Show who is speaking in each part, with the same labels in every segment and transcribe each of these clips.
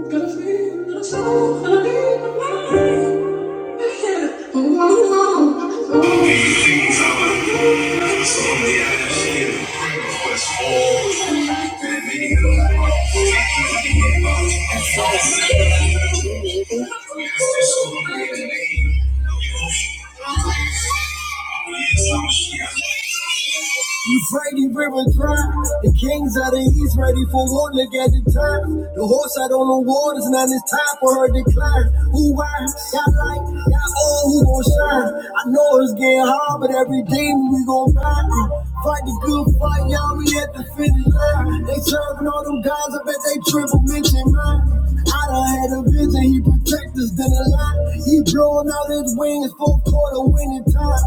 Speaker 1: Thank you. He's ready, river turn. The kings of the east ready for war, look at the turn. The horse out on the waters, now it's time for her to climb. Who I got like, got all who gon' shine. I know it's getting hard, but every day we gon' fight. Fight the good fight, y'all, we at the finish line. They serving all them guys, I bet they triple mention mine. I done had a vision, he protect us, then a lot. He blowing out his wings, four quarter winning time.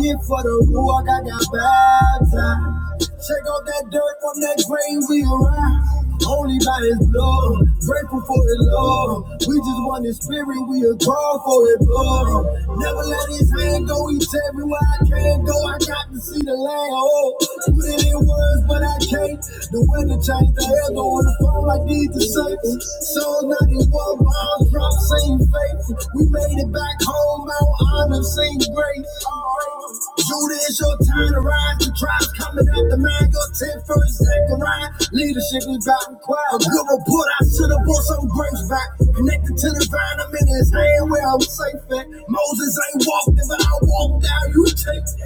Speaker 1: Get for the rock, I got baptized. Check out that dirt from that grave we arrived. Only by his blood, grateful for his love. We just want his spirit, we are called for his blood. Never let his hand go, he tell me where I can't go. I got to see the land. Oh, put it in words, but I can't late. The weather changed, the hell on the phone, I need the say. So 91 bomb drop, ain't faithful. We made it back home, Mount Honor, same grace. Judah, it's your time to rise. The tribe's coming out the man, your 10 first Zechariah. Leadership, we dropping required. A good report, I should have bought some grapes back. Connected to the vine, I'm in his hand where I'm safe at. Moses ain't walked it, but I walked out, you take it.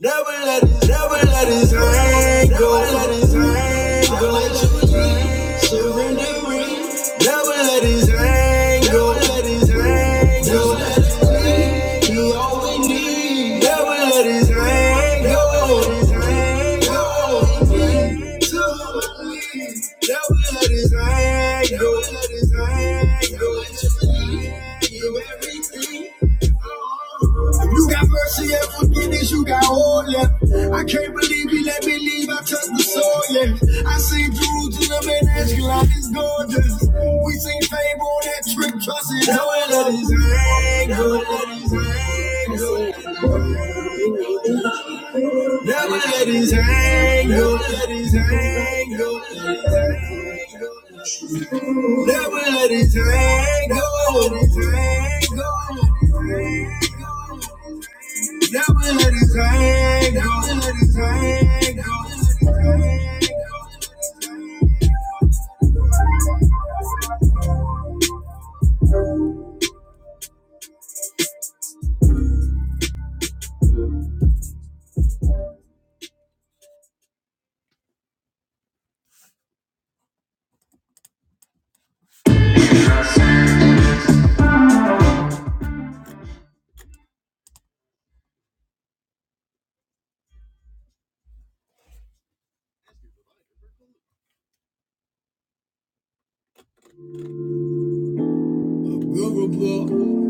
Speaker 1: Never let his, never let his hand go. Never let his hand go. Surrendering. Never let his hand go. Never let his hand go. He all we need. Never let his hand go. Never let his hand go. Never let his hand go. Never let his hand go. Give everything. If you got mercy and forgiveness, you got all left. I can't believe he let me leave. I touched the soil, yeah. I seen Jerusalem and Ashkelon is gorgeous. We seen fame on that trip, trust it. Never let his anger, let his anger. Never let his anger, let his anger, let his anger. Never let his anger, let his anger. Now I let it tango. Now I let it hang. now I let it hang. Good report.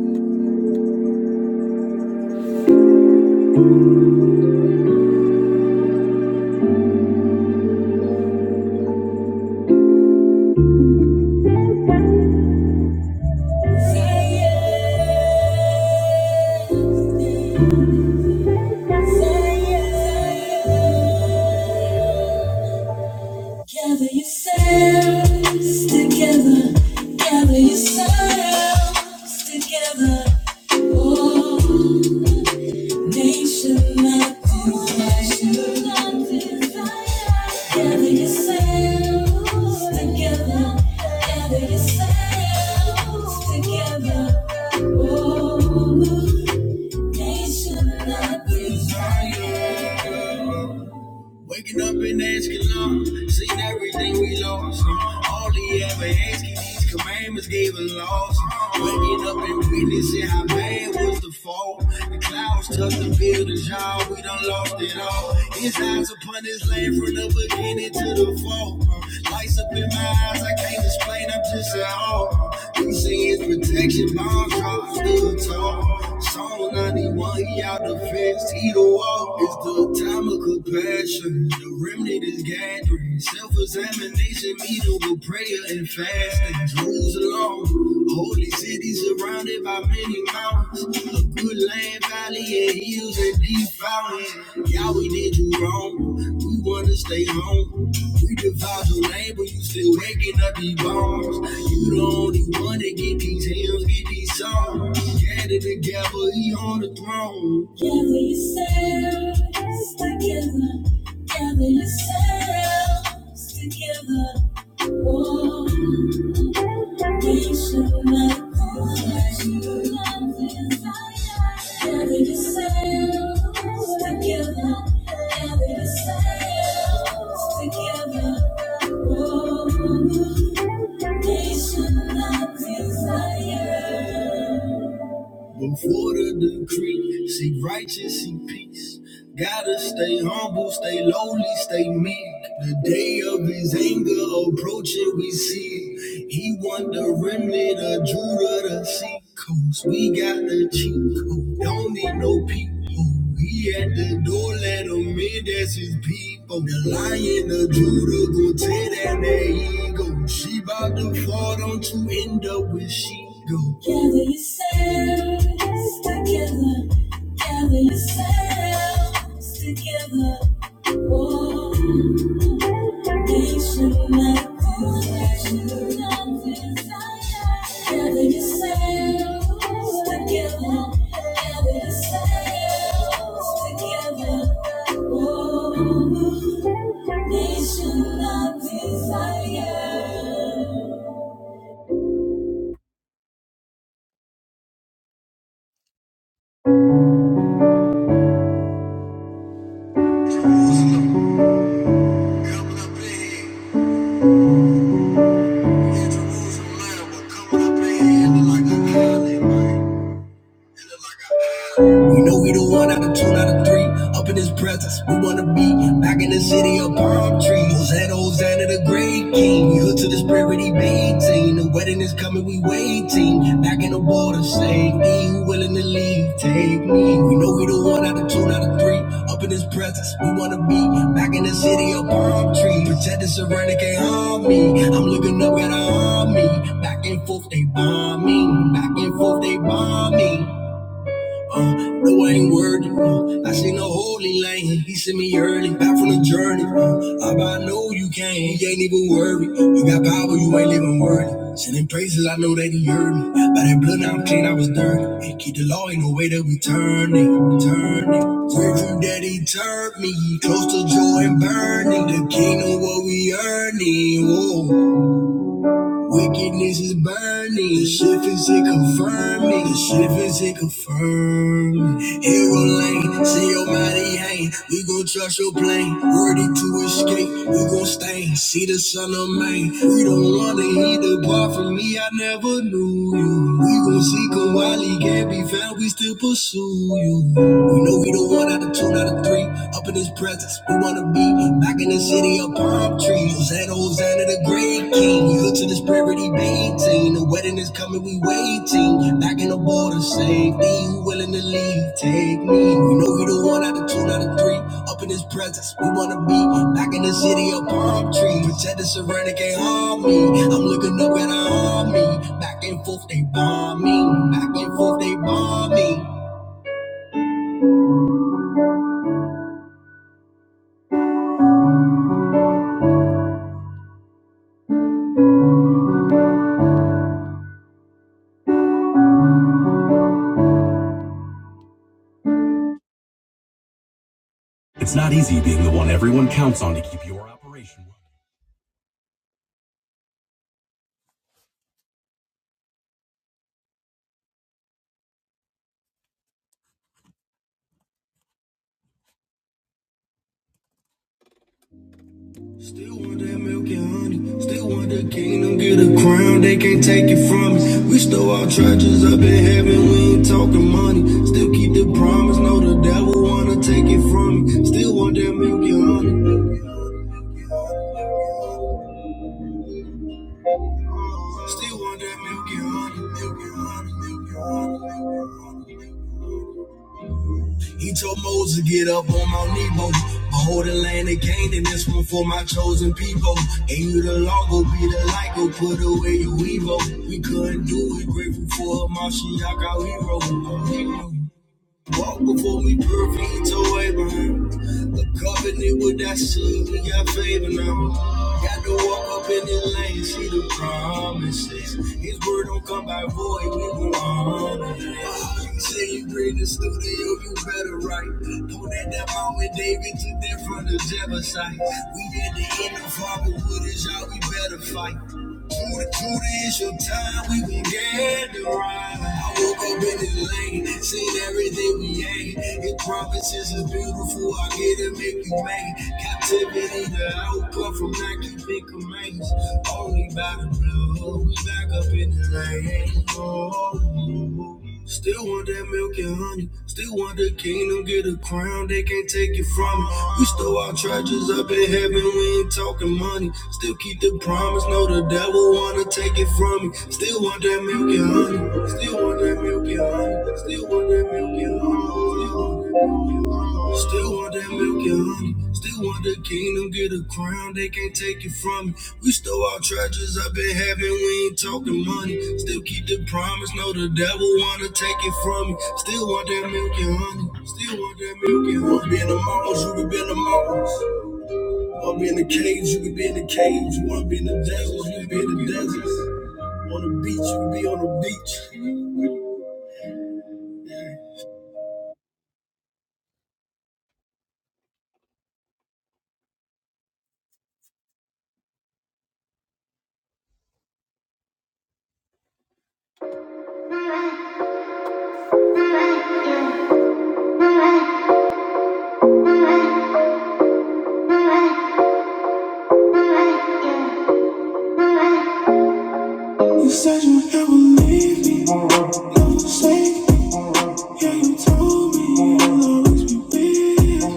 Speaker 1: Say it. Say it. say it. Gather yourselves together. Gather yourselves together. Oh. Together, Together, oh, should not desire. Waking up and asking Lord, seeing everything we lost. All he ever asked, these commandments gave a loss. Waking up and witnessing how bad was the fall. The clouds touched the buildings, y'all. We done lost it all. His eyes upon his land from the beginning to the fall. Lights up in my eyes, I can't explain. I'm just at all. He say it's protection, my shot still tall. Psalm 91, he out the fence, he the wall. It's the time of compassion. The remnant is gathering. Self-examination, meeting with prayer and fasting. Jerusalem, holy city surrounded by many mountains. A good land, valley, and hills and He's violent. Yeah, we did you wrong. We wanna stay home. We devise your name, but you still waking up these bombs. You the only one that get these hymns, get these songs. Gathered together, he on the throne. Gather yourselves together. Gather yourselves together. Whoa. Together, together. oh, nation of desire. Move water the creek, seek righteous, seek peace. Gotta stay humble, stay lowly, stay meek. The day of his anger approaching, we see. it. He want the remnant of Judah to seek. Cause we got the cheat code, don't need no people. He at the door, let him in, that's his people. The lion of Judah gon' tear down that ego. She bout to fall, don't you end up with she go. Gather yourselves together, gather yourselves together. Coming up in here in Jerusalem, but coming up in here like a We know we the one out of two, out of three. Up in his presence, we wanna be back in the city of palm trees. Hosanna, Hosanna, the great king. We hood to the spirit he maintain. The wedding is coming, we waiting. Back in the water, safety. Who willing to leave? Take me. We know we the one out of two, out of three. Up in his presence, we wanna be back in the city of palm trees. Protect the surrender, can't harm me. I'm looking up at our army. Back and forth, they bomb me. Back and forth, they bomb me. No, I ain't worthy. I see no holy lane. He sent me early, back from the journey. Abba, I know you can. He ain't even worried. You got power, you ain't even worthy. Sending praises, I know that he heard me. By that blood, now I'm clean, I was dirty. Keep the law, ain't no way that we turn it, turn it. Grateful that he turned me close to joy and burning. The kingdom, what we earning. Whoa. Wickedness is burning, the shift is it confirming, the shift is it confirmed. Hero lane, see your body hang, we gon' trust your plane, worthy to escape, we gon' stay, see the sun of man. We don't wanna hear the part from me, I never knew you. We gon' seek him while he can't be found, we still pursue pursue you. We know we the one out of two, not a three. Up in his presence, we wanna be back in the city of palm trees. Hosanna, Hosanna, the great king. We look to this prosperity maintain. The wedding is coming, we waiting. Back in the border, safety. Who willing to leave? Take me. We know we the one out of two, not a three. Up in his presence, we wanna be back in the city of palm trees. Protect the surrender, can't harm me. I'm looking up at our army. Back and forth, they bomb me. Back and forth, they bomb me. It's not easy being the one everyone counts on to keep your operation running. Still want that milk and honey. Still want the kingdom, get a crown. They can't take it from me. We stole our treasures up in heaven. We ain't talking money. Still keep the promise. No, the devil wanna take it from me. Still want that milk and honey. Still want that milk and honey. Milk and honey. Milk and honey. Milk and honey. He told Moses, get up on Mount Nebo. Behold the land of Canaan, this one for my chosen people. And you the law, go be the light, go put away your evil. We couldn't do it, grateful for a Mashiach, our hero. Walk before we perfect to Abraham. The covenant with that seed, we got favor now. Got to walk up in the lane, see the promises. His word don't come by void, we will honor it. You say you bring the studio, you better write. Pull that down out with David took them from the Jebusite. We at the end of Fatherhood is how we better fight. Judy, Judy, it's your time, we gon' get it right. I woke up in the lane, seen everything we ain't. Your promises are beautiful, I get it, make you mad. Captivity, the outcome from not keeping commands. Only by the blood, we back up in the lane. Oh, oh, oh, oh. Still want that milk and honey. Still want the kingdom, get a crown. They can't take it from me. We stole our treasures up in heaven. We ain't talking money. Still keep the promise. No, the devil wanna take it from me. Still want that milk and honey. Still want that milk and honey. Still want that milk and honey. Still want that milk and honey. They want the kingdom, get a crown, they can't take it from me. We stole our treasures I've been having, we ain't talking money. Still keep the promise, no, the devil wanna take it from me. Still want that milk and honey, still want that milk and honey. Wanna be in the mountains, you could be in the mountains. Wanna be in the caves, you could be in the caves. Wanna be in the deserts, you could be in the deserts. On the beach, you could be on the beach. You said you would never leave me. I was safe, yeah, you told me you'll always be with me.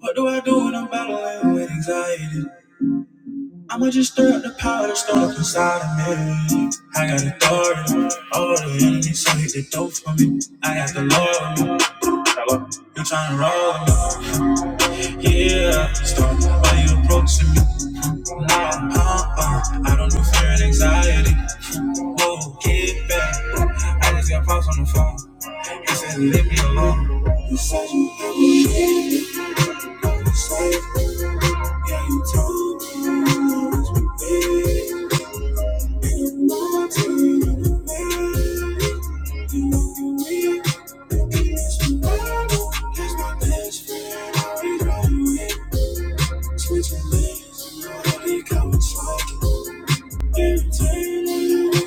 Speaker 1: What do I do when I'm battling with anxiety? I'ma just stir up the power that's stored up inside of me. I got authority. All the enemies so hit the door for me. I got the Lord. with me. You tryna roll with me? Yeah. Start by you approaching me. Nah, uh, uh, I don't do fear and anxiety. Whoa, get back. I just got pops on the phone. He said, leave me alone. It's my best friend, right? It's the road he come and slow. Never knew love, never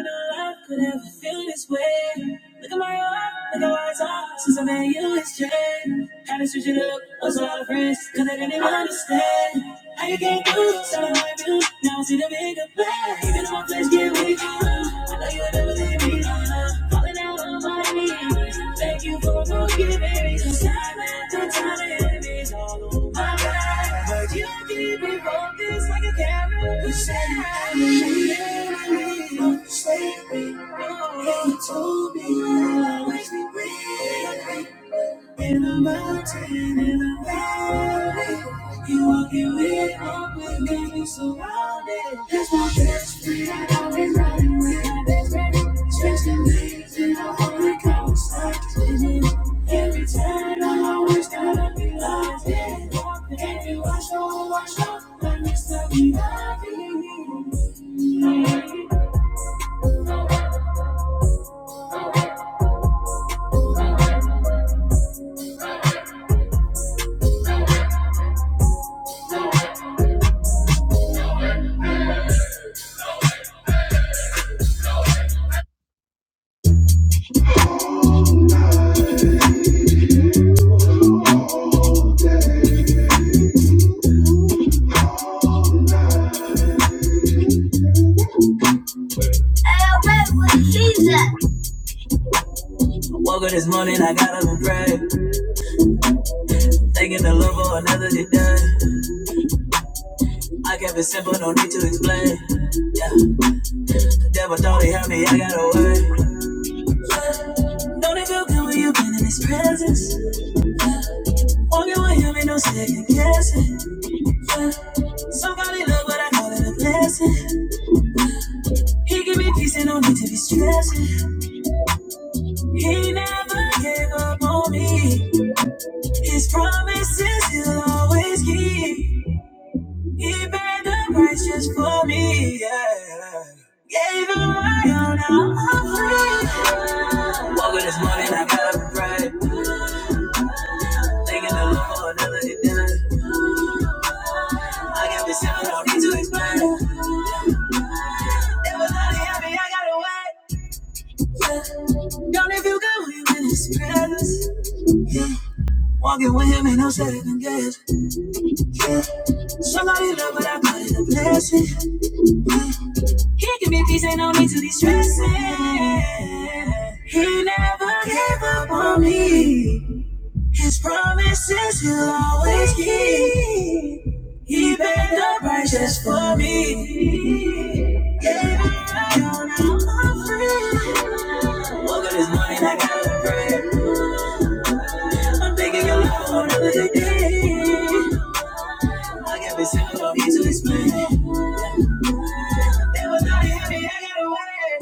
Speaker 1: knew love could ever feel this way. Look at my heart, look at where it's all since I met you, it's changed. Had to switch it up, lost a lot of friends, they didn't understand. How you came through, so I do. Now I see the bigger plan. Even though my flesh get weak, I know you would never leave me. Falling out of my knees. Thank you for forgiving me. 'cause Time after time, enemies all over my life. But you keep me focused like a camera. You said I believe, don't forsake me. You told me you'll always be with me. In the mountain, in the valley. You walking with open, got me surrounded. That's my best friend. I've running with my best friend. Stretching legs and I'm only conversation. Every time I always gotta be locked in. And you watch over, watch over, but next time we love you. Woke up this morning, I got up and prayed. Thanking the Lord for another day. I kept it simple, no need to explain. Devil thought he had me, I got away. Don't it feel good when you've been in his presence? Walking with him ain't no second guessing. Somebody love what I call it a blessing. He give me peace and no need to be stressing. He never gave up on me. His promises he'll always keep. He paid the price just for me. Yeah. Gave him my all, now I'm free. Woke up this morning, I got up and prayed. Thanking the Lord for another day done. I got this heaven, no need to explain. It was only happy I got away. We were in his presence. Walking with him ain't no second guess. Somebody love what I call it a blessing. He give me peace, ain't no need to be stressing. He never gave up on me. His promises he'll always keep. He paid the price just for me. Yeah, it all now I'm free. Woke up this morning, I got a prayer. I'm thinking your love for another day. I got this single, don't need to explain. It was not heavy, I got away.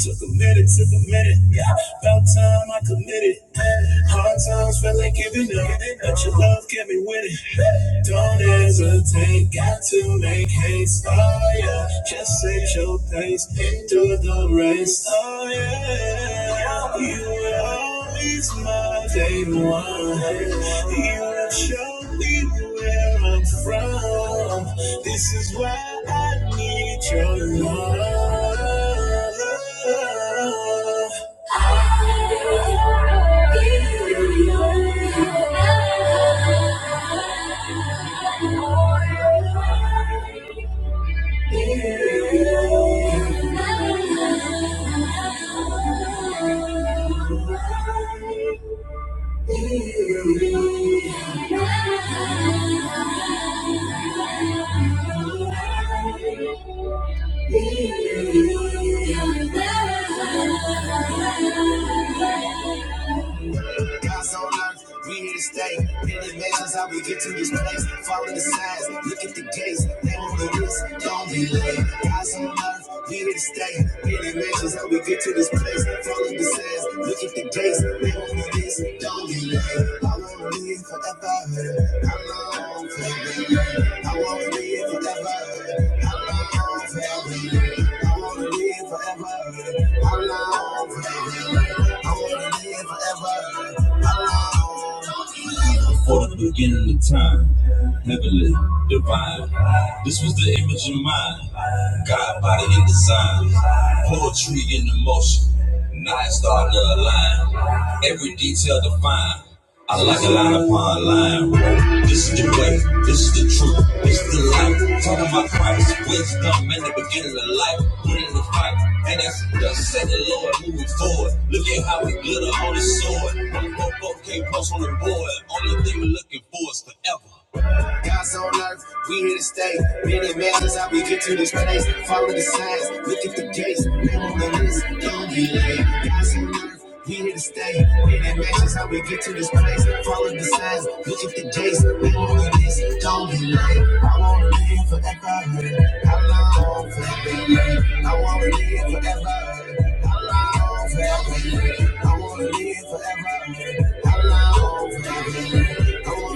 Speaker 1: Took a minute, took a minute, yeah. About time I committed. Hard times felt like giving up, but your love kept me winning. Don't hesitate, got to make haste. Oh yeah, just set your pace into the race. Oh yeah, you were always my day one. You have shown me where I'm from. This is why I need your love. Thank you. Thank you. God's on earth, we here to stay. Innovations, how we get to this place. Follow the signs, look at the gates. They want the this, don't be late. God's on earth, we here to stay. Innovations, how we get to this place. Follow the signs, look at the gates. They want the this, don't be late. I want to live forever. I'm long for you. I want to live forever. I'm long for you. I want to live forever. I'm before the beginning of time. Heavenly, divine. This was the image of mind, God, body, and design. Poetry in emotion. motion. Now it's starting to align. Every detail defined. I like a line upon line. This is the way, this is the truth, this is the life. Talking about Christ, wisdom in the beginning of life. Winning the fight, and that's the second Lord moving forward. Look at how we glitter on his sword. One broke, broke, can't post on the board. Only thing we're looking for is forever. God's on earth, we here to stay. Many measures how we get to this place. Follow the signs, look at the gates. Name on the list, don't be late. God's on earth, we here to stay. Many measures how we get to this place. Follow the signs, look at the gates. Name on the list, don't be late. I wanna live forever. How long forever? I wanna live forever. How long forever? I wanna live forever. How long forever? I want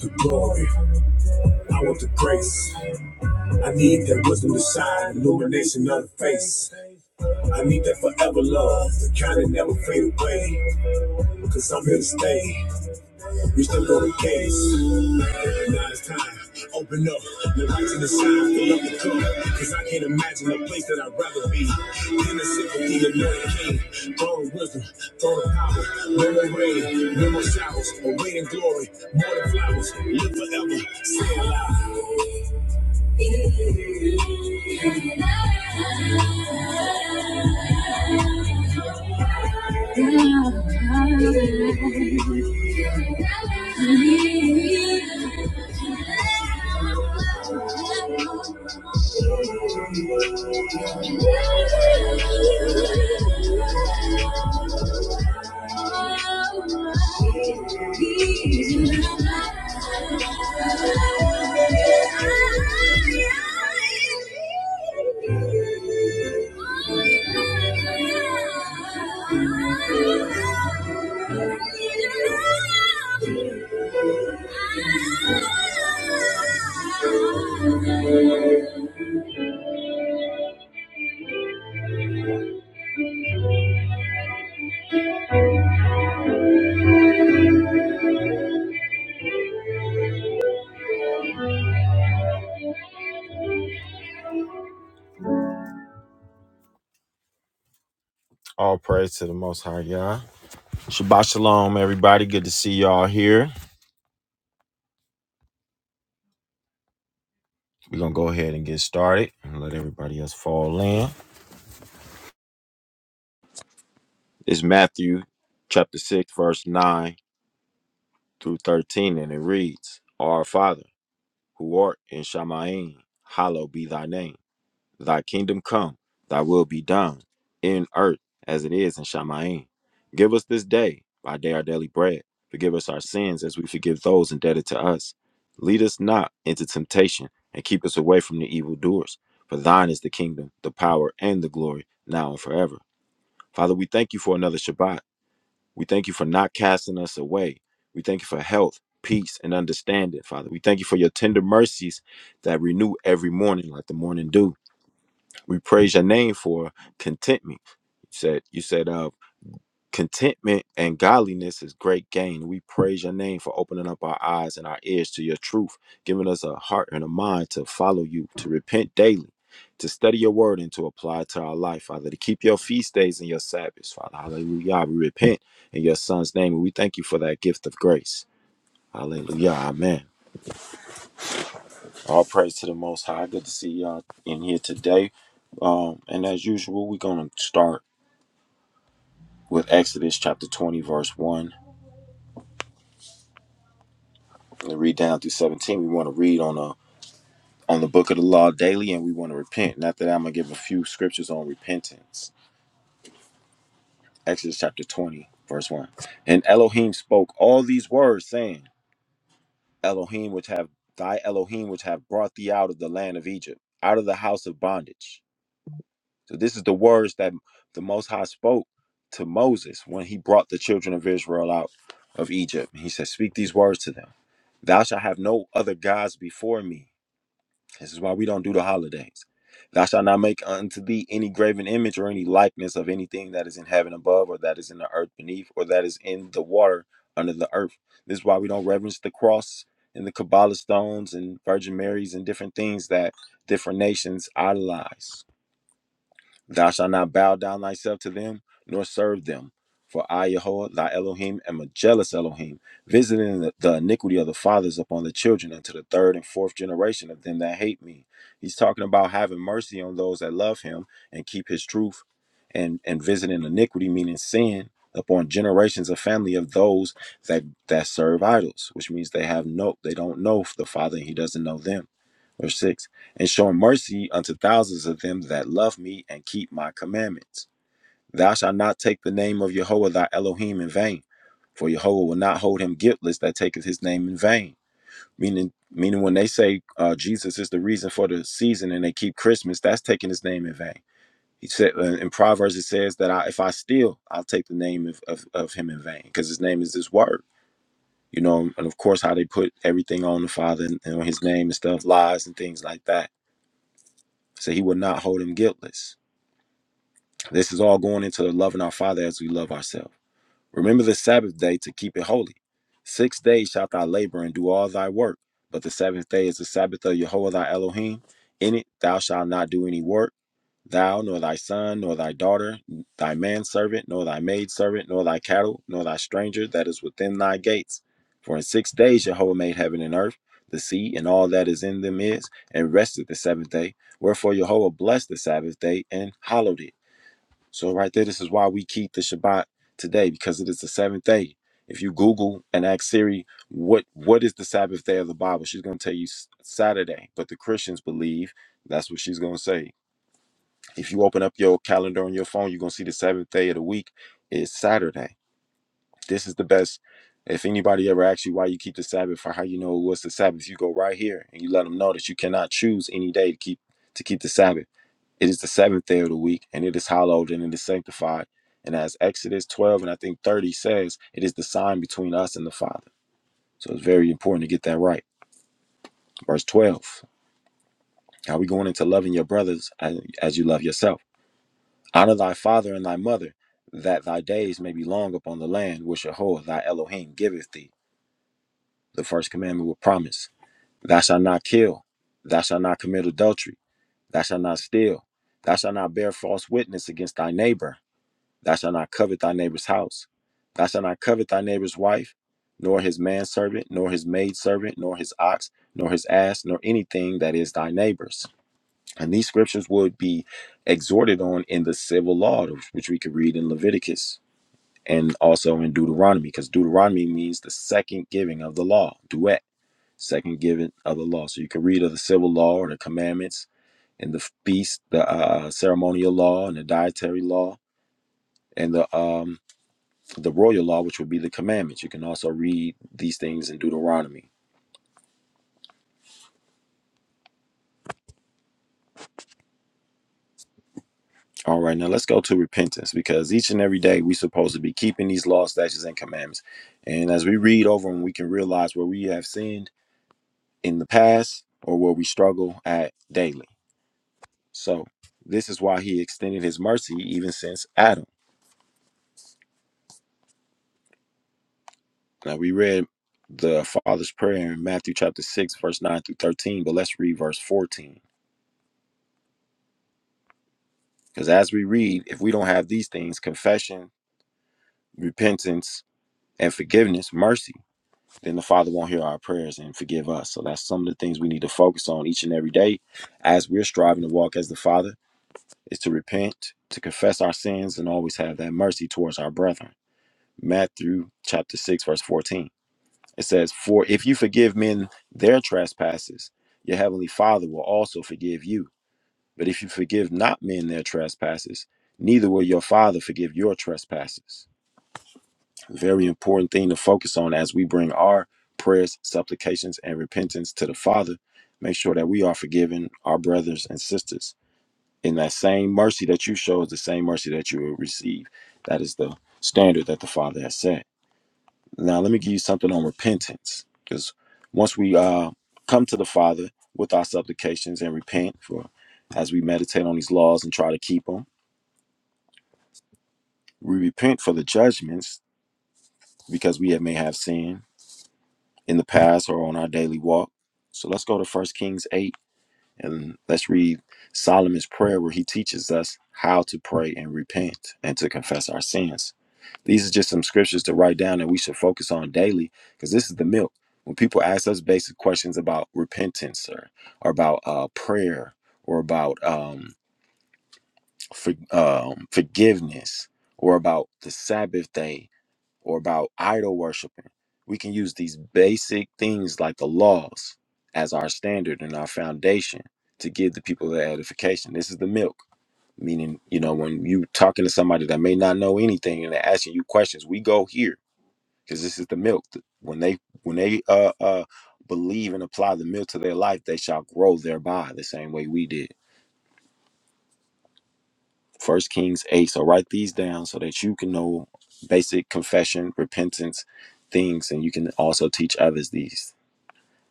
Speaker 1: the glory. I want the grace. I need that wisdom to shine, illumination of the face. I need that forever love, the kind that never fade away. Cause I'm here to stay. We still on the case. Now it's time. Open up. The lights in the shine. Fill up the cup. Cause I can't imagine a place that I'd rather be. Than the sympathy of Northern King. Throne wisdom. Throne power. No more rain. No more showers. A waiting glory. More than flowers. Live forever. Stay alive. Thank you.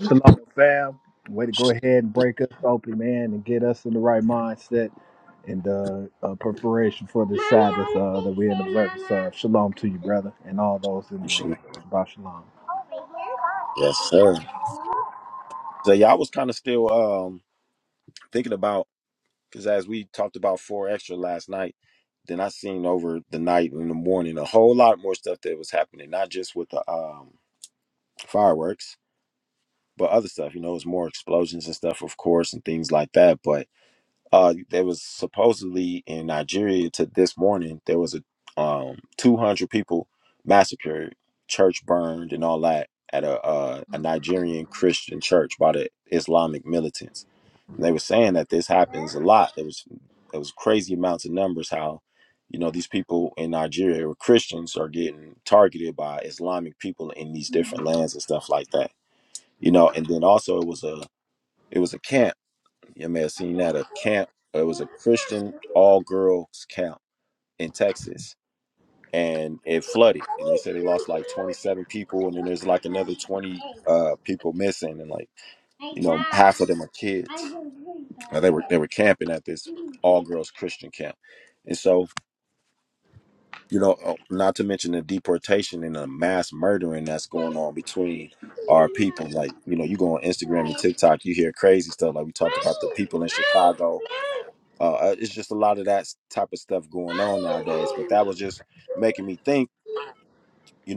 Speaker 2: Shalom, fam. Way to go ahead and break us open, man, and get us in the right mindset and uh, uh, preparation for the Sabbath uh, that we're in observance of. Shalom to you, brother, and all those in the room. Shabbat shalom.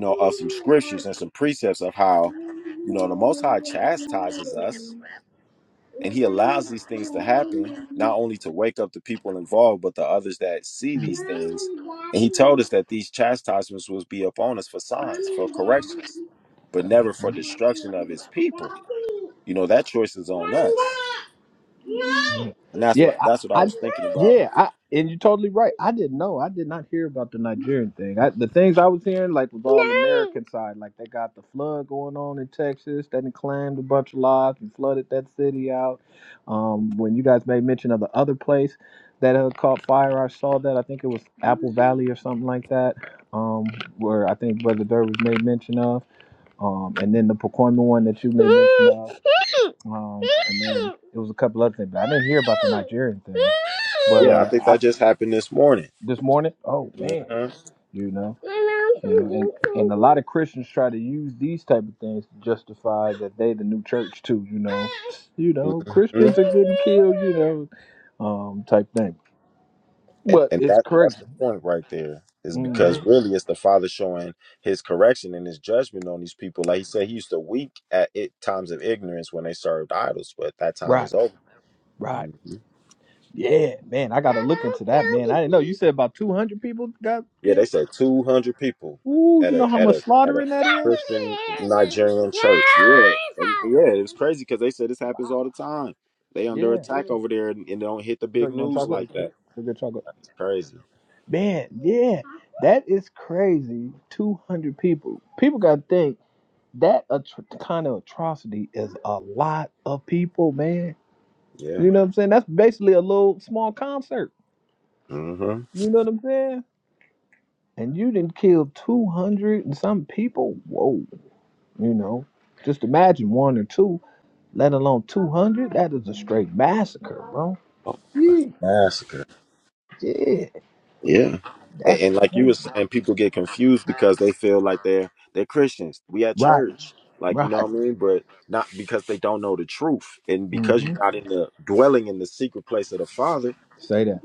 Speaker 2: Daddy, Daddy, Daddy, Daddy, Daddy. Yeah, I, I yeah, I and you're totally right. I didn't know. I did not hear about the Nigerian thing. I, the things I was hearing like was all American side. Like they got the flood going on in Texas that done claimed a bunch of lives and flooded that city out. Um, when you guys made mention of the other place that had caught fire, I saw that. I think it was Apple Valley or something like that. Um, where I think Brother Durr was made mention of. Um, and then the Pacoima one that you made mention of. Um, and then it was a couple other things, but I didn't hear about the Nigerian thing. But uh, I, this morning, oh man, you know, you know and, and a lot of Christians try to use these type of things to justify that they the new church too. You know, you know, Christians are getting killed. You know, um, type thing. But it's crazy. hmm Right, right. Yeah, man, I gotta look into that, man. I didn't know you said about two hundred people got killed. Ooh, you know how much slaughtering that is? Yeah. Joe, you want chocolate? A good chocolate. Man, yeah. That is crazy. 200 people. People got to think that atro- kind of atrocity is a lot of people, man. You know what I'm saying? That's basically a little small concert. You know what I'm saying? And you didn't kill 200 and some people? Whoa. You know, just imagine one or two. let alone 200. That is a straight massacre, bro. Yee, Yeah, that's crazy. Right, right. hmm Say that.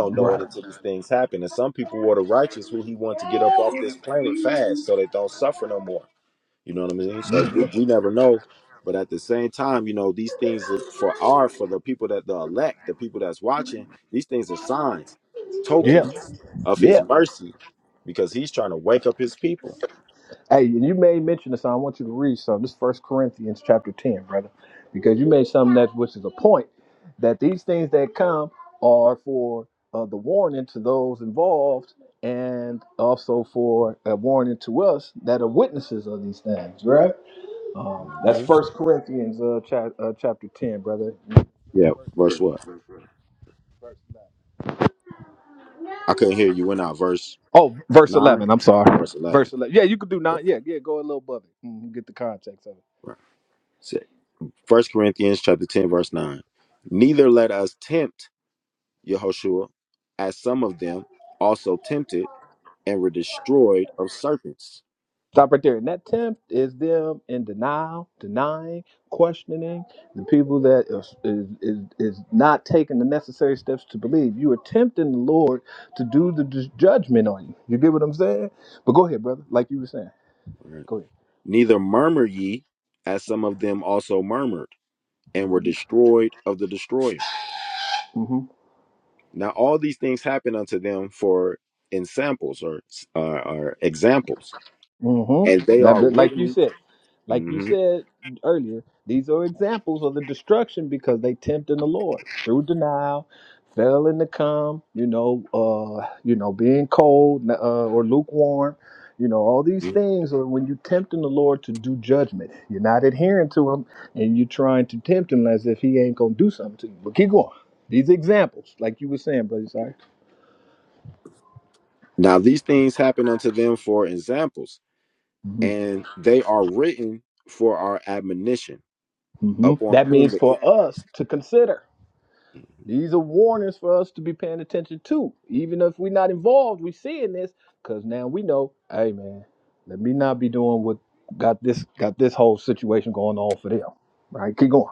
Speaker 2: Right. Yeah, yeah, yeah. Hey, and you made mention of something. I want you to read some. This First Corinthians chapter ten, brother, because you made something that which is a point that these things that come are for uh, the warning to those involved, and also for a warning to us that are witnesses of these things. Right? Um, that's First Corinthians uh, cha- uh, chapter ten, brother. Yes, that's right. Oh, verse eleven. I'm sorry. Verse eleven. Yeah, you could do nine. Yeah, yeah. Go a little above it. Mhm, get the context of it. Stop right there. And that tempt is them in denial, denying, questioning the people that is, is, is, is not taking the necessary steps to believe. You are tempting the Lord to do the ju- judgment on you. You get what I'm saying? But go ahead, brother. Like you were saying. Go ahead. hmm Mm-hmm. That, but like you said, like you said earlier, these are examples of the destruction because they tempted the Lord through denial, failing to come, you know, uh, you know, being cold uh, or lukewarm, you know, all these things are when you tempting the Lord to do judgment. You're not adhering to Him, and you're trying to tempt Him as if He ain't gonna do something to you. But keep going. These examples, like you were saying, brother, sorry. hmm hmm That means for us to consider. These are warnings for us to be paying attention to. Even if we're not involved, we are seeing this because now we know, hey man, let me not be doing what got this got this whole situation going on for them. Right? Keep going.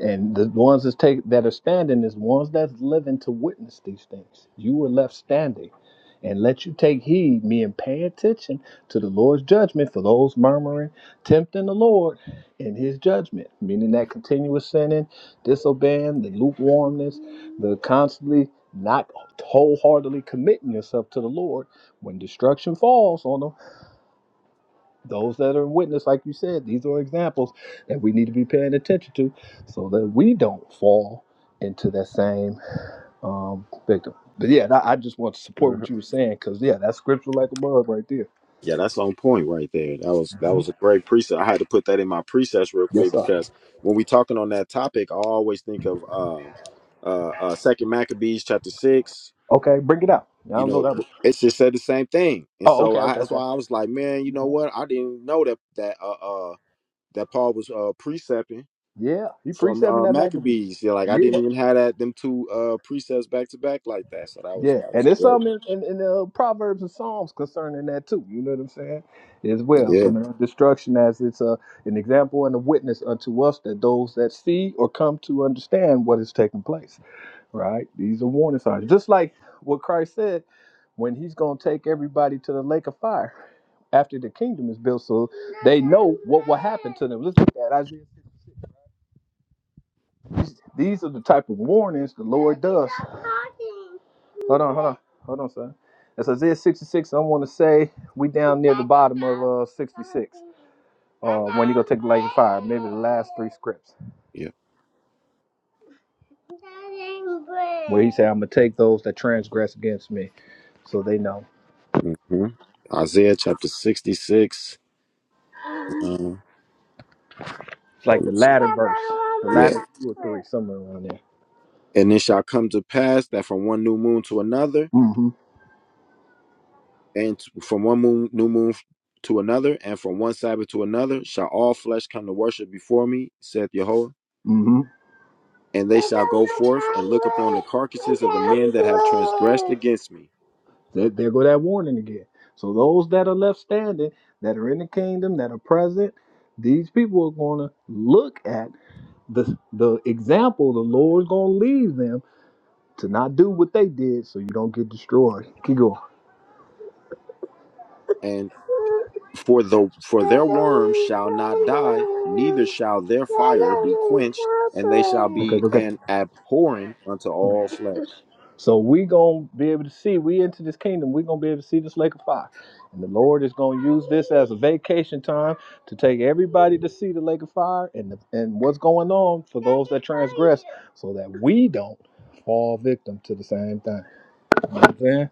Speaker 2: And the ones that's take that are standing is ones that's living to witness these things. You were left standing. And let you take heed, me, and pay attention to the Lord's judgment for those murmuring, tempting the Lord in his judgment, meaning that continuous sinning, disobeying, the lukewarmness, the constantly not wholeheartedly committing yourself to the Lord. When destruction falls on them, those that are witness, like you said, these are examples that we need to be paying attention to so that we don't fall into that same um, victim. But yeah, I I just want to support what you were saying because, yeah, that's scripture like a bug right there. Mhm. Yes, sir. Okay, bring it out. I don't know that one. Oh, okay, okay, okay. Yeah, you precepting that masterpiece. Yeah, and there's some in, in, in the Proverbs and Psalms concerning that too. You know what I'm saying? As well, some of the destruction as it's a, an example and a witness unto us that those that see or come to understand what is taking place. Right? These are warning signs, just like what Christ said when He's going to take everybody to the lake of fire after the kingdom is built, so they know what will happen to them. Let's look at Isaiah 56. These, these are the type of warnings the Lord does. Hold on, hold on, hold on, son. That's Isaiah 66. I want to say we down near the bottom of uh, 66. Uh, when you go take the lady fire, maybe the last three scripts. Where he said, "I'm gonna take those that transgress against me, so they know." It's like the latter verse, the latter two or three, somewhere around there. Mm-hmm. Mm-hmm. There, there go that warning again. So those that are left standing, that are in the kingdom, that are present, these people are gonna look at the the example the Lord's gonna leave them to not do what they did so you don't get destroyed. Keep going. Okay, go get yeah. So we gonna be able to see. We into this kingdom. We gonna be able to see this lake of fire, and the Lord is gonna use this as a vacation time to take everybody to see the lake of fire and the, and what's going on for those that transgress, so that we don't fall victim to the same thing. You know what I'm saying?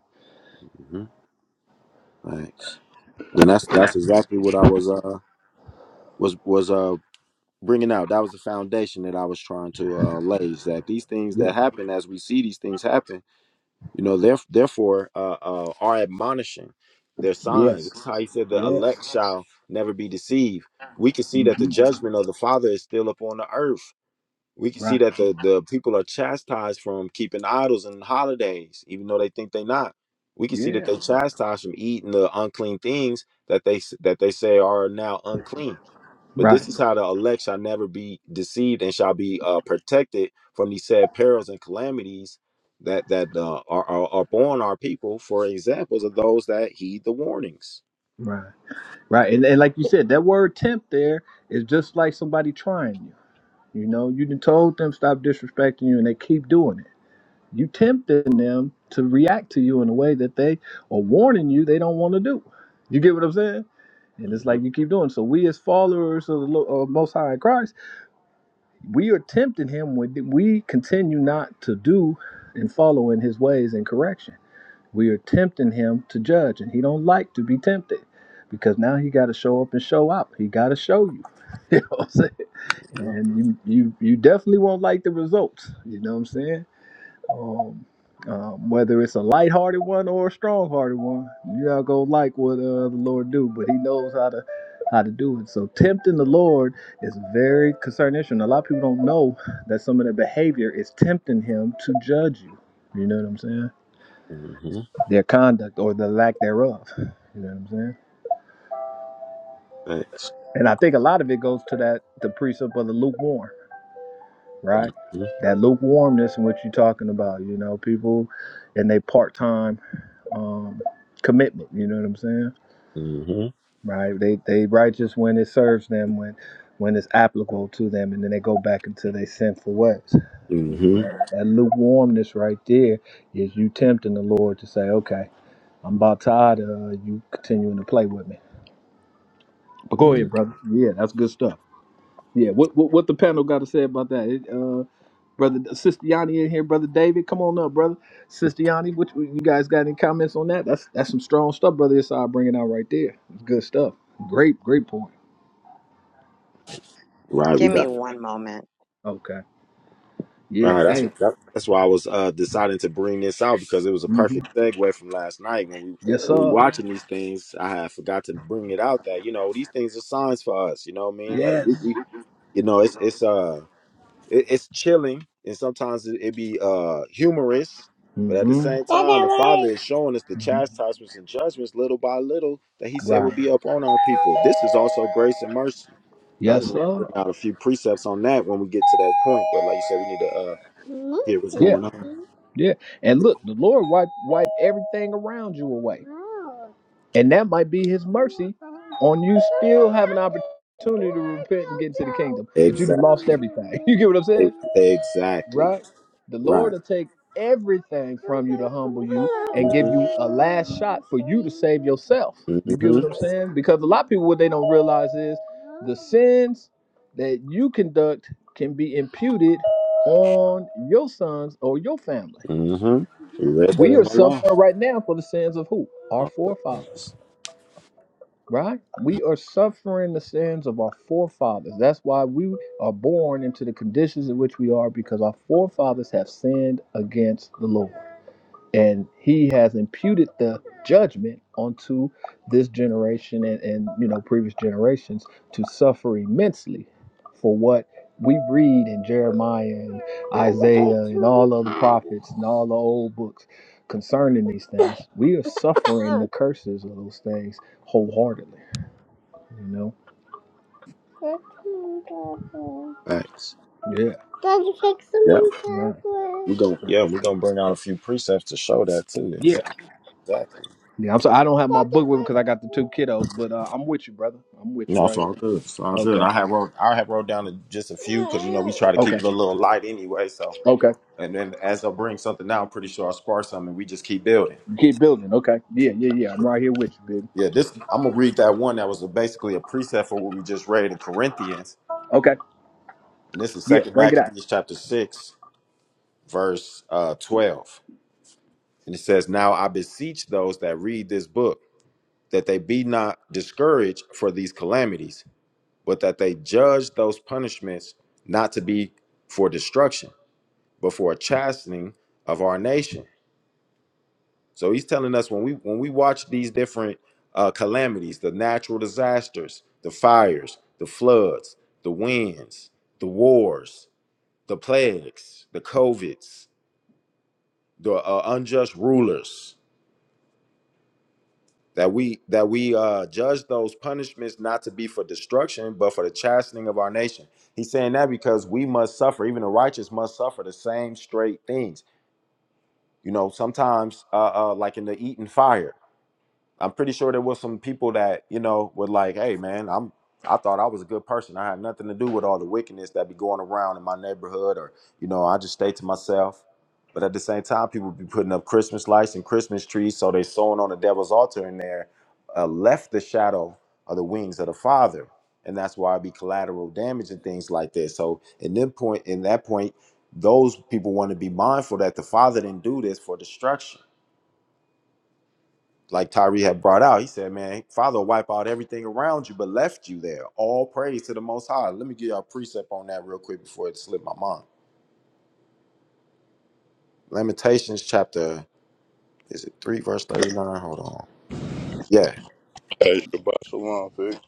Speaker 2: Yeah. Yes. Yes. hmm Right. Yeah. Right. Right. Right. And and like you said, that word tempt there is just like somebody trying you. You know, you done told them stop disrespecting you, and they keep doing it. You tempting them to react to you in a way that they are warning you they don't want to do. You get what I'm saying? And it's like you keep doing. So we as followers of the Lo- of Most High in Christ, we are tempting him when we continue not to do and follow in his ways and correction. We are tempting him to judge, and he don't like to be tempted because now he got to show up and show out. He got to show you. You know what I'm saying? And you, you you definitely won't like the results. You know what I'm saying? Um, um, whether it's a lighthearted one or a strong-hearted one, you're not gonna like what uh, the Lord do, but He knows how to how to do it. So tempting the Lord is a very concerning issue, and a lot of people don't know that some of their behavior is tempting Him to judge you. You know what I'm saying? Their conduct or the lack thereof. You know what I'm saying? And I think a lot of it goes to that the precept of the lukewarm. right? That lukewarmness in what you're talking about, you know, people and they part time um, commitment, you know what I'm saying? Right? They they righteous when it serves them, when when it's applicable to them, and then they go back into their sinful ways. You know, that, that lukewarmness right there is you tempting the Lord to say, okay, I'm about tired of uh, you continuing to play with me. But go ahead, brother. Yeah, that's good stuff. Yeah, what what, what the panel got to say about that? Brother Sister Yanni in here, Brother David. Come on up, brother. Sister Yanni, which you guys got any comments on that? That's that's some strong stuff, brother. It's all bringing out right there. It's good stuff. Great, great point.
Speaker 3: Give me one moment.
Speaker 2: Okay. Yeah. Hey. hmm Yes, sir. Yes. Mm-hmm. That's that word. hmm Right. Yes, sir. Yeah, yeah. And look, the Lord wipe wipe everything around you away. And that might be his mercy on you still have an opportunity to repent and get into the kingdom. But you done lost everything. You get what I'm saying? right? The Lord will take everything from you to humble you and give you a last shot for you to save yourself. You get what I'm saying? Because a lot of people, what they don't realize is the sins that you conduct can be imputed on your sons or your family. We are suffering right now for the sins of who? Our forefathers right? We are suffering the sins of our forefathers. That's why we are born into the conditions in which we are, because our forefathers have sinned against the Lord. And he has imputed the judgment onto this generation and, and you know previous generations to suffer immensely for what we read in Jeremiah and Isaiah and all other prophets and all the old books concerning these things. We are suffering the curses of those things wholeheartedly. You know? Fixing trouble. Yeah. Daddy, fixing Right. trouble. Yeah. Yeah. I'm sorry. I don't have my book with me because I got the two kiddos, but uh, I'm with you, brother. I'm with you right here. Okay. Okay. Okay. You keep building. Okay. Yeah. Yeah. Yeah. I'm right here with you, baby. Okay. Yeah. Bring it out.
Speaker 4: Hey, Shabbat Shalom, Vic.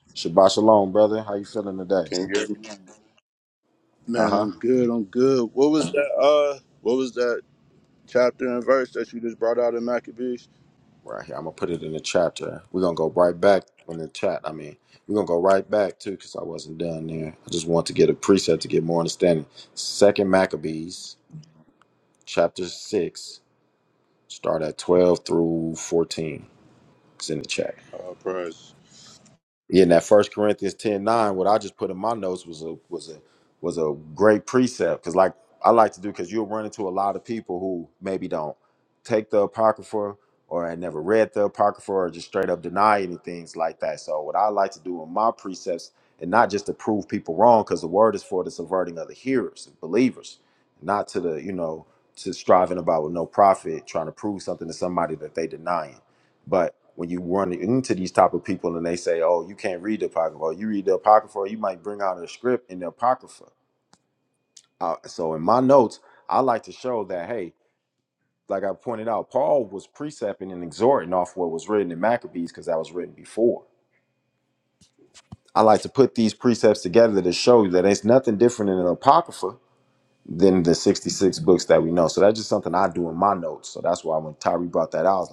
Speaker 4: Can you hear me? Man, I'm good. I'm good. What was that? Uh, what was that chapter and verse that you just brought out in Maccabees? Uh, praise.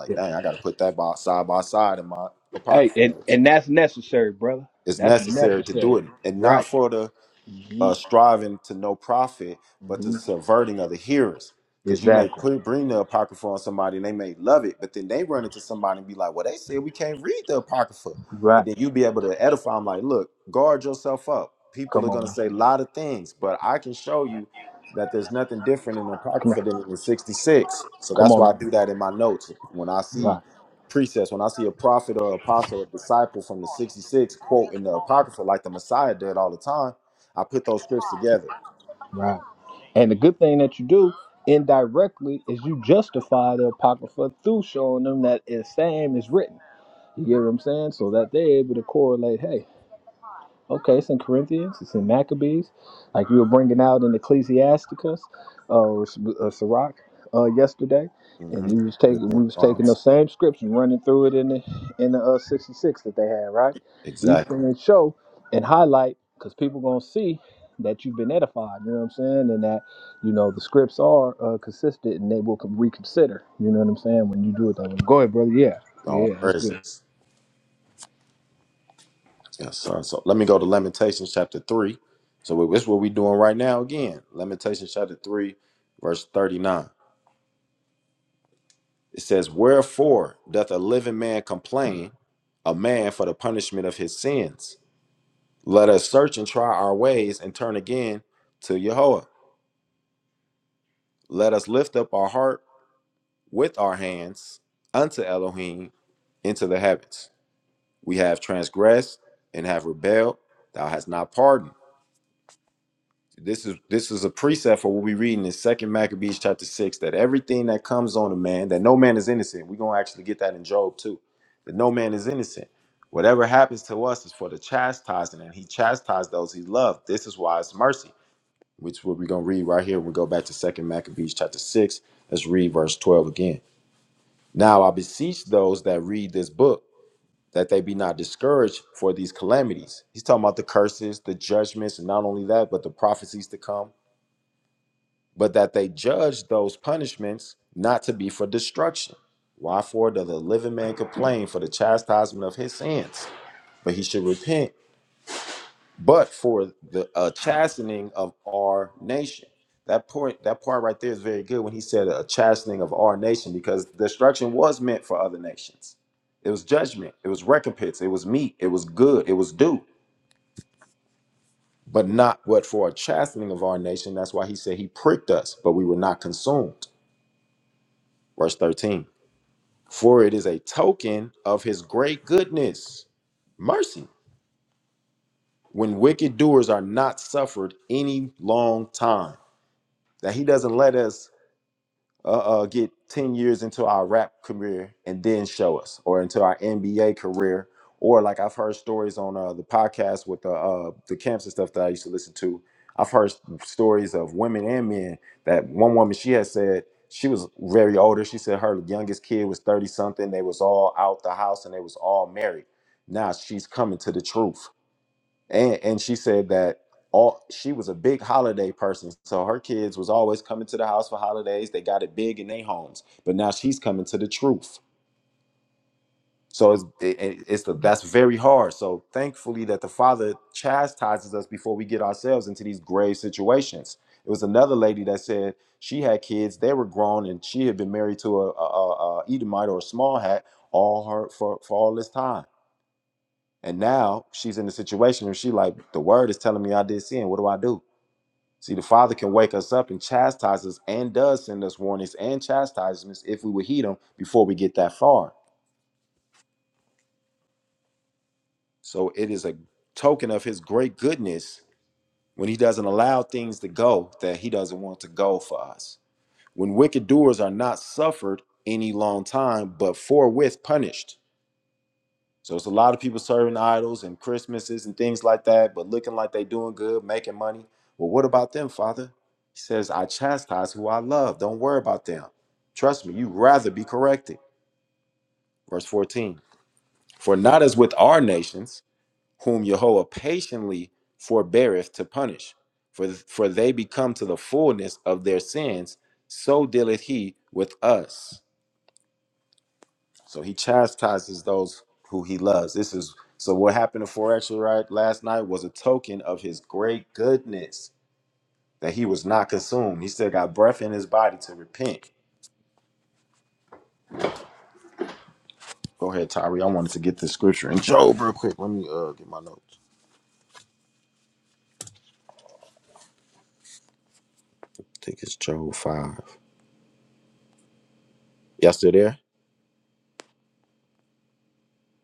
Speaker 2: Yeah. Hey, and, and that's necessary, brother. That's necessary. Right. hmm hmm Exactly. Right. Come on now. Come on. Come on now. Right. Right. And the good thing that you do indirectly is you justify the Apocrypha through showing them that it's same is written. You get what I'm saying? So that they're able to correlate, hey, Okay, it's in Corinthians, it's in Maccabees, like you were bringing out in Ecclesiasticus uh, or S- uh, Sirach uh, yesterday, and you was taking we was taking those same scripts and running through it in the in the uh, 66 that they had, right? These things show and highlight because people gonna see that you've been edified, you know what I'm saying, and that you know the scripts are uh, consistent and they will con- reconsider, you know what I'm saying, when you do it that way. Go ahead, brother. Yeah, yeah, that's good.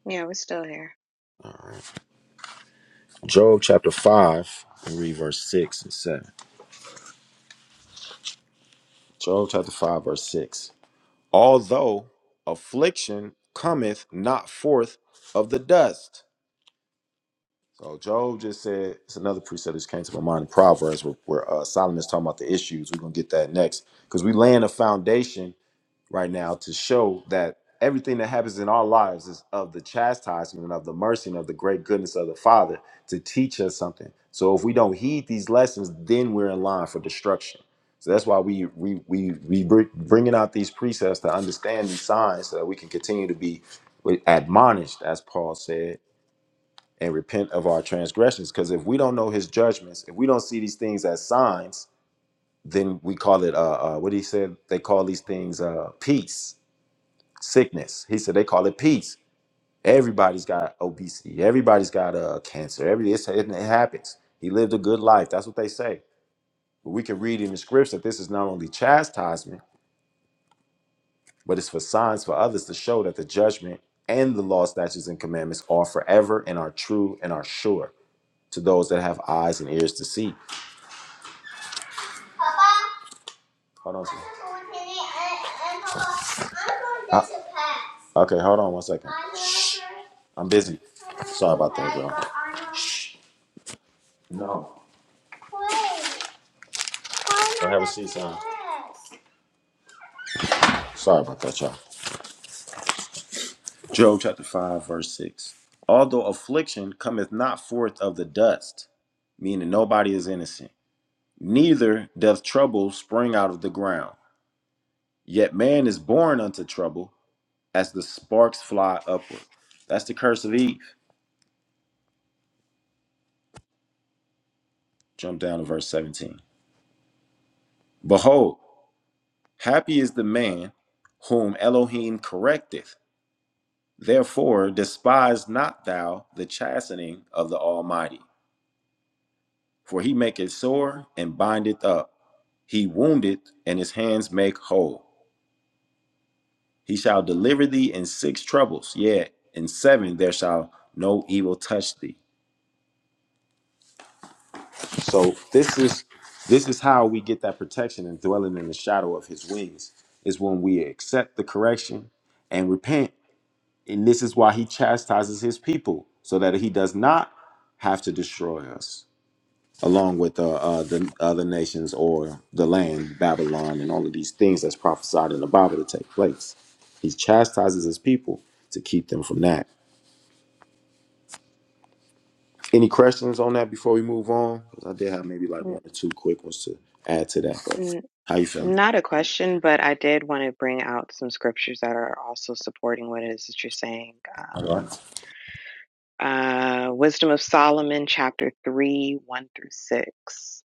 Speaker 3: Yeah, we're still here. N- n- not a question, but I did want to bring out some scriptures that are also supporting what it is that you're saying. Um, uh, Wisdom of Solomon, chapter 3, 1 through 6.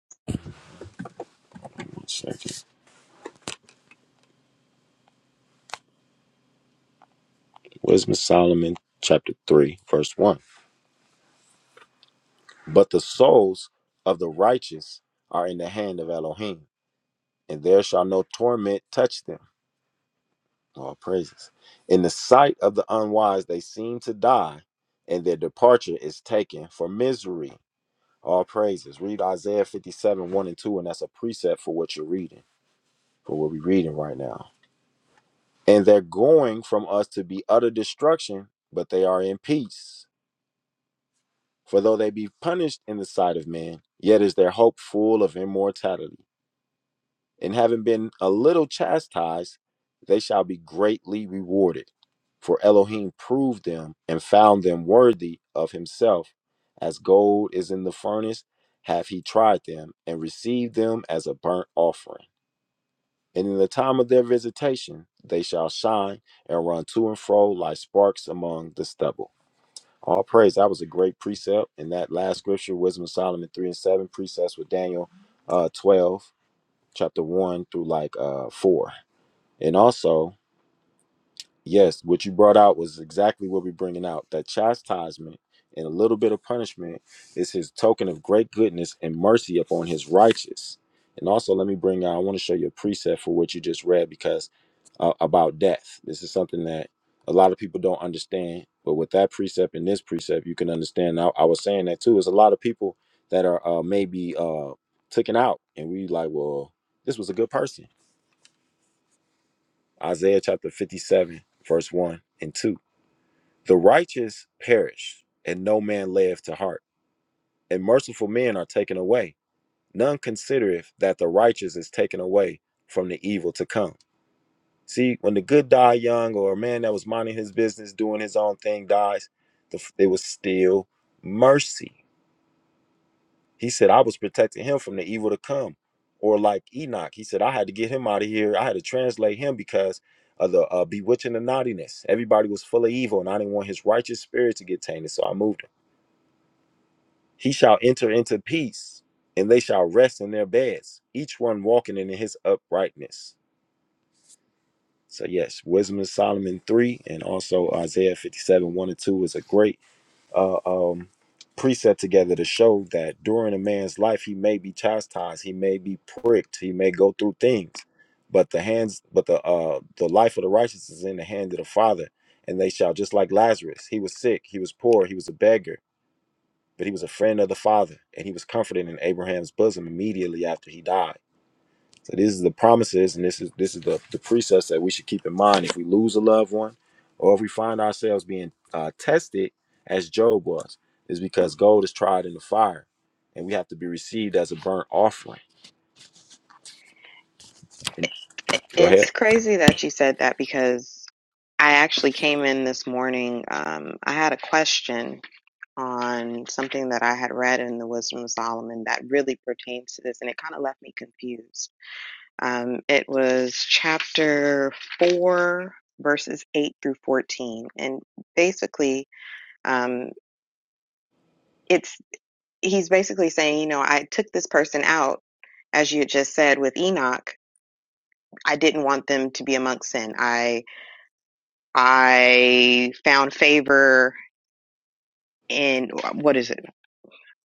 Speaker 3: I- It's crazy that you said that because I actually came in this morning. Um, I had a question on something that I had read in the Wisdom of Solomon that really pertains to this, and it kind of left me confused Um, it was chapter 4, verses 8 through 14. And basically, um, it's he's basically saying, you know, I took this person out, as you had just said with Enoch. I didn't want them to be amongst sin. I I found favor in what is it?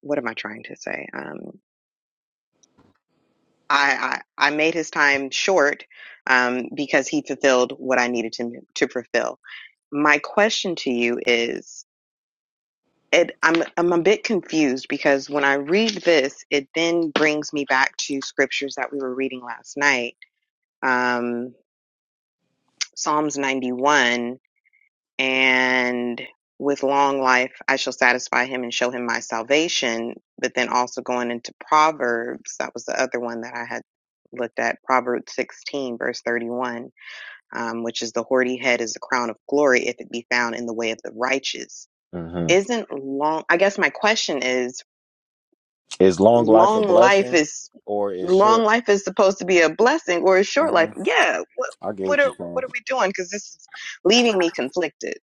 Speaker 3: What am I trying to say? Um, I, I I made his time short um, because he fulfilled what I needed him to fulfill. My question to you is it I'm I'm a bit confused because when I read this, it then brings me back to scriptures that we were reading last night, um, Psalms 91, and with long life I shall satisfy him and show him my salvation. But then also going into Proverbs, that was the other one that I had looked at, Proverbs 16 verse 31, um, which is the hoary head is the crown of glory if it be found in the way of the righteous. Isn't long? I guess my question is long life is long life is supposed to be a blessing or a short life. Yeah, what what are what are we doing? Because this is leaving me conflicted.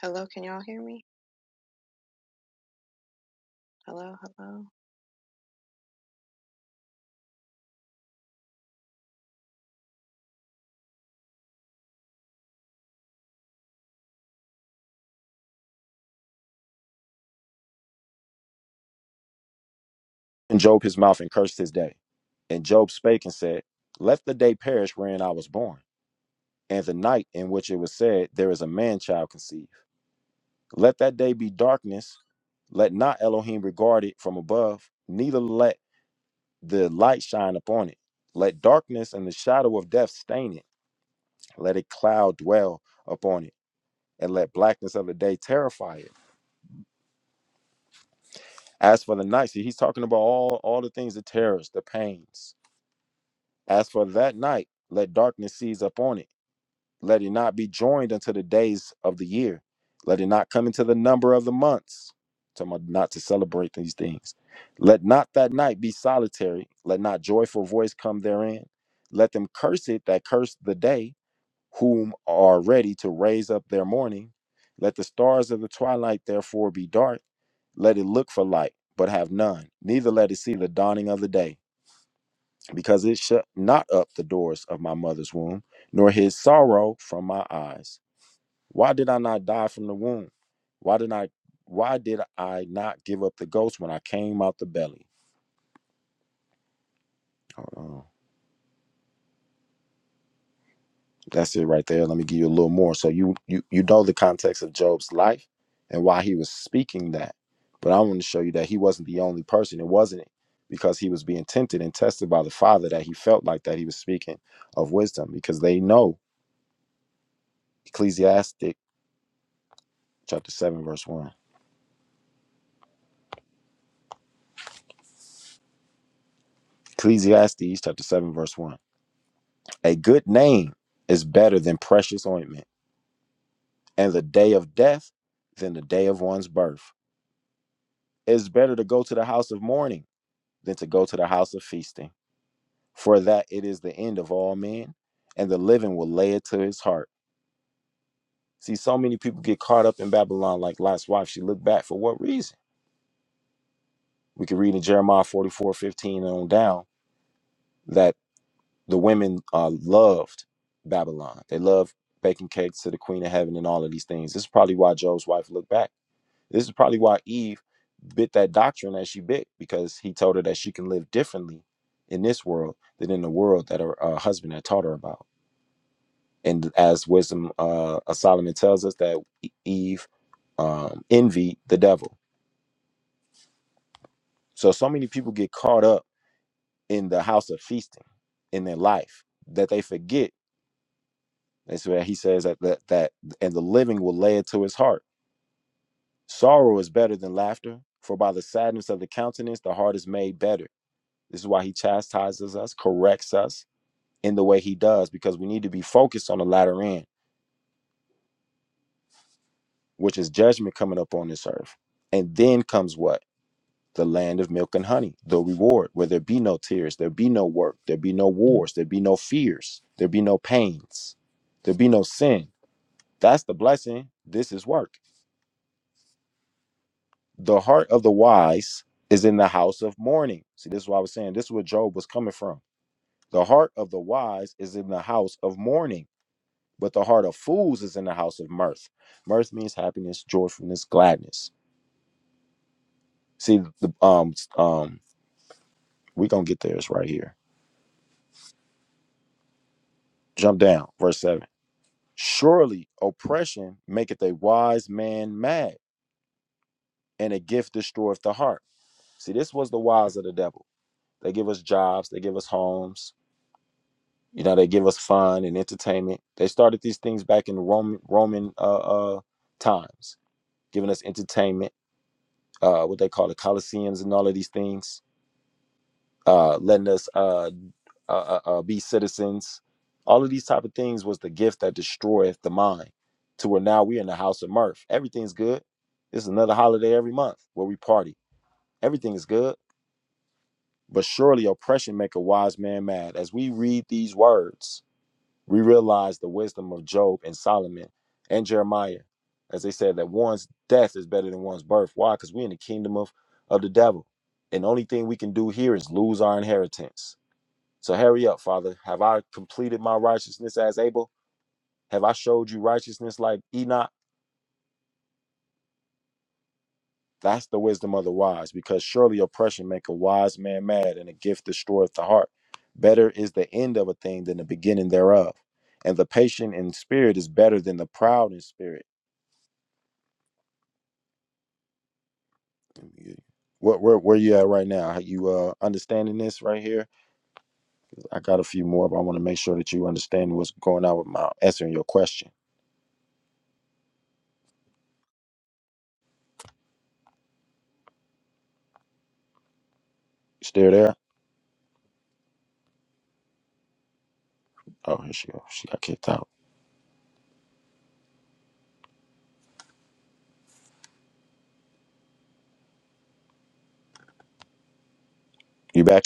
Speaker 3: Hello, can y'all hear me? Hello, hello.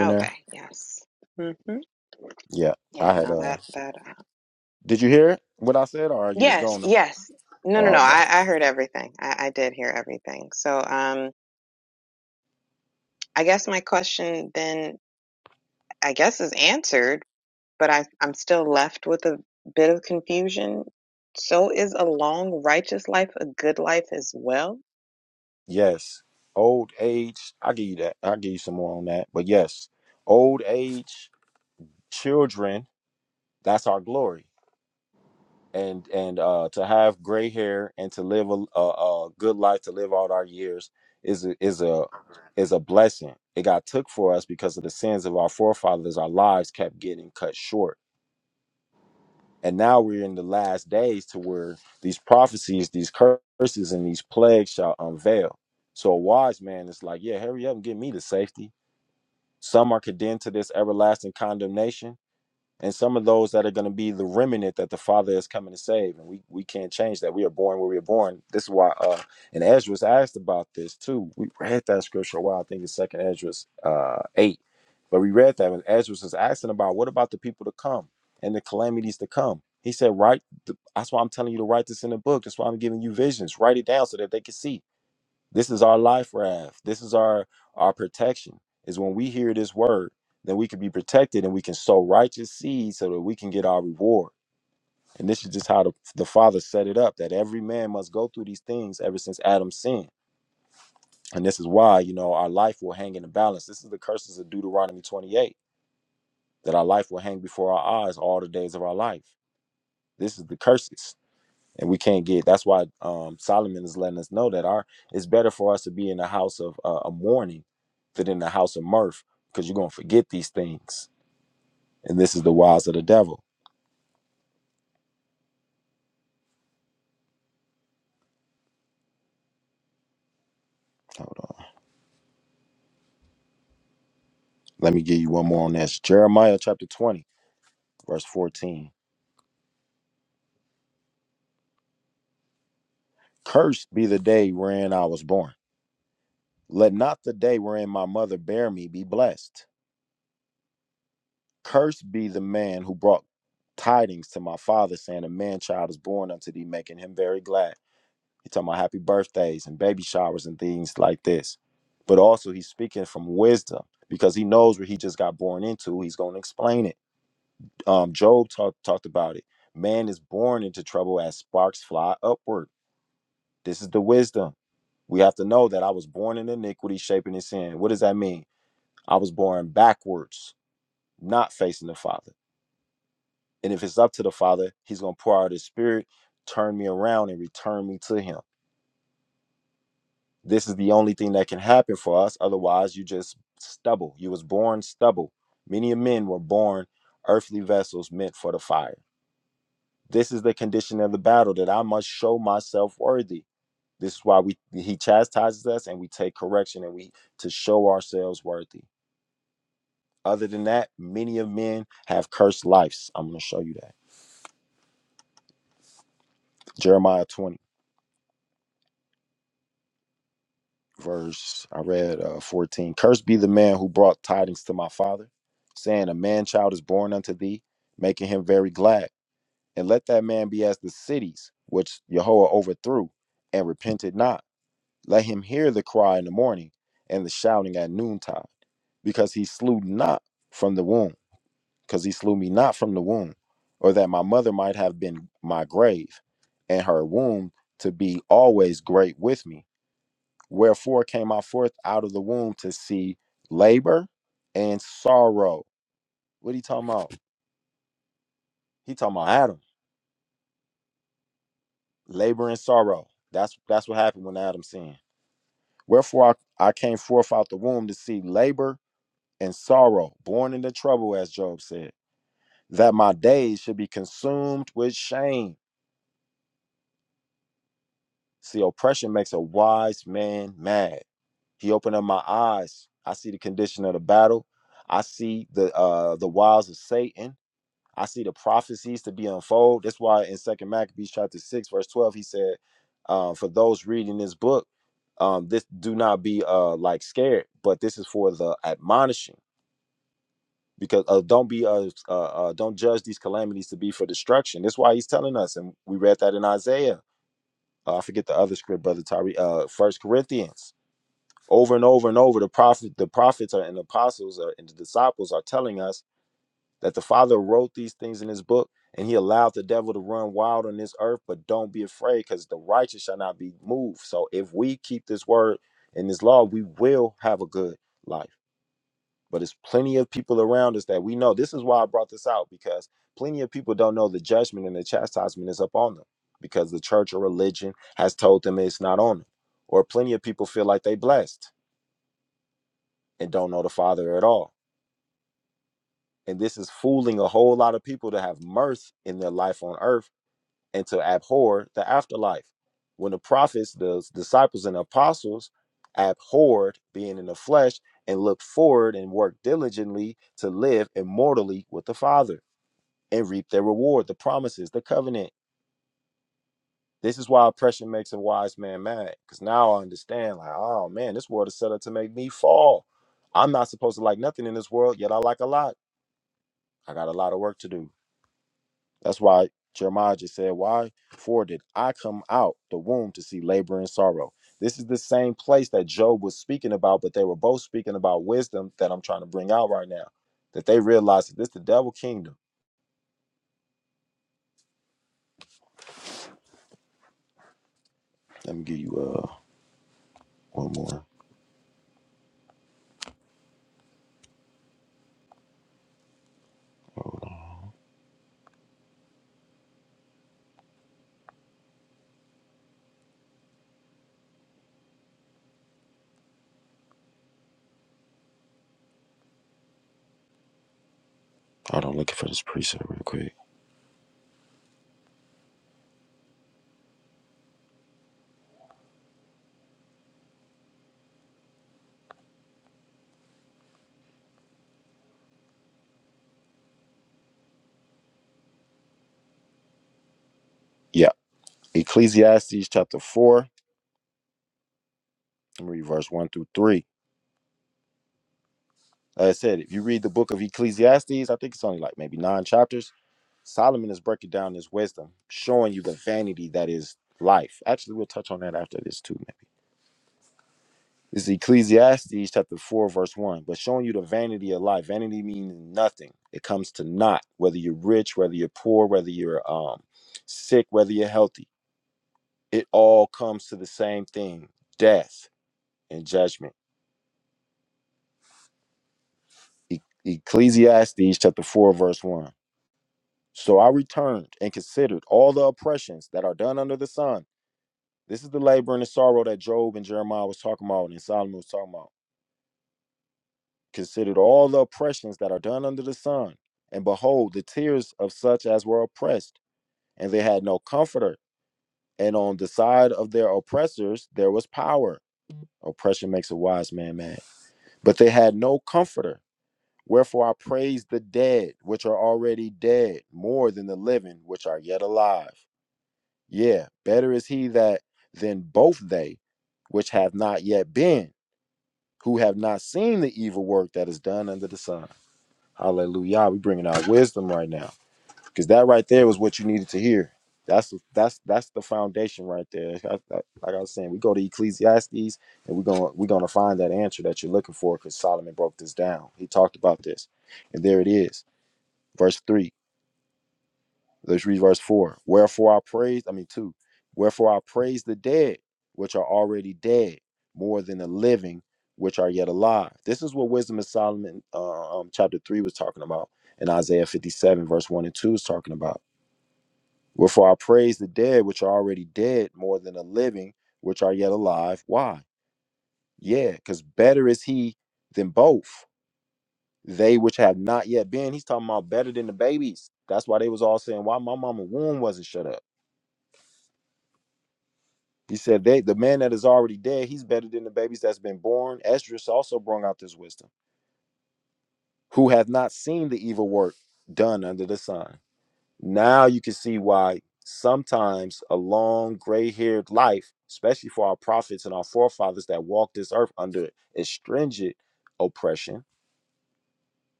Speaker 3: Okay, yes. mm hmm Yeah, no, that that. Uh, yes, yes. No, no, no. I I heard everything. I I did hear everything. So um, I guess my question then I guess is answered but I, I'm still left with a bit of confusion. So is a long righteous life a good life as well?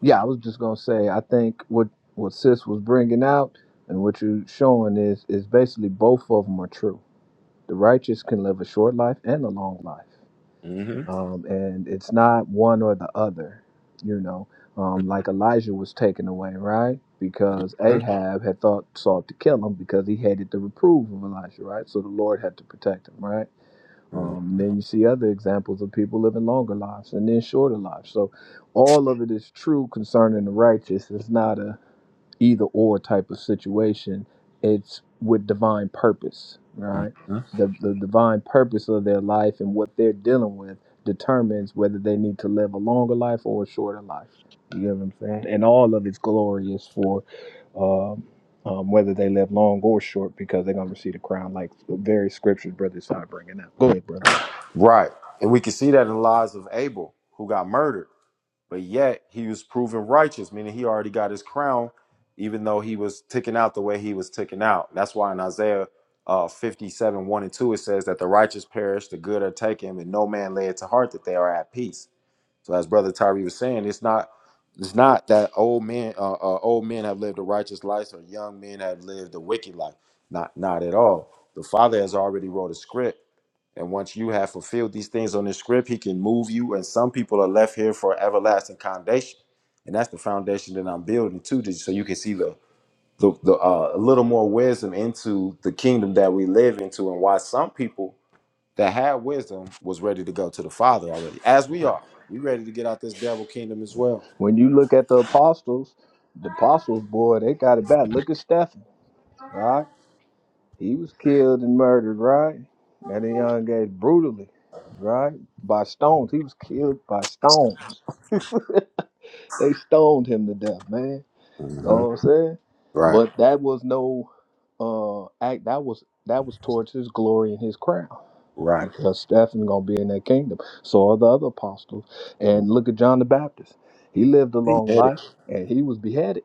Speaker 2: Yeah, I was just gonna say. I think what what Sis was bringing out and what you're showing is is basically both of them are true. The righteous can live a short life and a long life, um, and it's not one or the other. You know, um, like Elijah was taken away, right? Because Ahab had thought sought to kill him because he hated the reproof of Elijah, right? So the Lord had to protect him, right? Um, then you see other examples of people living longer lives and then shorter lives. So all of it is true concerning the righteous. It's not a either or type of situation. It's with divine purpose, right? The the divine purpose of their life and what they're dealing with determines whether they need to live a longer life or a shorter life. You get what I'm saying? And all of it's glorious for um, um, whether they live long or short because they're gonna receive the crown, like various scriptures, brother Side bringing out. Go ahead, brother. When you look at the apostles, the apostles, boy, they got it bad. Look at Stephen, right? He was killed and murdered, right? At a young age, brutally, right? By stones. He was killed by stones. they stoned him to death, man. Know what I'm saying? But that was no uh act that was that was towards his glory and his crown. Because Stephen gonna be in that kingdom. So are the other apostles. And look at John the Baptist. He lived a long life and he was beheaded.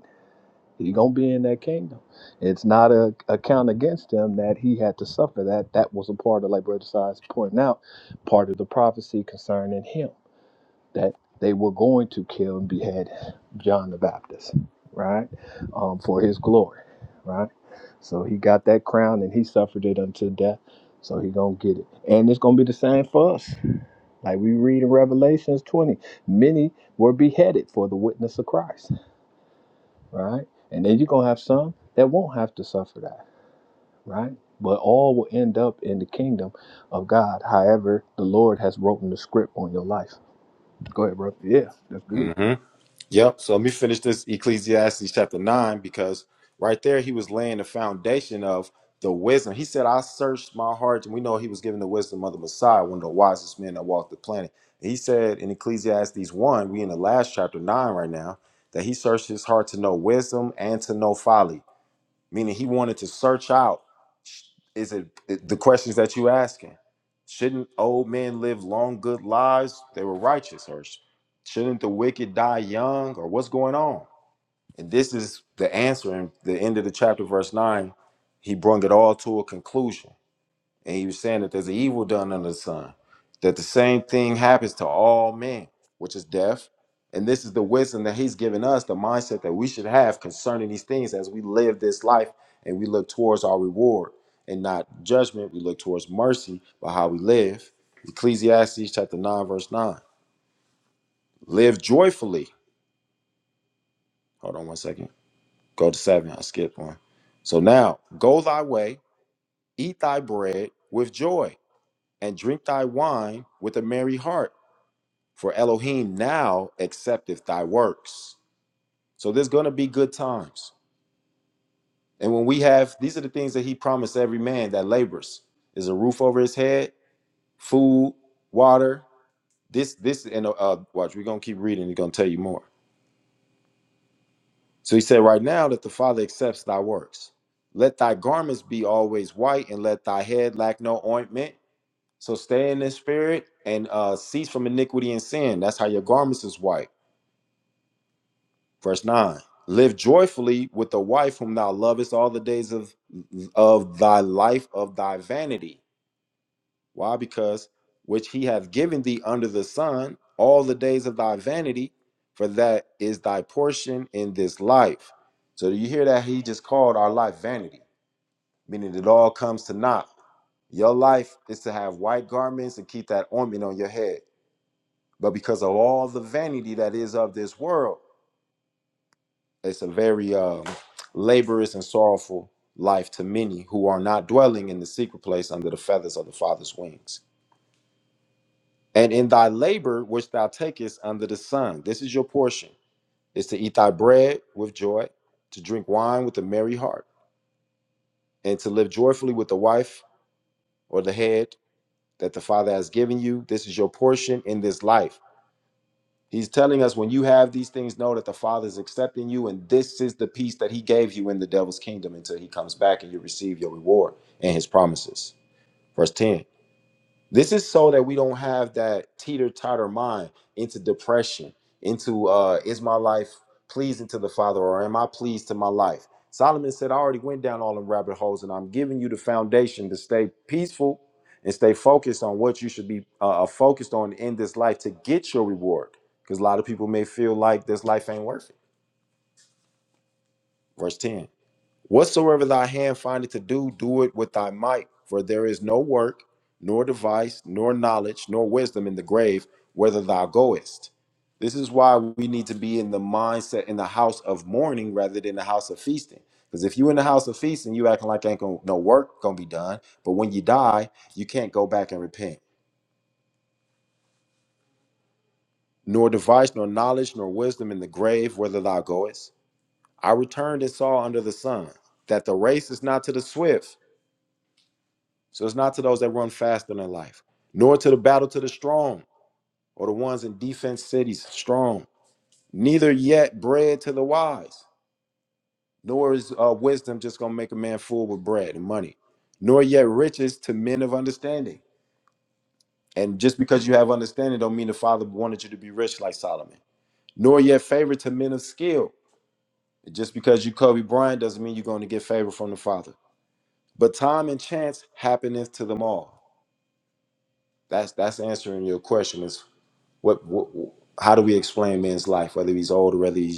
Speaker 2: He gonna be in that kingdom. It's not a, a count against him that he had to suffer. That that was a part of, like Brother Sides pointing out, part of the prophecy concerning him that they were going to kill and behead John the Baptist, right, um, for his glory, right. So he got that crown and he suffered it unto death. So he gonna get it, and it's gonna be the same for us. Like we read in Revelations 20, many were beheaded for the witness of Christ right? And then you're gonna have some that won't have to suffer that, right? But all will end up in the kingdom of God. However, the Lord has written the script on your life. Go ahead, brother. Yeah, that's good.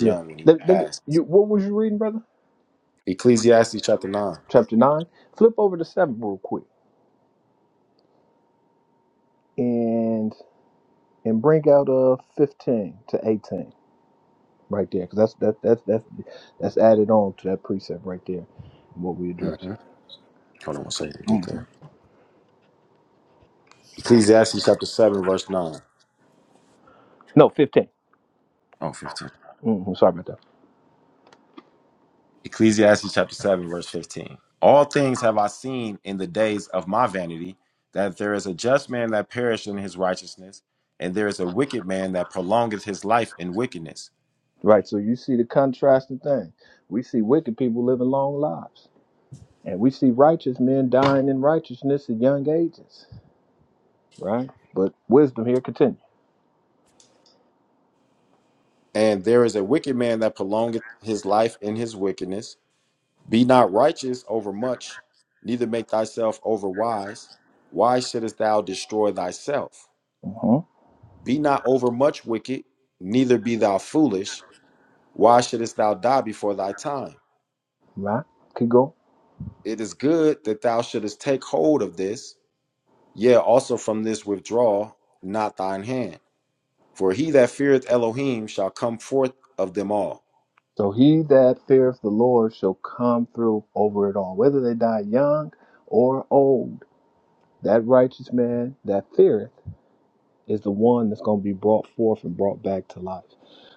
Speaker 2: Yeah. Let- let me- you, what was you reading, brother? Chapter nine. Flip over to seven real quick, and and bring out uh fifteen to eighteen right there, because that's that that's that's that's added on to that precept right there. What we address. Mhm. No, 15 Mm-hmm. Sorry about that. Right. So you see the contrasting thing. We see wicked people living long lives, and we see righteous men dying in righteousness at young ages. Right. But wisdom here continue. hmm Right. Keep going. So he that feareth the Lord shall come through over it all, whether they die young or old. That righteous man that feareth is the one that's going to be brought forth and brought back to life.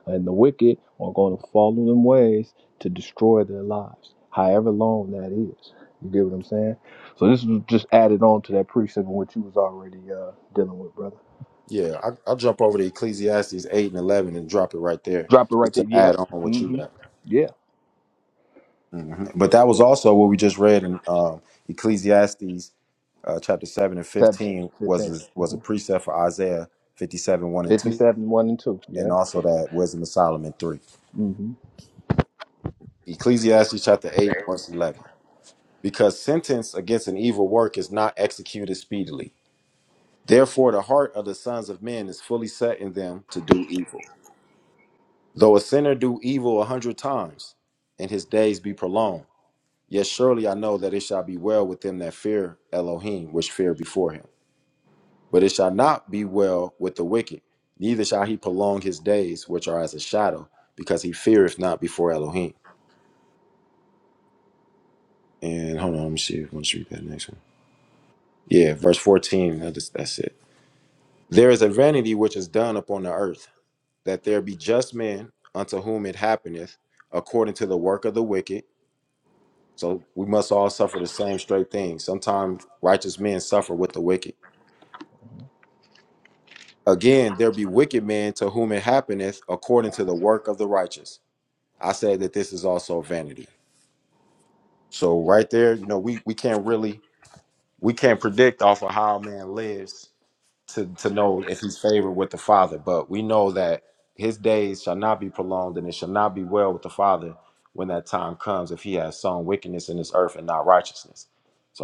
Speaker 2: And the wicked are going to follow them ways to destroy their lives, however long that is. You get what I'm saying? So this was just added on to that precept in which you was already uh, dealing with, brother. Drop it right there. Yep. Mm-hmm. Yeah. Seven, 15. hmm 57, 1 and 2. Yeah. Mm-hmm.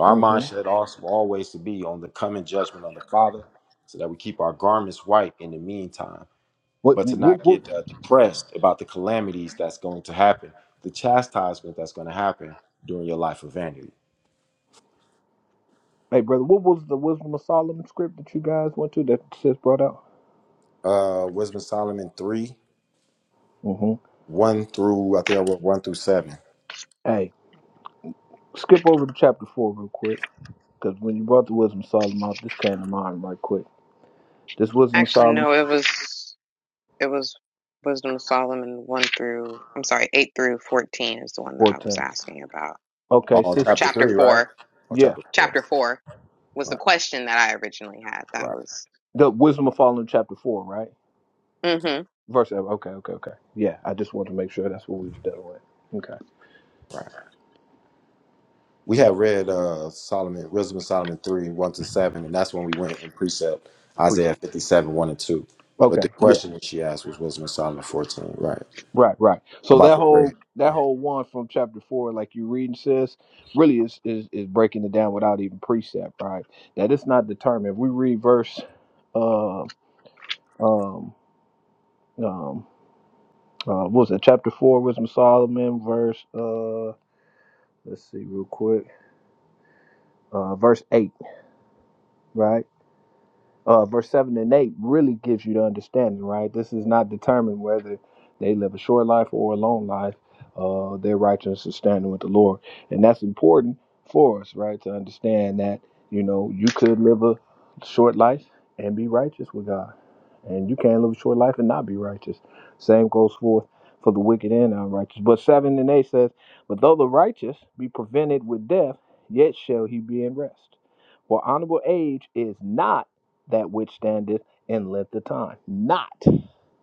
Speaker 2: Mm-hmm. What, what, what, hey, brother, what was the Wisdom of Solomon script that you guys went to that sis brought out? Mm-hmm. Hey, skip over to chapter four real quick, because when you brought the wisdom of Solomon out, this came to mind right quick. This wisdom of
Speaker 3: Actually,
Speaker 2: Solomon
Speaker 3: no, it was it was Wisdom of Solomon one through I'm sorry, eight through fourteen is the one that I was
Speaker 2: fourteen.
Speaker 3: asking about.
Speaker 2: Okay, sis.
Speaker 3: Or chapter four.
Speaker 2: Yeah,
Speaker 3: Chapter four was the question that I originally had. That was
Speaker 2: the wisdom of Solomon chapter four, right?
Speaker 3: mm-hmm.
Speaker 2: Verse. seven. Okay, okay, okay. Yeah, I just wanted to make sure that's what we was dealing with. Okay, appreciate. it. Okay, yeah, right, right. So that whole that whole one from chapter four, like you reading, sis, really is is is breaking it down without even precept, right? That it's not determined. If we read verse, uh, um, um. Uh, what was it? Chapter four, Wisdom of Solomon, verse. Uh, let's see, real quick. Uh, verse eight, right? uh, verse 7 and 8 really gives you the understanding, right? This is not determined whether they live a short life or a long life. Uh, their righteousness is standing with the Lord. And that's important for us, right? To understand that, you know, you could live a short life and be righteous with God. And you can live a short life and not be righteous. Same goes forth for the wicked and unrighteous. But 7 and 8 says, But though the righteous be prevented with death, yet shall he be in rest. For honorable age is not that which standeth in length of time, not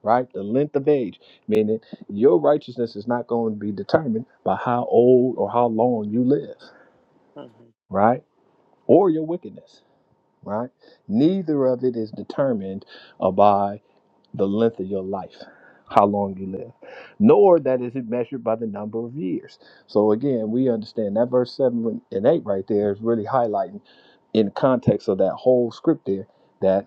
Speaker 2: right the length of age, meaning your righteousness is not going to be determined by how old or how long you live,
Speaker 3: Mm-hmm.
Speaker 2: right, or your wickedness, right. Neither of it is determined uh, by the length of your life, how long you live, nor that is it measured by the number of years. So again, we understand that verse seven and eight right there is really highlighting in context of that whole script there that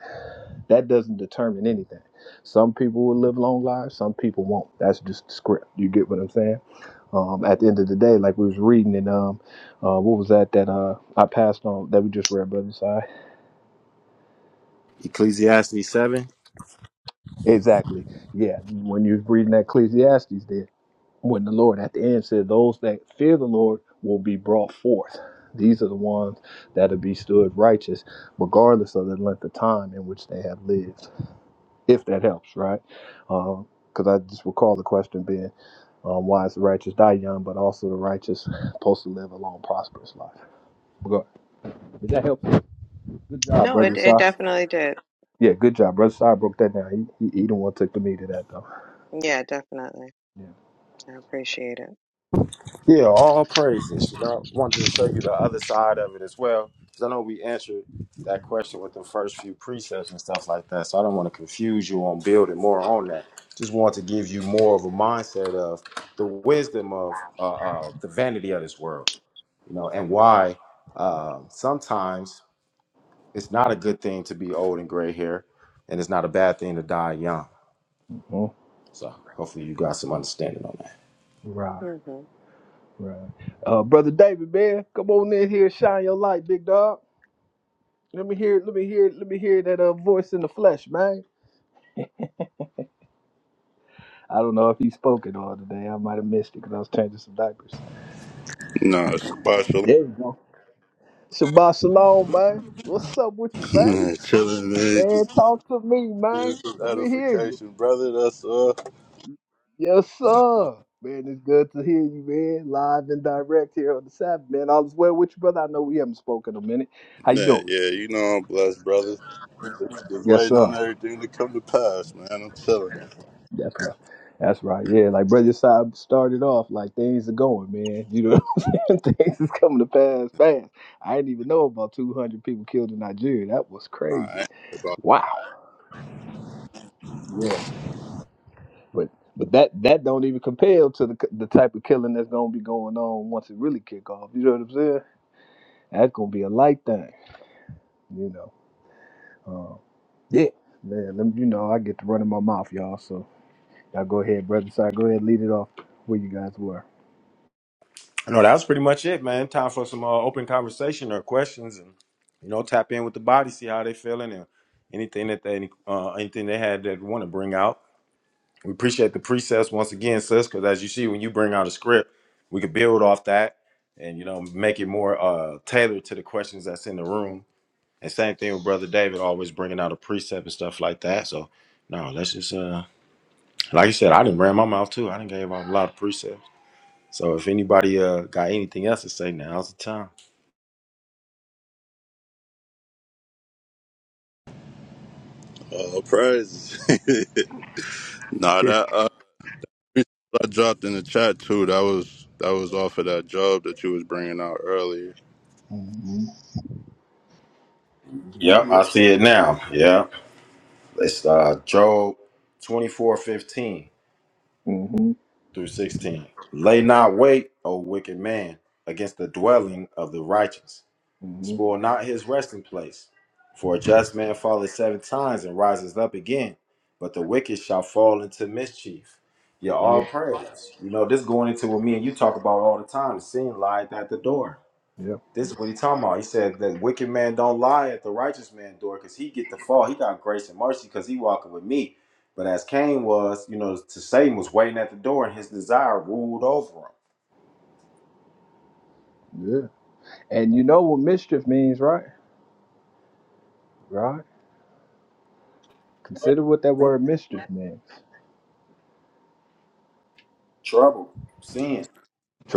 Speaker 2: that doesn't determine anything. Some people will live long lives, some people won't. That's just the script. You get what I'm saying? Um, at the end
Speaker 3: Mm-hmm.
Speaker 2: of the day, like we was reading in um, uh, what was that that uh, I passed on that we just read, brother? Side exactly. Yeah, when you was reading that Ecclesiastes there. when the Lord at the end said, Those that fear the Lord will be brought forth. These are the ones that'll be stood righteous, regardless of the length of time in which they have lived, if that helps, right? Because I just recall the question being, um, Why is the righteous die young, but also the righteous supposed to live a long, prosperous life? Regard- Did that help? Good job,
Speaker 3: No,
Speaker 2: brother.
Speaker 3: it it
Speaker 2: Sorry.
Speaker 3: definitely did.
Speaker 2: Yeah, good job. Brother Sai broke that down. He, he, he the one took the meat of that, though.
Speaker 3: Yeah, definitely.
Speaker 2: Yeah.
Speaker 3: I appreciate it.
Speaker 2: Mhm. Right.
Speaker 3: Mm-hmm.
Speaker 2: Right. Uh, brother David, man, come on in here, shine your light, big dog. Let me hear, let me hear, let me hear that uh, voice in the flesh, man. I don't know if he spoke at all today. I might have missed it because I was changing some diapers.
Speaker 4: Nah, Shabbat Shalom.
Speaker 2: There we go. Shabbat shalom, man. What's up with you, baby?
Speaker 4: Man, chilling, man.
Speaker 2: Man,
Speaker 4: Just get-
Speaker 2: talk to me,
Speaker 4: get
Speaker 2: man.
Speaker 4: some
Speaker 2: Let me hear you.
Speaker 4: edification, brother. That's uh,
Speaker 2: Yes, sir. Man, it's good to hear you, man. Live and direct here on the Sabbath, man. All is well with you, brother. I know we haven't spoken in a minute. How you
Speaker 4: man.
Speaker 2: doing?
Speaker 4: Yeah, you know I'm blessed, brother. Just, just
Speaker 2: Yes,
Speaker 4: waiting
Speaker 2: sir.
Speaker 4: on everything to come to pass, man. I'm chilling.
Speaker 2: That's right. That's right. Yeah, like Brother Saab started off, like things are going, man. You know what I'm saying? Things is coming to pass fast. I didn't even know about 200 people killed in Nigeria. That was
Speaker 4: All
Speaker 2: crazy.
Speaker 4: right.
Speaker 2: Wow. Yeah. But but that that don't even compare to the the type of killing that's gonna be going on once it really kick off. You know what I'm saying? That's gonna be a light thing. You know. Um, yeah. Man, let me, you know I get to running my mouth, y'all. So y'all go ahead, Brother Saab. Go ahead, lead it off where you guys were.
Speaker 4: Uh, praise. nah, that. uh, I dropped in the chat too. That was that was off of that job that you was bringing out earlier.
Speaker 2: Mhm. hmm hmm Yeah. Yeah. Yeah. And you know what mischief means, right? Right. Consider what that word mischief means.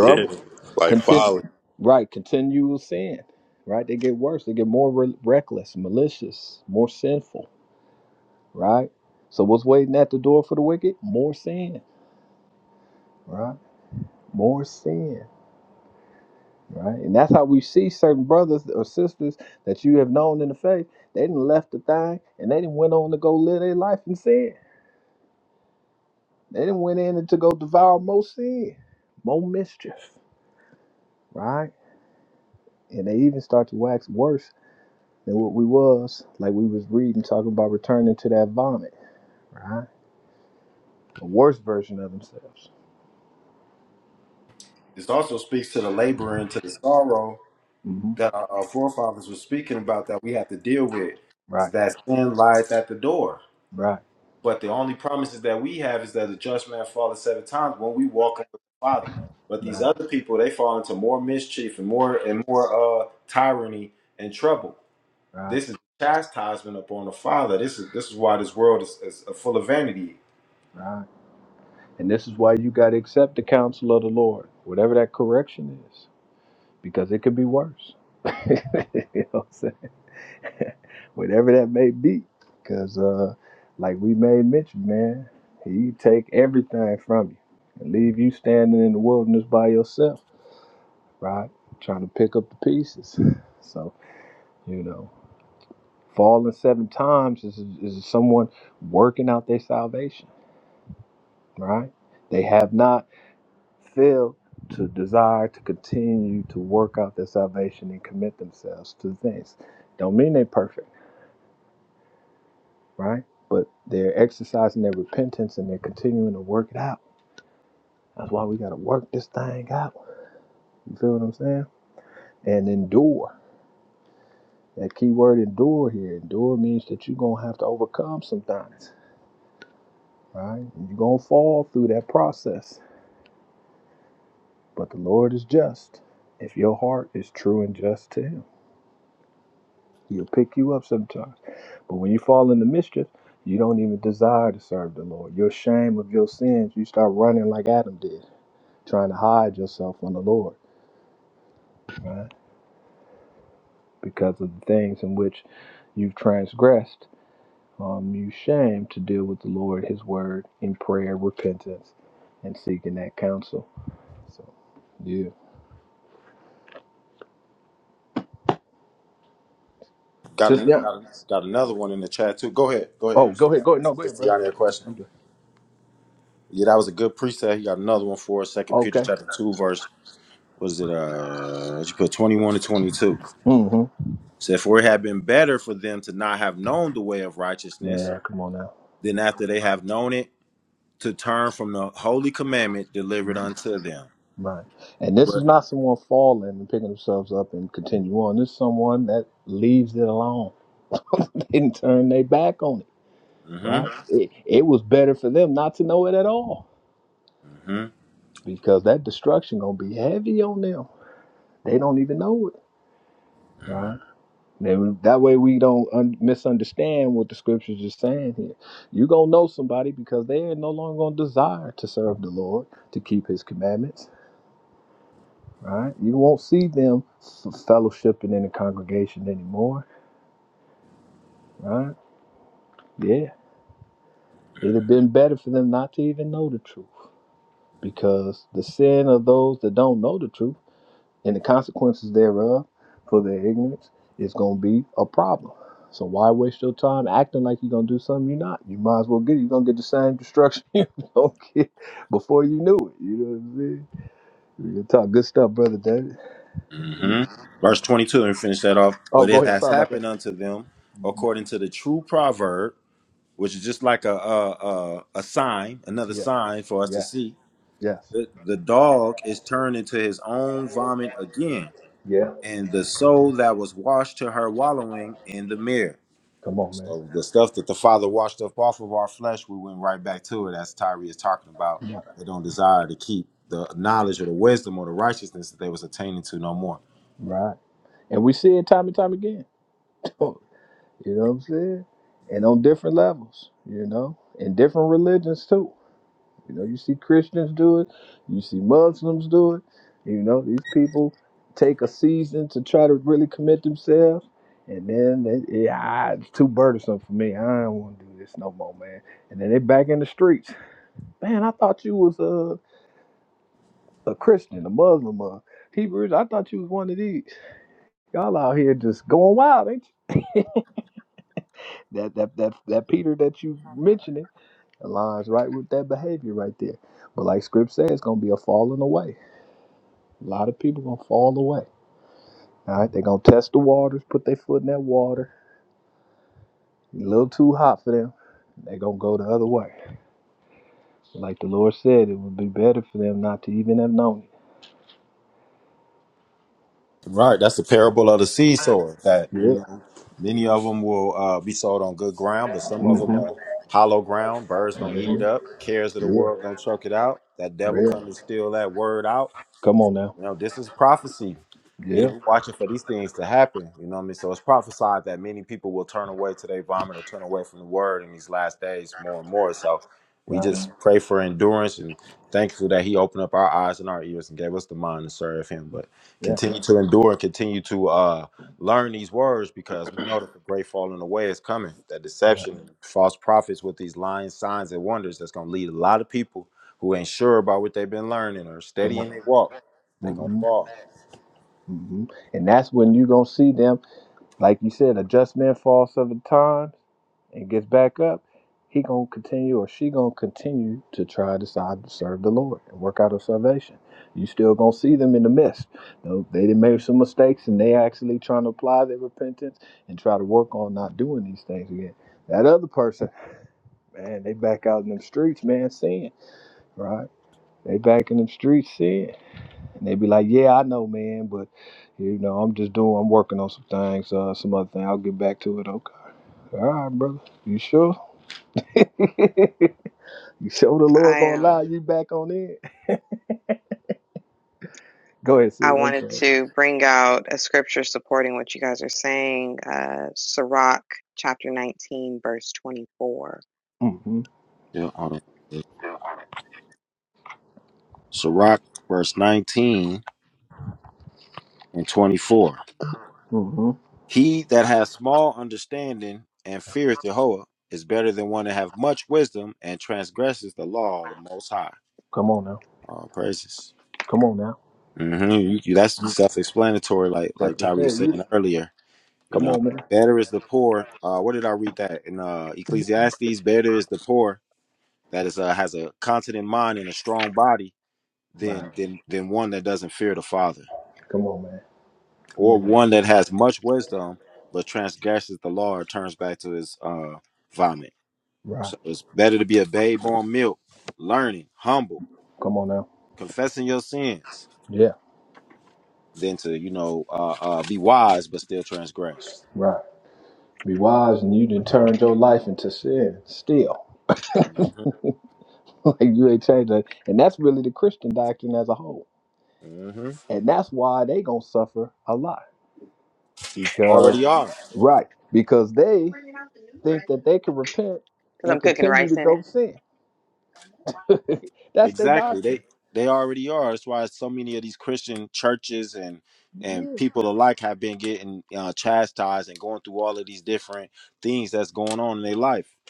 Speaker 4: Yeah, like
Speaker 2: Contin-
Speaker 4: folly.
Speaker 2: right. Continual sin. Right. They get worse. They get more re- reckless, malicious, more sinful. Right. So what's waiting at the door for the wicked? More sin. Right. More sin. Right. And that's how we see certain brothers or sisters that you have known in the faith. They didn't left the thing and they didn't went on to go live their life in sin They then went in and to go devour more sin, more mischief, right? And they even start to wax worse than what we was, like we was reading, talking about returning to that vomit, right? A worse version of themselves. hmm Right, right, right, right, right. And this is why you got to accept the counsel of the Lord, whatever that correction is, because it could be worse. you know what I'm saying? whatever that may be. Because, uh, like we made mention, man, he take everything from you and leave you standing in the wilderness by yourself, right? Trying to pick up the pieces. So, you know, falling seven times is, is someone working out their salvation, right? They have not failed to desire to continue to work out their salvation and commit themselves to things. Don't mean they perfect right? But they're exercising their repentance and they're continuing to work it out. That's why we got to work this thing out. You feel what I'm saying? And endure. That key word endure here. Endure means that you're going to have to overcome some things, right? You're going to fall through that process. But the Lord is just. If your heart is true and just to Him, He'll pick you up sometimes. But when you fall into mischief, you don't even desire to serve the Lord. You're ashamed of your sins. You start running like Adam did, trying to hide yourself from the Lord right? Because of the things in which you've transgressed, um, you shame to deal with the Lord, His Word, in prayer, repentance, and seeking that counsel. So, yeah, Sis, yeah. Oh, go ahead, go ahead. No, go ahead, brother. I- am done. Okay. Mm-hmm. Man, come on now. Right. And this is not someone falling and picking themselves up and continue on. This is someone that leaves it alone. They Didn't turn their back on it. Right. It, it was better for them not to know it at all because that destruction gonna be heavy on them. They don't even know it, right? Then that way we don't un- misunderstand what the scriptures is saying here. You gonna know somebody because they are no longer gonna desire to serve the Lord to keep His commandments, right? You won't see them f- fellowshipping in the congregation anymore, right? Yeah, it'd have been better for them not to even know the truth because the sin of those that don't know the truth and the consequences thereof for their ignorance is going to be a problem. So why waste your time acting like you're going to do something you're not? You might as well get it. You're going to get the same destruction you're going to get before you knew it. You know what I'm saying? We can talk good stuff, brother David. Oh, go ahead. Sorry about that. Yeah. Yes. Yes. Yeah. Come on, man. Yeah. Right. And we see it time and time again. You know what I'm saying? And on different levels, you know, and different religions too. You know, you see Christians do it, you see Muslims do it. You know, these people take a season to try to really commit themselves, and then they, yeah, ah, it's too burdensome for me. I don't want to do this no more, man. And then they back in the streets. Man, I thought you was a a Christian, a Muslim, a Hebrew. I thought you was one of these. Y'all out here just going wild, ain't you? That that that that Peter that you mentioning aligns right with that behavior right there. But like Script says, it's gonna be a falling away A lot of people gonna fall away. All right, they gonna test the waters, put their foot in that water. A little too hot for them. they gonna go the other way. Like the Lord said, it would be better for them not to even have known it. Yeah. hmm hmm Yeah. Yeah. Come on now. Yeah. Right. Yeah. Come on. hmm hmm And that's when you gonna see them, like you said, a just man falls seven times. and gets back up, he gonna continue or she gonna continue to try to decide to serve the Lord and work out her salvation. You still gonna see them in the midst. No, they did made some mistakes and they actually trying to apply their repentance and try to work on not doing these things again. That other person, man, they back out in them streets, man, sin, right? They back in them streets sin. And they be like, Yeah, I know, man, but you know, I'm just doing I'm working on some things, uh, some other thing. I'll get back to it. Okay. All right, brother. You sure? You show the Lord
Speaker 3: I
Speaker 2: gonna
Speaker 3: am.
Speaker 2: allow you back on it. Go ahead, sis.
Speaker 3: I
Speaker 2: I'm
Speaker 3: wanted
Speaker 2: sorry.
Speaker 3: to bring out a scripture supporting what you guys are saying, uh, Sirach chapter 19, verse 24.
Speaker 2: Mm-hmm. Mm-hmm. Come on now. Come on now. That's what I said. You- Come on, man. Right. Come on, man. Come on, man. Right. Come on now. Yeah. Right. Be wise, and you done turned your life into sin. Still, like you ain't changed that. And that's really the Christian doctrine as a whole. And that's why they gonna suffer a lot because, right? Because they think that they can repent
Speaker 3: because
Speaker 2: and
Speaker 3: I'm cooking
Speaker 2: continue
Speaker 3: rice
Speaker 2: to
Speaker 3: in
Speaker 2: go
Speaker 3: it.
Speaker 2: sin. That's their doctrine. Yeah.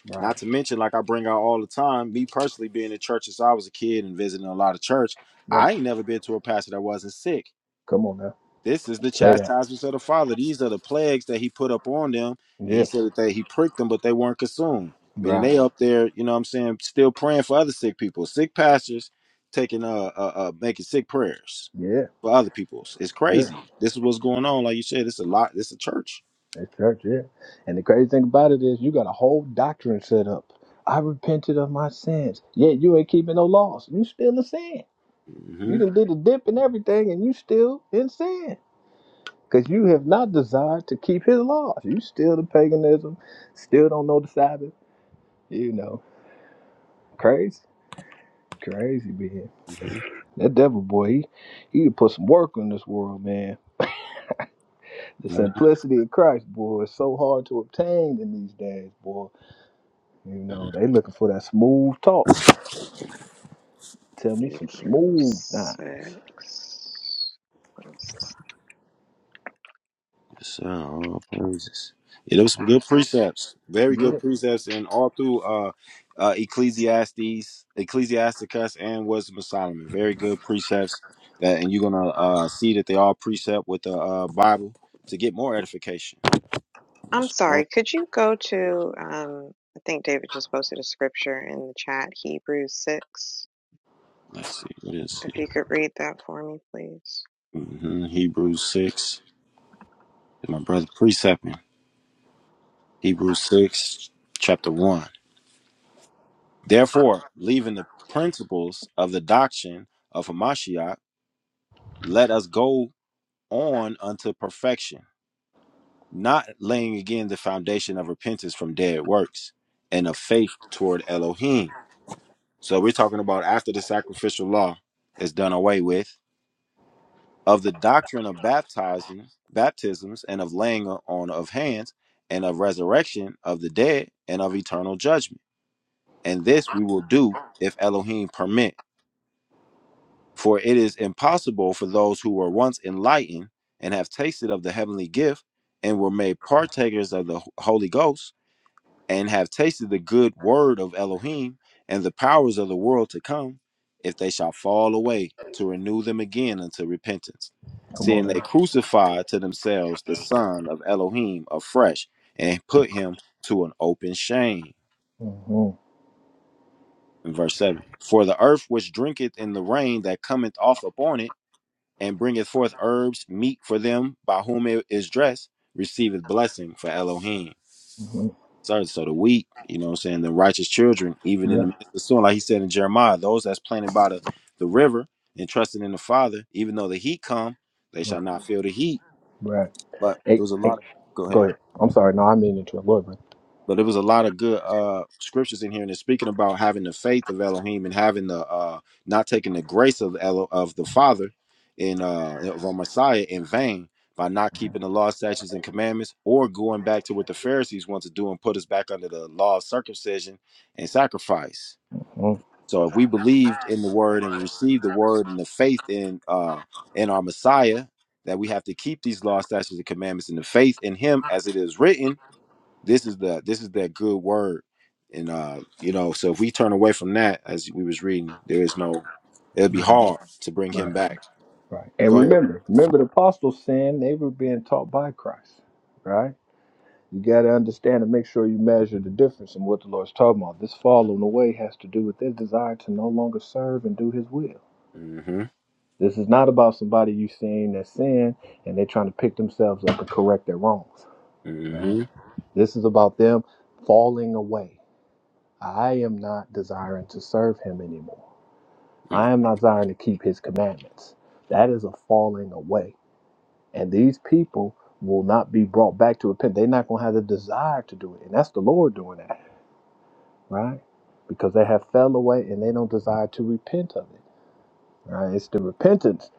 Speaker 2: Right, right. Come on now. Say that. Yeah. Right. Yeah, yeah. That's church, yeah. And the crazy thing about it is you got a whole doctrine set up. I repented of my sins. Yeah, you ain't keeping no laws. You still in sin. You done did a dip and everything and you still in sin. Because you have not desired to keep his laws. You still the paganism, still don't know the Sabbath. You know. Crazy. Crazy being. That devil boy, he he put some work on this world, man. The simplicity of Christ, boy, is so hard to obtain in these days, boy. You know, they looking for that smooth talk. Tell me some smooth
Speaker 3: Hebrews
Speaker 2: things.
Speaker 3: 6. What is
Speaker 2: Yeah.
Speaker 3: I'm sorry, could you go to, um, I think David just posted a scripture in the chat, Hebrews 6. If you could read that for me, please.
Speaker 2: Come on now. Mm-hmm. Mm-hmm. Yeah. Right. Right. Hey, hey, go ahead. I'm sorry. No, I mean to interrupt. Go ahead, man. Mhm. Right. Right. Right. And remember, remember the apostles saying they were being taught by Christ, right? You got to understand and make sure you measure the difference in what the Lord's talking about. This falling away has to do with their desire to no longer serve and do His will. This is not about somebody you seeing that sin and they're trying to pick themselves up and correct their wrongs. This is about them falling away. I am not desiring to serve Him anymore. I am not desiring to keep His commandments. That is a falling away. And these people will not be brought back to repent. They're not going to have the desire to do it. And that's the Lord doing that right? Because they have fell away and they don't desire to repent of it, right? It's the repentance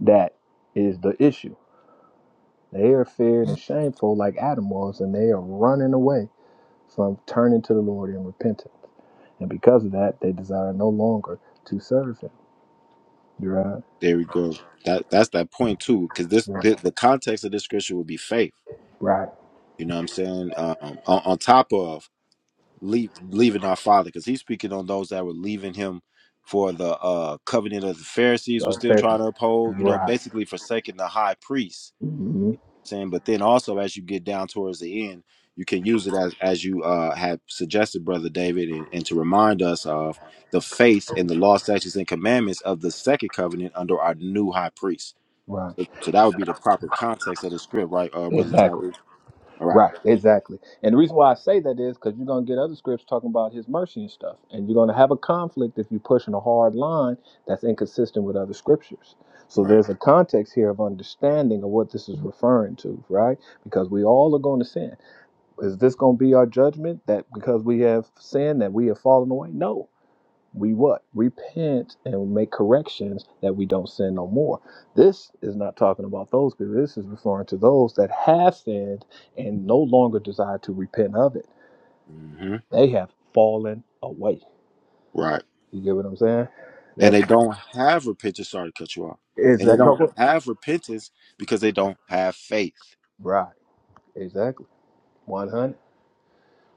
Speaker 2: that is the issue. They are feared and shameful like Adam was, and they are running away from turning to the Lord in repentance. And because of that, they desire no longer to serve Him, right? Right. Right. Uh, fair- Right. Mhm. Right. Exactly. Right, exactly. And the reason why I say that is because you're going to get other scripts talking about his mercy and stuff. And you're going to have a conflict if you're pushing a hard line that's inconsistent with other scriptures. So there's a context here of understanding of what this is referring to, right? Because we all are going to sin. Is this going to be our judgment that because we have sinned that we have fallen away? No, we what repent and make corrections that we don't sin no more this is not talking about those people this is referring to those that have sinned and no longer desire to repent of it they have fallen away you get what i'm saying that is that no, go- right exactly 100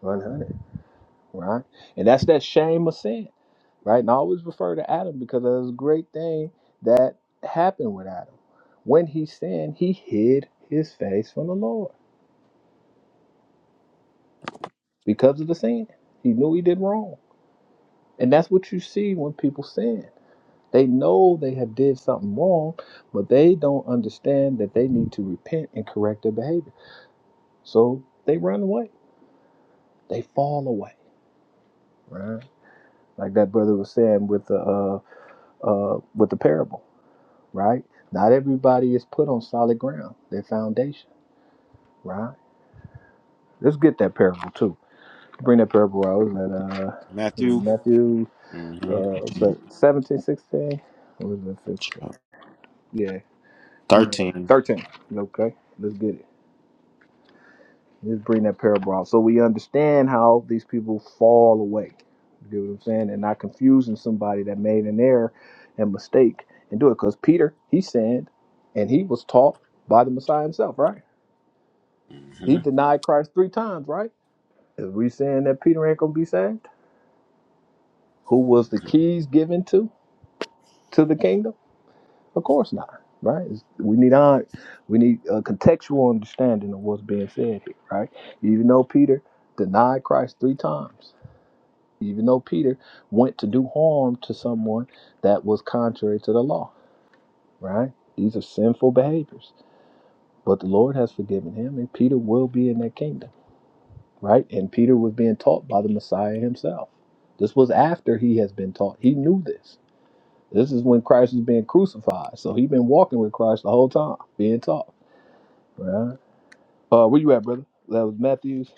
Speaker 2: 100 right and that's that shame of sin right and i always refer to adam because that's a great thing that happened with adam when he sinned he hid his face from the lord because of the sin. He knew he did wrong. And that's what you see when people sin. They know they have did something wrong, but they don't understand that they need to repent and correct their behavior. So they run away. They fall away, right? Like that brother was saying with the uh, uh, with the parable, right? Not everybody is put on solid ground, their foundation, right? Let's get that parable too. Bring that parable out. that uh, Matthew? Uh, so 17, 16, or was it 15? Yeah, we made it. 13. Okay, let's get it. Let's bring that parable out so we understand how these people fall away. You get what I'm saying? And not confusing somebody that made an error and mistake and do it. Because Peter, he sinned and he was taught by the Messiah himself, right? He denied Christ three times, right? Is we saying that Peter ain't going to be saved? Who was the keys given to to the kingdom? Of course not, right? It's- we need on, we need a contextual understanding of what's being said here, right? Even though Peter denied Christ three times, even though Peter went to do harm to someone that was contrary to the law, right? These are sinful behaviors, but the Lord has forgiven him, and Peter will be in that kingdom, right? And Peter was being taught by the Messiah himself. This was after he has been taught. He knew this. This is when Christ was being crucified, so he'd been walking with Christ the whole time, being taught. Right. Uh, where you at, brother? That was Matthews.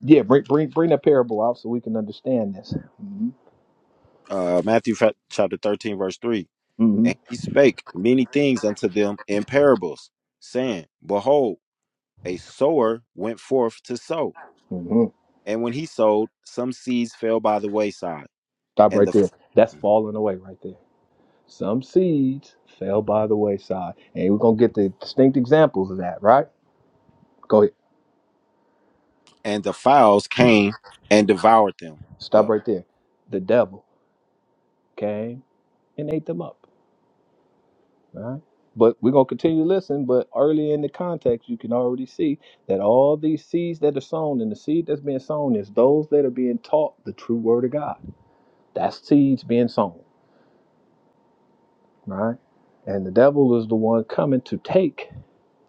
Speaker 2: Yeah, bring bring bring that parable out so we can understand this. hmm hmm hmm Stop right there. That's falling away right there. Some seeds fell by the wayside, and we're gonna get the distinct examples of that. Right? Go ahead. Stop right there. The devil came and ate them up. Right? But we're gonna continue to listen. But early in the context, you can already see that all these seeds that are sown and the seed that's being sown is those that are being taught the true word of God That's seeds being sown, right? And the devil is the one coming to take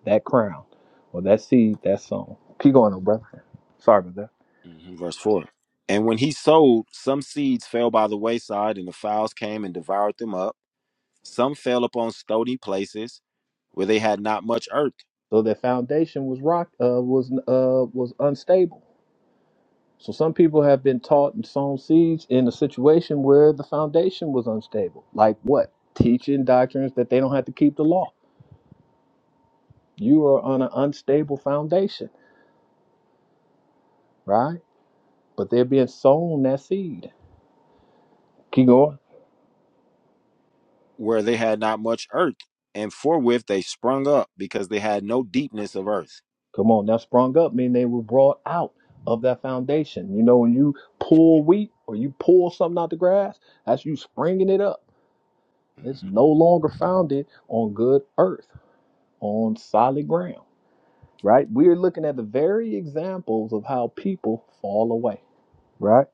Speaker 2: that crown or that seed that's sown. Keep going, though, brother. Sorry about that. So their foundation was rock uh, was uh, was unstable. So some people have been taught and sown seeds in a situation where the foundation was unstable. Like what? Teaching doctrines that they don't have to keep the law. You are on an unstable foundation, right? But they're being sown that seed. Keep going. Come on, now sprung up mean they were brought out of that foundation. You know, when you pull wheat or you pull something out the grass, that's you springing it up. It's no longer founded on good earth, on solid ground, right? We're looking at the very examples of how people fall away, right?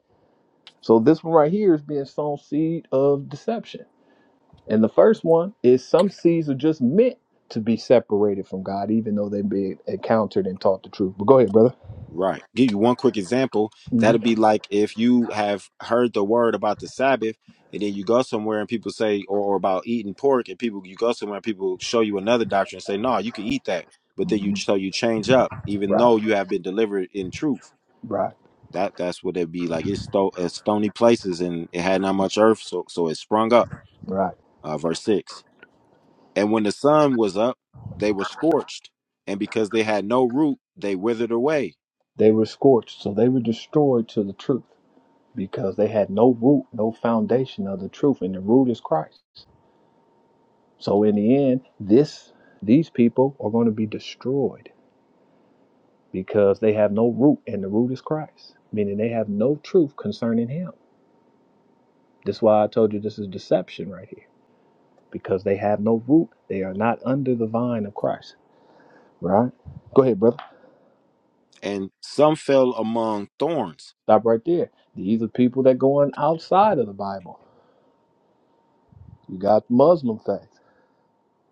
Speaker 2: So this one right here is being sown seed of deception. And the first one is some seeds are just meant to be separated from God, even though they've been encountered and taught the truth. But go ahead, brother. Mhm. Right, right, right. They were scorched, so they were destroyed to the truth because they had no root, no foundation of the truth, and the root is Christ. So in the end, this these people are going to be destroyed because they have no root, and the root is Christ, meaning they have no truth concerning Him. That's why I told you this is deception right here because they have no root. They are not under the vine of Christ. Right? Go ahead, brother. Stop right there. These are people that go on outside of the Bible You got Muslim faith,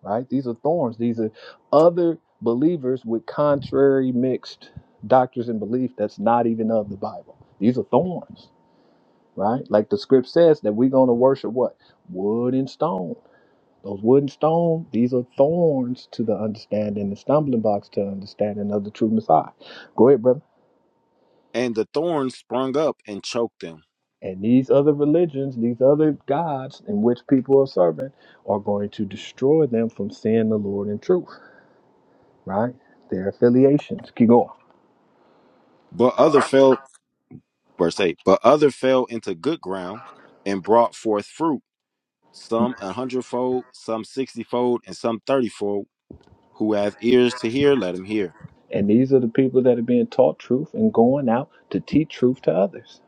Speaker 2: right? These are thorns. These are other believers with contrary mixed doctrines and belief that's not even of the Bible. These are thorns, right? Like the script says that we're going to worship what? Wood and stone. Those wood and stone, these are thorns to the understanding, the stumbling blocks to understanding of the true Messiah. Go ahead, brother. And these other religions, these other gods in which people are serving, are going to destroy them from seeing the Lord in truth right? Their affiliations. Keep going. And these are the people that are being taught truth and going out to teach truth to others.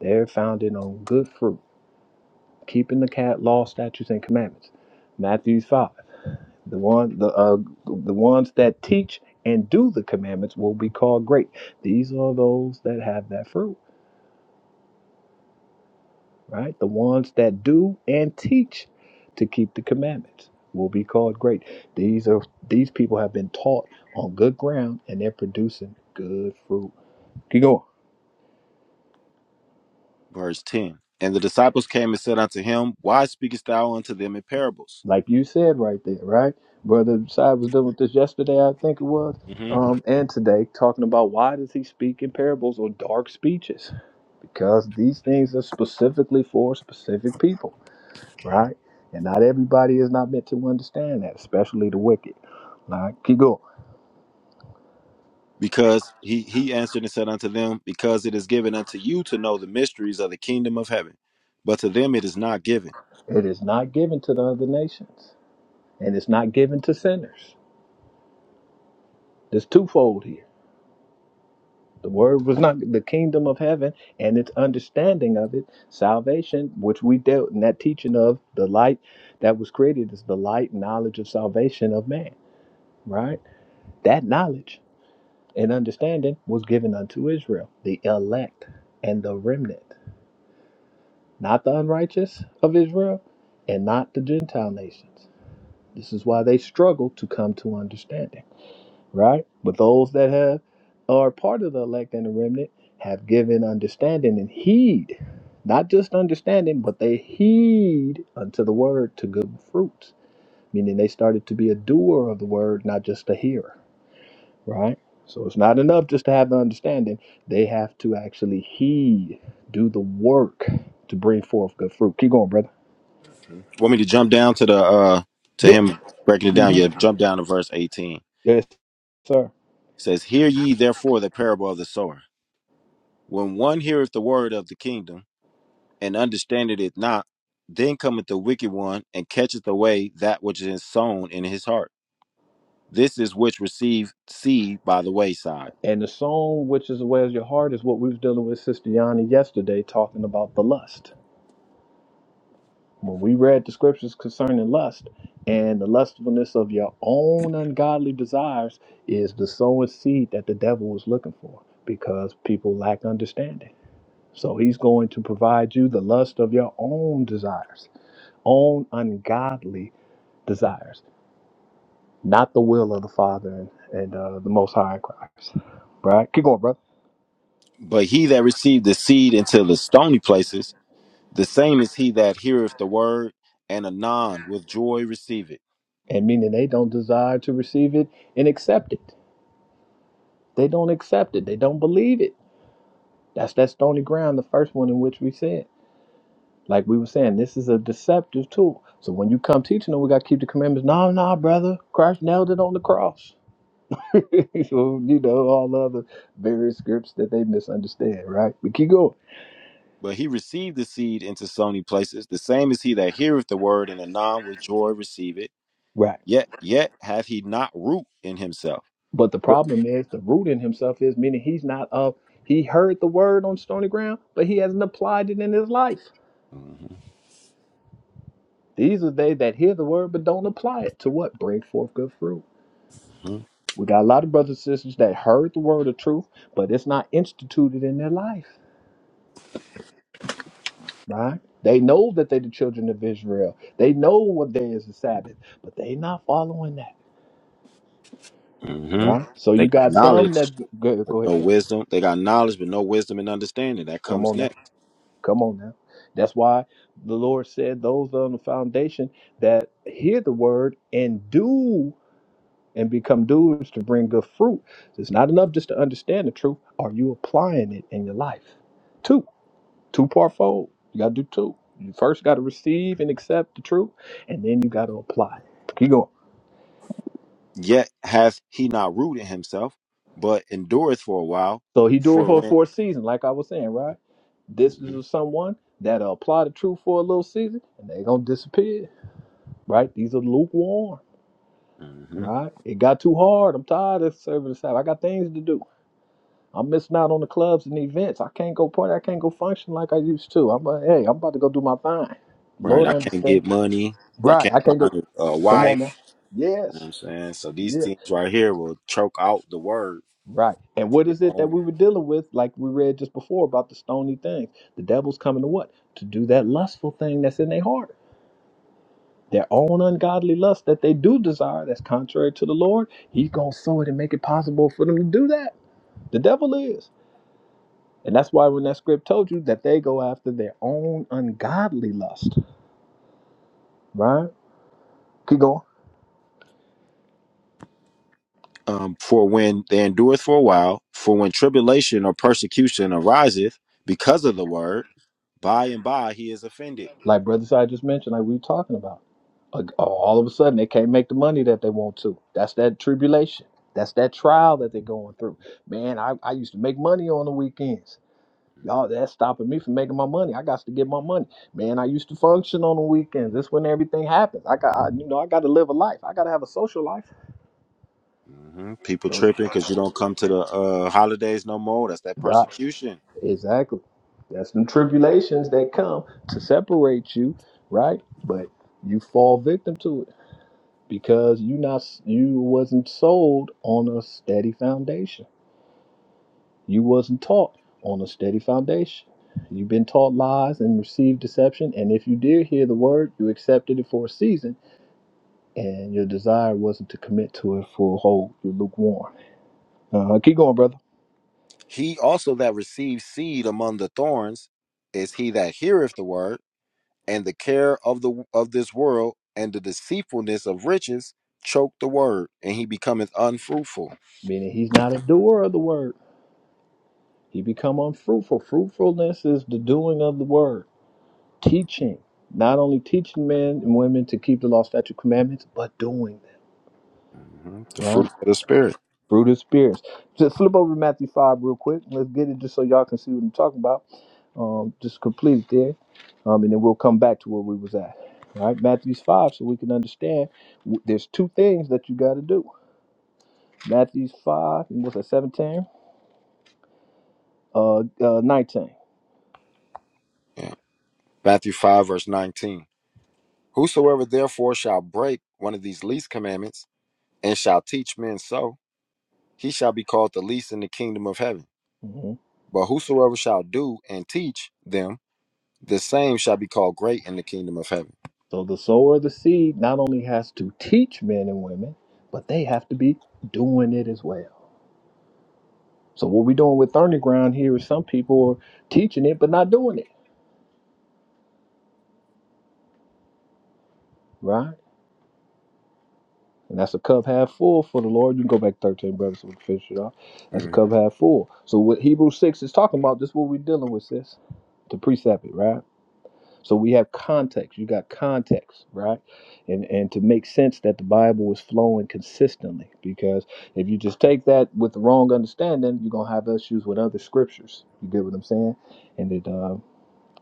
Speaker 2: They're founded on good fruit, keeping the cat law, statutes, and commandments. Matthew five. The one, the uh, the ones that teach and do the commandments will be called great. These are those that have that fruit. right? The ones that do and teach to keep the commandments will be called great. These are these people have been taught on good ground and they're producing good fruit. Keep going. Like you said right there, right? Brother Side was dealing with this yesterday, I think it was, um, and today, talking about why does he speak in parables or dark speeches? Because these things are specifically for specific people, right? And not everybody is not meant to understand that, especially the wicked. All right, keep going. It is not given to the other nations, and it's not given to sinners. There's twofold here. The word was not the kingdom of heaven and its understanding of it, salvation, which we dealt in that teaching of the light that was created is the light knowledge of salvation of man, right? That knowledge and understanding was given unto Israel, the elect and the remnant, not the unrighteous of Israel and not the Gentile nations. This is why they struggle to come to understanding right? But those that have are part of the elect and the remnant have given understanding and heed, not just understanding, but they heed unto the word to good fruits, meaning they started to be a doer of the word, not just a hearer, right? So it's not enough just to have the understanding; they have to actually heed, do the work to bring forth good fruit. Keep going, brother. Yeah, yes, sir. And the song, which is Where's Your Heart, is what we was dealing with Sister Yanni yesterday, talking about the lust. When we read the scriptures concerning lust and the lustfulness of your own ungodly desires is the sowing seed that the devil was looking for because people lack understanding. So he's going to provide you the lust of your own desires, own ungodly desires, not the will of the Father and, and uh, the Most High in Christ. Right? Keep going, brother. and meaning they don't desire to receive it and accept it. They don't accept it. They don't believe it. That's that stony ground, the first one in which we said. Like we were saying, this is a deceptive tool. So when you come teaching them, we got to keep the commandments. No, no, brother. Christ nailed it on the cross. so, you know, all the other various scripts that they misunderstand, right? We keep going. Right. But the problem is the root in himself is meaning he's not of, he heard the word on stony ground, but he hasn't applied it in his life. These are they that hear the word but don't apply it to what? Bring forth good fruit. We got a lot of brothers and sisters that heard the word of truth, but it's not instituted in their life, right? They know that they're the children of Israel. They know what day is the Sabbath, but they not following that, right? So you got some that good. Go ahead, brother. Come on now. Come on now. That's why the Lord said those on the foundation that hear the word and do. and become doers to bring good fruit. It's not enough just to understand the truth. Are you applying it in your life? Two, two part fold. You got to do two. You first got to receive and accept the truth, and then you got to apply. Keep going. So he do it for a fourth season, like I was saying, right? This is someone that'll apply the truth for a little season, and they're gonna disappear, right? These are lukewarm, right? It got too hard. I'm tired of serving the Sabbath. I got things to do. I'm missing out on the clubs and events. I can't go party. I can't go function like I used to. I'm like, hey, I'm about to go do my thing. Lord understand. Right. I can't go. Come on now. Yes. Yeah. Right. And what is it that we were dealing with, like we read just before about the stony things? The devil's coming to what? To do that lustful thing that's in their heart. Their own ungodly lust that they do desire that's contrary to the Lord. He's gonna sow it and make it possible for them to do that. The devil is. And that's why when that script told you that they go after their own ungodly lust, right? Keep going. Like Brother Side just mentioned, like we were talking about. Uh, oh, All of a sudden, they can't make the money that they want to. That's that tribulation. That's that trial that they're going through. Man, I, I used to make money on the weekends. Y'all, that's stopping me from making my money. I got to get my money. Man, I used to function on the weekends. That's when everything happens. I got, I, you know, I got to live a life. I got to have a social life. Right. Exactly. That's the tribulations that come to separate you, right? But you fall victim to it because you not you wasn't sold on a steady foundation. You wasn't taught on a steady foundation. You've been taught lies and received deception, and if you did hear the word, you accepted it for a season, and your desire wasn't to commit to it for a whole. You're lukewarm. Uh, keep going, brother. Meaning he's not a doer of the word. He become unfruitful. Fruitfulness is the doing of the word, teaching, not only teaching men and women to keep the law, statute, commandments, but doing them, right? Through the spirits. Just flip over to Matthew 5 real quick. Let's get it just so y'all can see what I'm talking about. Um, just complete it there. Um, and then we'll come back to where we was at. All right, Matthew's 5, so we can understand w- there's two things that you got to do. Matthew's 5, and what's that, 17? Uh, uh, 19. Mm-hmm. So the sower of the seed not only has to teach men and women, but they have to be doing it as well. So what we're doing with thorny Ground here is some people are teaching it but not doing it, right? And that's a cup half full for the Lord. You can go back 13, brothers, so we can finish it off. That's a cup half full. So what Hebrews 6 is talking about, this is what we're dealing with, sis. To precept it, right? So we have context. You got context, right? And and to make sense that the Bible is flowing consistently, because if you just take that with the wrong understanding, you're gonna have issues with other scriptures. You get what I'm saying? And it uh,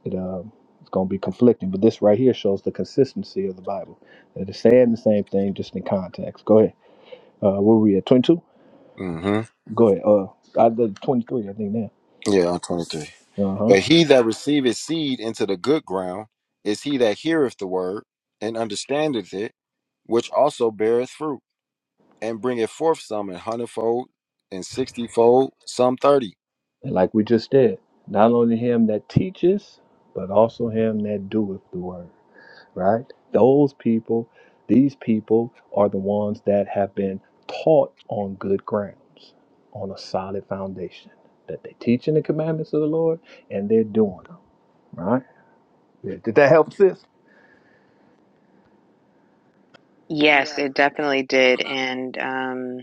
Speaker 2: it uh, it's gonna be conflicting. But this right here shows the consistency of the Bible. That It's saying the same thing just in context. Go ahead. Uh, where were we at? 22. Go ahead. Uh, I did 23, I think now. Uh huh. And like we just did, not only him that teaches, but also him that doeth the word, right? Those people, these people are the ones that have been taught on good grounds, on a solid foundation, that they teaching the commandments of the Lord and they're doing them, right? Yeah, Did that help, sis?
Speaker 3: Yes, it definitely did. And um,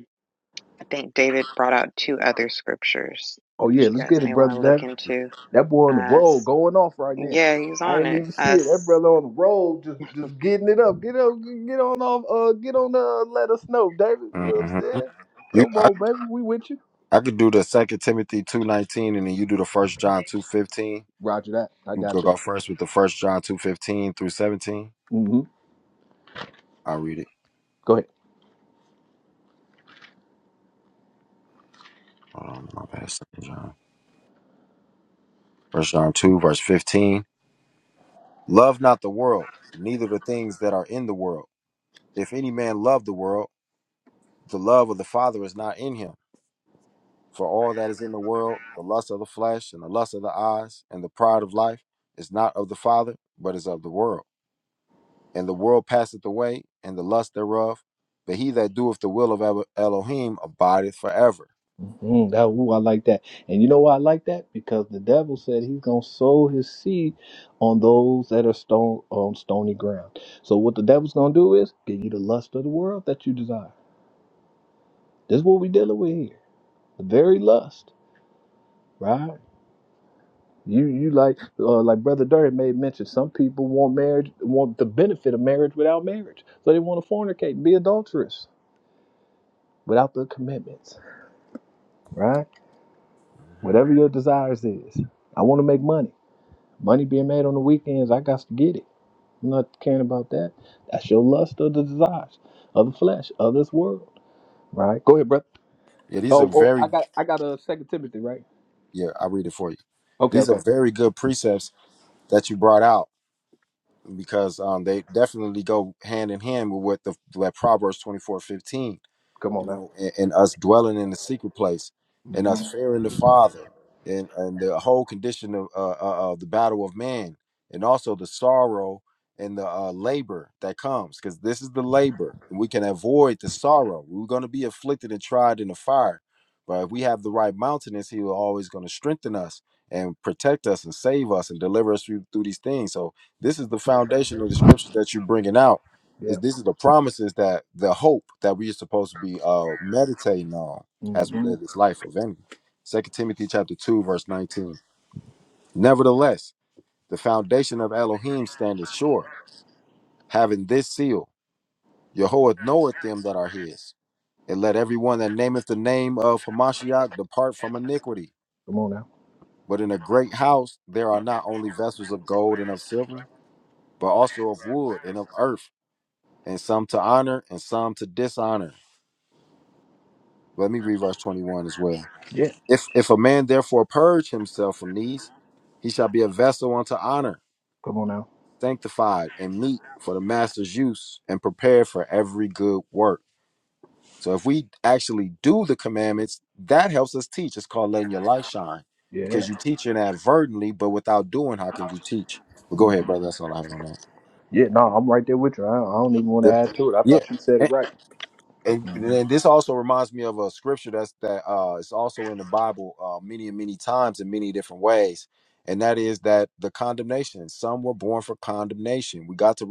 Speaker 3: I think David brought out two other scriptures
Speaker 2: Oh,
Speaker 3: that
Speaker 2: yeah,
Speaker 3: you
Speaker 2: let's
Speaker 3: guys
Speaker 2: get it,
Speaker 3: may want to look
Speaker 2: brother.
Speaker 3: into.
Speaker 2: That boy on the
Speaker 3: Uh,
Speaker 2: road
Speaker 3: s-
Speaker 2: going off right now.
Speaker 3: yeah, he's
Speaker 2: I
Speaker 3: on
Speaker 2: ain't
Speaker 3: it.
Speaker 2: even see it. That
Speaker 3: Us.
Speaker 2: brother on the road just just getting it up. Get up, get on off. Uh, get on. Uh, let us know, David. You know what I'm saying? Come on, baby. We with you. Roger that. I got you. Mm-hmm. Go ahead. Mm, that ooh, I like that. And you know why I like that? Because the devil said he's gonna sow his seed on those that are stone on stony ground. So what the devil's gonna do is give you the lust of the world that you desire. This is what we dealing with here. The very lust, right? You you like uh, like brother Dirty made mention. Some people want marriage, want the benefit of marriage without marriage, so they want to fornicate, and be adulterous without the commitments, right? Whatever your desires is, I want to make money. Money being made on the weekends, I got to get it. I'm not caring about that. That's your lust of the desires of the flesh of this world, right? Go ahead, brother. Oh, oh, I got I got a Second Timothy, right? Okay, okay. Come on now. Mhm. Yeah. Mhm. Come on now. Yeah. Come on now. Yeah. Yeah, no, I'm right there with you. I, I don't even want to add to it. I thought you said it right. hmm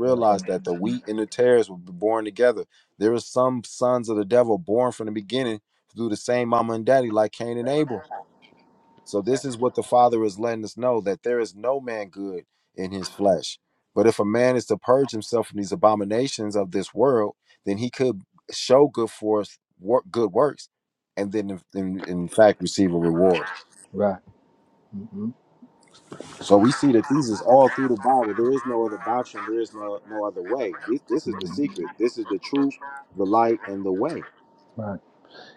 Speaker 2: Right. Right. hmm hmm Right.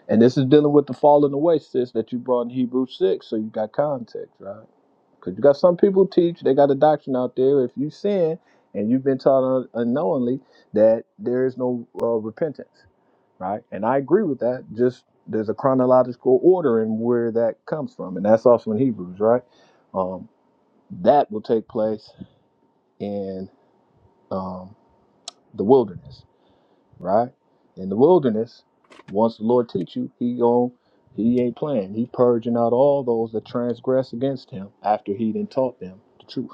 Speaker 2: And this is dealing with the falling away, sis, that you brought in Hebrew 6. So you got context, right? Because you got some people teach, they got a doctrine out there. If you sin and you've been taught un- unknowingly that there is no uh, repentance, right? And I agree with that. Just there's a chronological order in where that comes from. And that's also in Hebrews, right? Um, that will take place in. um, the wilderness, right? In the wilderness, once the Lord teach you, he gon' he ain't playing. He purging out all those that transgress against him after he done taught them the truth.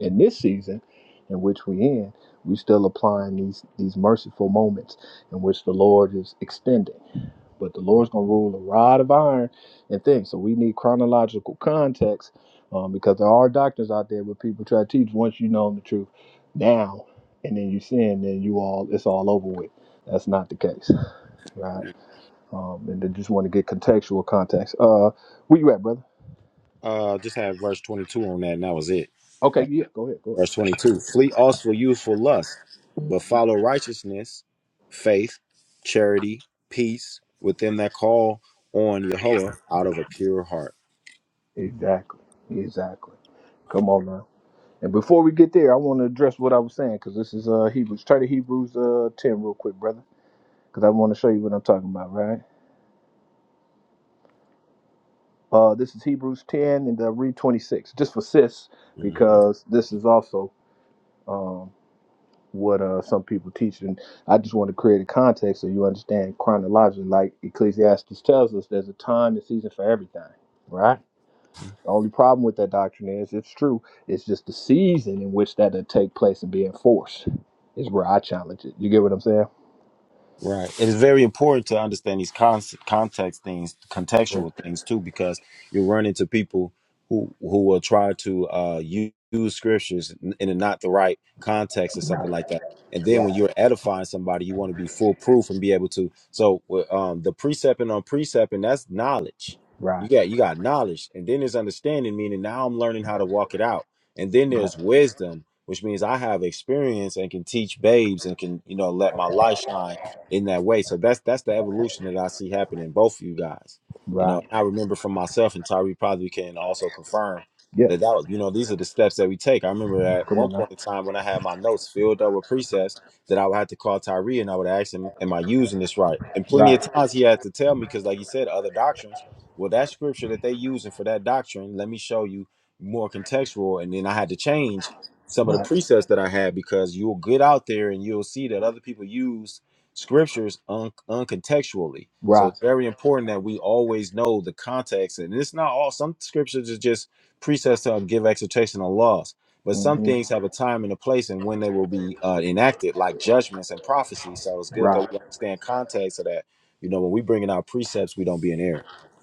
Speaker 2: In this season in which we in, we still applying these these merciful moments in which the Lord is extending but the Lord's gonna rule a rod of iron and things. So we need chronological context um, because there are doctrines out there where people try to teach once you know the truth now, and then you sin, then you all it's all over with. That's not the case, right? Um, and they just want to get contextual context. Uh, where you at, brother? Okay, yeah, go ahead, go ahead. Exactly, exactly. Come on now. And before we get there, I want to address what I was saying because this is uh Hebrews. Try to Hebrews uh ten real quick, brother, because I want to show you what I'm talking about, right? Uh, this is Hebrews 10 and the read 26, just for sis, because this is also um, what uh, some people teach. And I just want to create a context so you understand chronologically. Like Ecclesiastes tells us, there's a time and season for everything, right? The only problem with that doctrine is it's true. It's just the season in which that'll take place and be enforced is where I challenge it. You get what I'm saying? Yeah. Right, right, right, right. Yeah, come on now. Right, right, right. hmm Right.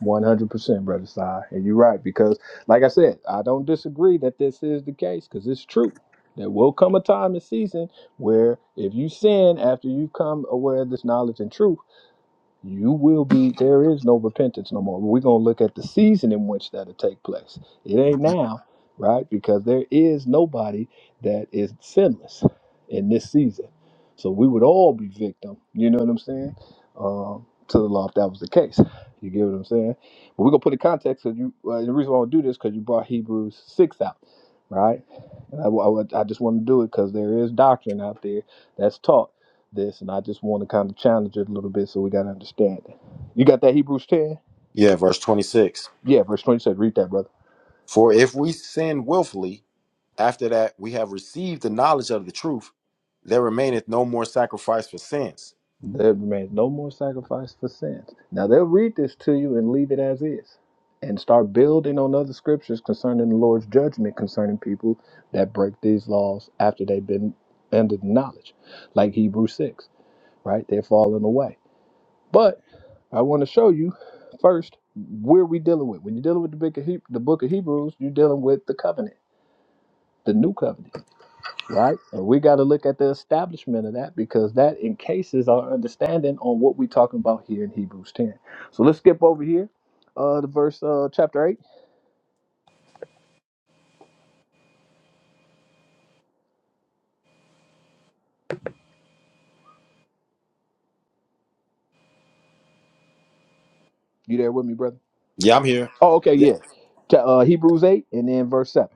Speaker 2: One hundred percent, brother Sai, and you're right because, like I said, I don't disagree that this is the case because it's true. There will come a time and season where if you sin after you've come aware of this knowledge and truth you will be there is no repentance no more we're going to look at the season in which that'll take place it ain't now right because there is nobody that is sinless in this season so we would all be victim you know what i'm saying um, to the law if that was the case you get what i'm saying but we're going to put in context because you uh, the reason why i want to do this because you brought hebrews 6 out right and i, I, would- I just want to do it because there is doctrine out there that's taught this, and I just want to kind of challenge it a little bit so we got to understand it. You got that Hebrews 10? Yeah, verse 20 said, read that, brother. There remains no more sacrifice for sins. Now they'll read this to you and leave it as is and start building on other scriptures concerning the Lord's judgment concerning people that break these laws after they've been under the knowledge, like Hebrews 6, right? They're falling away. But I want to show you first where we dealing with. When you're dealing with the book of, he- the book of Hebrews, you're dealing with the covenant, the new covenant right? And we got to look at the establishment of that because that encases our understanding on what we're talking about here in Hebrews 10. So let's skip over here, uh, the verse, uh, chapter 8. You there with me, brother? Oh, okay, yeah. Ch- uh, Hebrews 8 and then verse 7.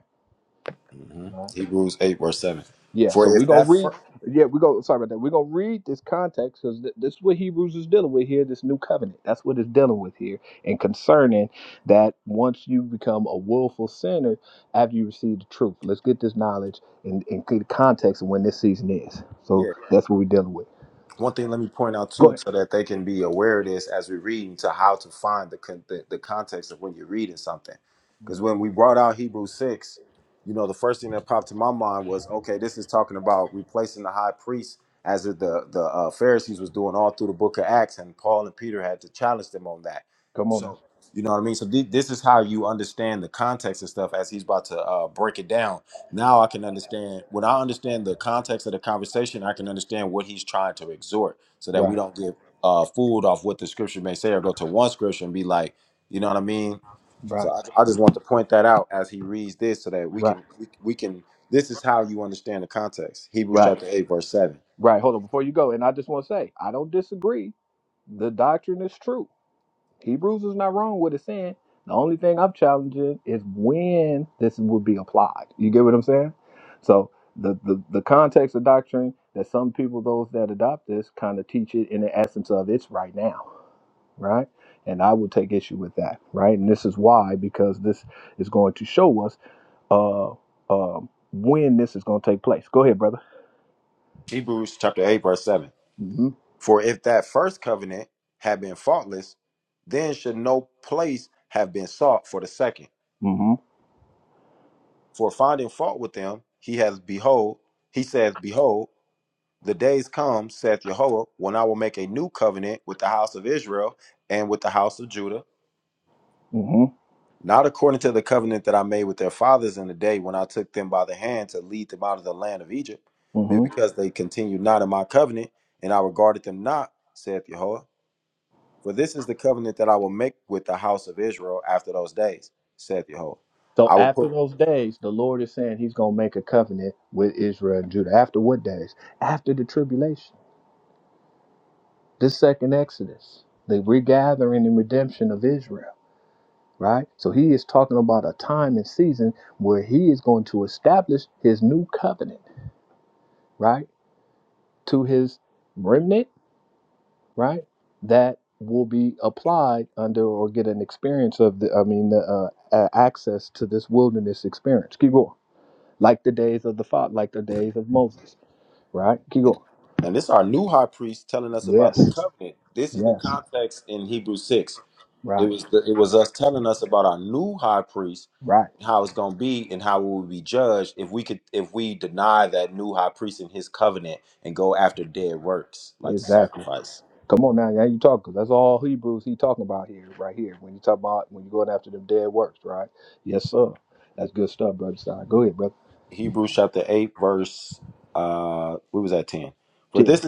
Speaker 2: Yeah, so we're gonna read. Yeah, we go. Sorry about that. We're gonna read this context because th- this is what Hebrews is dealing with here. This new covenant. That's what it's dealing with here, and concerning that once you become a willful sinner after you receive the truth. Let's get this knowledge and and get the context of when this season is. So that's what we're dealing with. Go ahead. Come on now. Right. Right. Right. Right. Right. Hold on. Before you go, and I just want to say, I don't disagree. The doctrine is true. Hebrews is not wrong with it saying. The only thing I'm challenging is when this would be applied. You get what I'm saying? So the the, the context of doctrine that some people, those that adopt this, kind of teach it in the essence of it's right now, right? And I will take issue with that, right? And this is why, because this is going to show us uh um when this is going to take place. Go ahead, brother. Mm-hmm. Mm-hmm. Mm-hmm. Mm-hmm. So after those days, the Lord is saying he's going to make a covenant with Israel and Judah. After what days? After the tribulation, the second Exodus, the regathering and redemption of Israel, right? So he is talking about a time and season where he is going to establish his new covenant, right? To his remnant, right? That will be applied under or get an experience of the, I mean, the uh, uh, access to this wilderness experience. Keep going. Like the days of the father, like the days of Moses Right? Keep going. Yes. Yes. Right. Right. Exactly. Come on now. Now you talk 'cause that's all Hebrews he talking about here, right here. When you talk about when you're going after them dead works, right? Yes, sir. That's good stuff, brother. Stein. Go ahead, brother. Ten.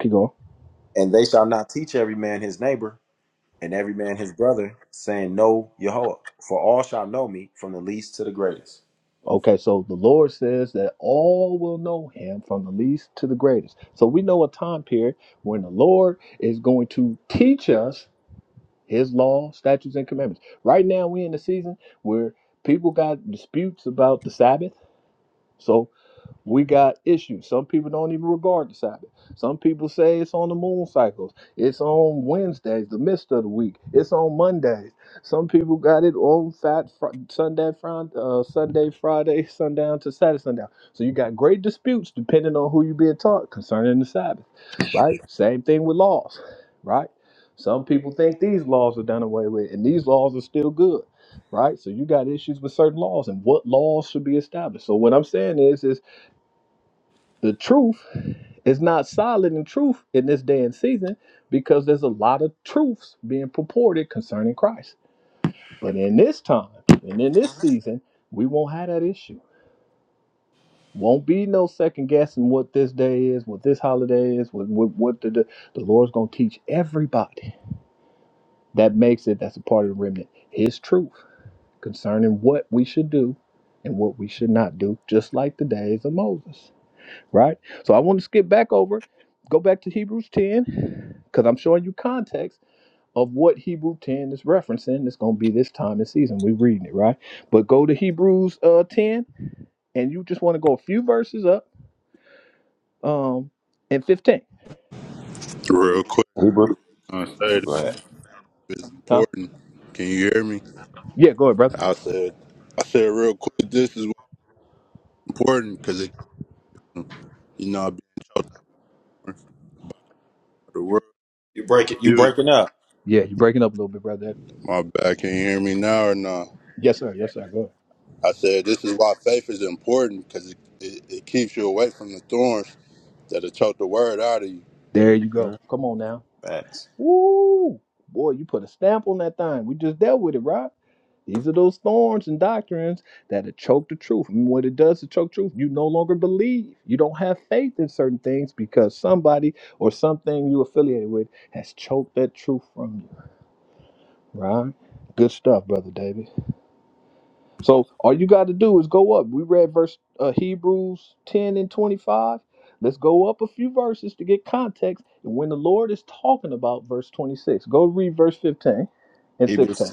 Speaker 2: Keep going. Okay, so the Lord says that all will know him from the least to the greatest. So we know a time period when the Lord is going to teach us his law, statutes, and commandments. Right now, we're in the season where people got disputes about the Sabbath So we got issues. Some people don't even regard the Sabbath. Some people say it's on the moon cycles. It's on Wednesdays, the midst of the week. It's on Mondays. Some people got it on Fat fr- Sunday, Friday, uh, Sunday, Friday, sundown to Saturday, sundown. So you got great disputes depending on who you being taught concerning the Sabbath, right? Same thing with laws, right? Some people think these laws are done away with, and these laws are still good right? So you got issues with certain laws and what laws should be established. So what I'm saying is, is the truth is not solid in truth in this day and season because there's a lot of truths being purported concerning Christ. But in this time and in this season, we won't have that issue. Won't be no second guessing what this day is, what this holiday is, what what, what the, the the Lord's gonna teach everybody that makes it that's a part of the remnant. His truth concerning what we should do and what we should not do, just like the days of Moses. right? So I want to skip back over, go back to Hebrews 10, because I'm showing you context of what Hebrews 10 is referencing. It's going to be this time and season. We're reading it, right? But go to Hebrews uh, 10, and you just want to go a few verses up um, and 15.
Speaker 4: Real quick, I say this
Speaker 2: Mhm.
Speaker 4: is
Speaker 2: Huh?
Speaker 4: important. Can you hear me?
Speaker 2: Yeah, go ahead, brother.
Speaker 4: I said, I said real quick. This is why it's important because it you know being choked out of the world. You,
Speaker 2: Yeah, you're breaking up a little bit, brother.
Speaker 4: my bad. Can you hear me now or not?
Speaker 2: Yes, sir. Yes, sir. Go ahead.
Speaker 4: I said this is why faith is important because it, it, it keeps you away from the thorns that'll choke the word out of you.
Speaker 2: There you go. Come on now. Woo! Boy, you put a stamp on that thing. We just dealt with it, right? These are those thorns and doctrines that choke the truth. And what it does to choke truth, you no longer believe. You don't have faith in certain things because somebody or something you affiliated with has choked that truth from you. Right? Good stuff, brother David. So all you got to do is go up. We read verse uh, Hebrews 10 and 25. Let's go up a few verses to get context. And when the Lord is talking about verse 26, go read verse 15 and 16.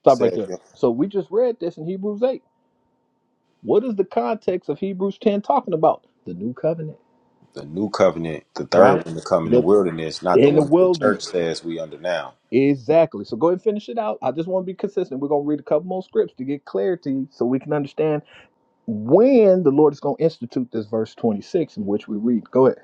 Speaker 2: Stop right there. So we just read this in Hebrews 8. What is the context of Hebrews 10 talking about? The new covenant, right? The in the wilderness. Exactly. So go ahead and finish it out. I just want to be consistent. We're going to read a couple more scripts to get clarity so we can understand when the Lord is going to institute this verse 26 in which we read. Go ahead.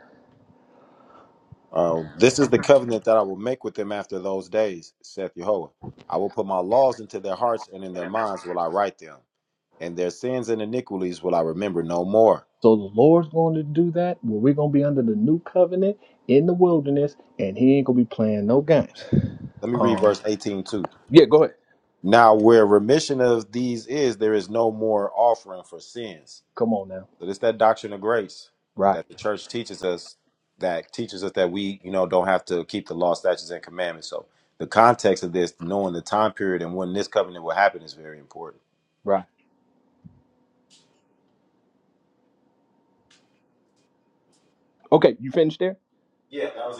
Speaker 2: So the Lord's going to do that where we're going to be under the new covenant in the wilderness and he ain't going to be playing no games. Um yeah, go ahead. Come on now. Right. Right. Okay, you finished there?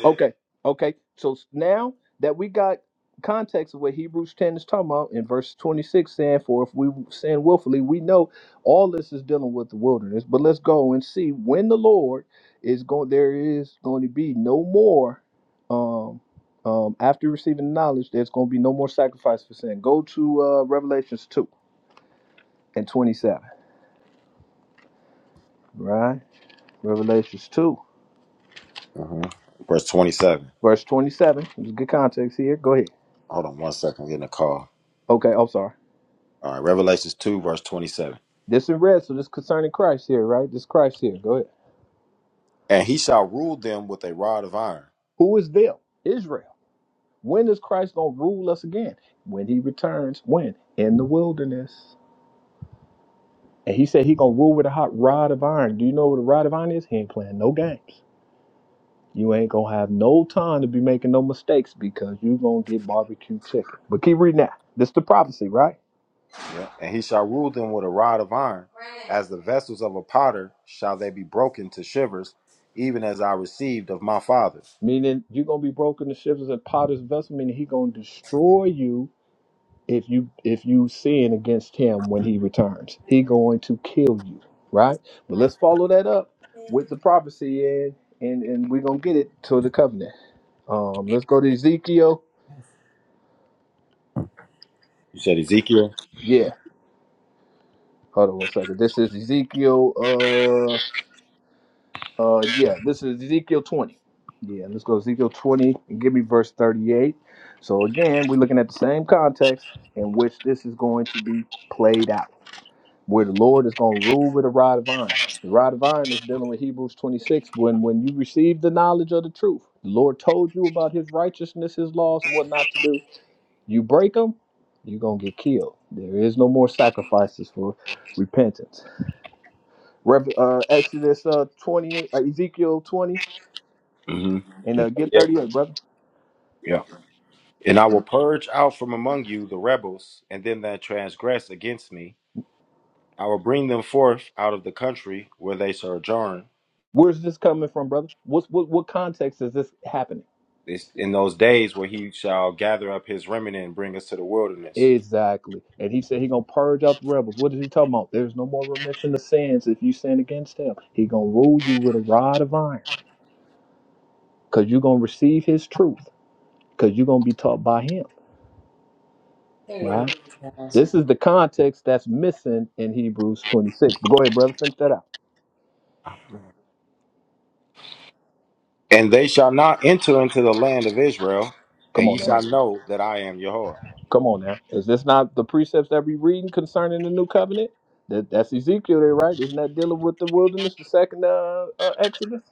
Speaker 2: Okay, okay. So s- now that we got context of what Hebrews 10 is talking about in verse 26 saying, For if we sin willfully, we know all this is dealing with the wilderness. But let's go and see when the Lord is going, there is going to be no more. Um, um, after receiving knowledge, there's going to be no more sacrifice for sin. Go to uh, Revelations 2 and 27, right? Revelations 2, verse 27. There's good context here. Go ahead. Okay, I'm sorry. This in red, so this concerning Christ here, right? This Christ here. Go ahead. Who is them? Israel. When is Christ gonna rule us again? When he returns. When? In the wilderness. And he said he gonna rule with a hot rod of iron. Do you know what a rod of iron is? He ain't playing no games. You ain't gonna have no time to be making no mistakes because you gonna get barbecue chicken. But keep reading that. This the prophecy, right? Meaning you're gonna be broken to shivers and potter's vessel, meaning he gonna destroy you if you if you sin against him when he returns he going to kill you right but let's follow that up with the prophecy and and and we're gonna get it to the covenant um let's go to ezekiel yeah hold on one second this is ezekiel uh uh yeah this is ezekiel 20 yeah let's go ezekiel 20 and give me verse 38 so again we're looking at the same context in which this is going to be played out where the Lord is going to rule with a rod of iron. The rod of iron is dealing with Hebrews 26. When when you receive the knowledge of the truth, the Lord told you about His righteousness, His laws, and what not to do. You break them, you're gonna get killed. There is no more sacrifices for repentance. Rev, uh, Exodus uh, 20, uh, Ezekiel 20, and uh, get 38, brother. Where's this coming from, brother? What's what what context is this happening? Exactly. And he said he gonna purge out the rebels. What is he talking about? There's no more remission of sins if you sin against him. He gonna rule you with a rod of iron. Cause you're gonna receive his truth. Cause you're gonna be taught by him.
Speaker 1: There
Speaker 2: Right?
Speaker 1: you go.
Speaker 2: This is the context that's missing in Hebrews 26. But go ahead, brother, finish that out. Come on now. Come on now. Is this not the precepts that we reading concerning the new covenant? That, that's Ezekiel there, right? Isn't that dealing with the wilderness, the second uh, uh, Exodus?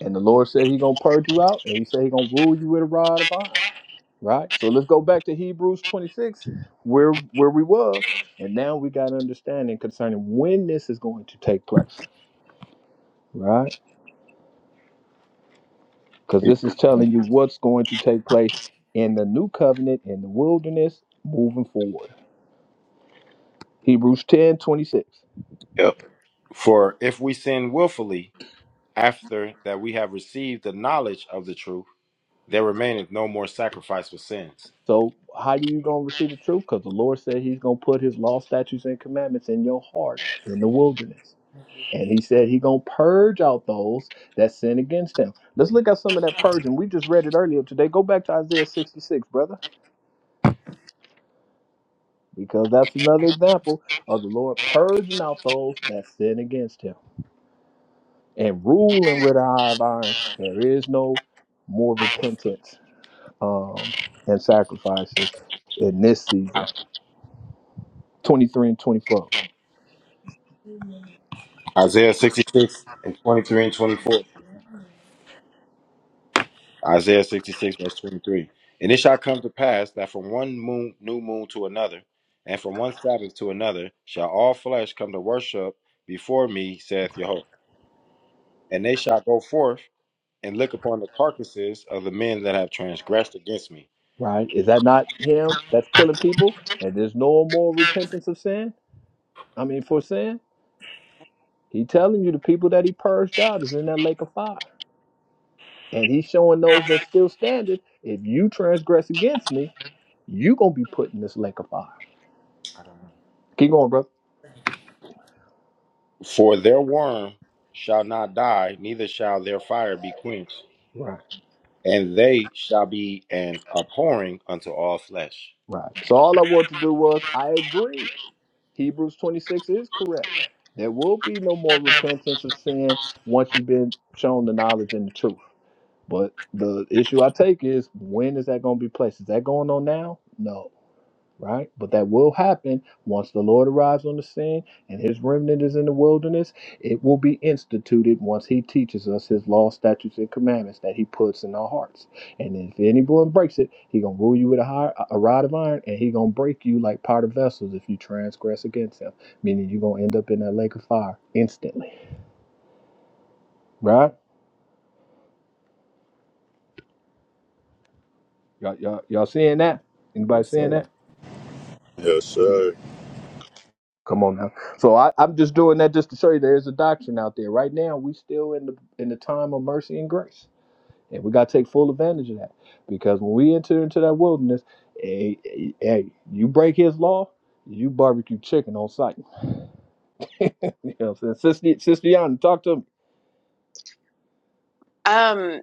Speaker 2: And the Lord said He's gonna purge you out, and He said He's gonna rule you with a rod of iron. Right. So let's go back to Hebrews 26, where where we was, and now we got understanding concerning when this is going to take place. Right. Because this is telling you what's going to take place in the new covenant in the wilderness moving forward. Hebrews 10:26. So how do you gonna receive the truth? Because the Lord said He's gonna put His law, statutes, and commandments in your heart in the wilderness. And he said he gonna purge out those that sin against him. Let's look at some of that purging. We just read it earlier today. Go back to Isaiah 66, brother, because that's another example of the Lord purging out those that sin against him and ruling with a high of iron. There is no more repentance um, and sacrifices in this season. 23 and 24, right? Is that not him that's killing people? And there's no more repentance of sin? I mean, for sin? He telling you the people that he purged out is in that lake of fire. And he's showing those that still standing, if you transgress against me, you gonna be put in this lake of fire. Keep going, brother. Right. Right. So all I wanted to do was I agree. Hebrews 26 is correct. There will be no more repentance of sin once you've been shown the knowledge and the truth. But the issue I take is when is that going to be placed? Is that going on now? No. right? But that will happen once the Lord arrives on the scene and his remnant is in the wilderness. It will be instituted once he teaches us his law, statutes, and commandments that he puts in our hearts. And if anyone breaks it, he gonna rule you with a, high, a rod of iron and he gonna break you like part of vessels if you transgress against him, meaning you're gonna end up in that lake of fire instantly, right? Y'all, y'all, y'all seeing that? Anybody seeing that?
Speaker 4: Yes,
Speaker 2: Yeah.
Speaker 4: sir.
Speaker 2: Come on now. So I, I'm just doing that just to show you there's a doctrine out there. Right now, we still in the in the time of mercy and grace, and we got to take full advantage of that because when we enter into that wilderness, hey, hey, hey, you break His law, you barbecue chicken on sight. you know, what I'm saying? sister, sister Yana, talk to me.
Speaker 3: Um,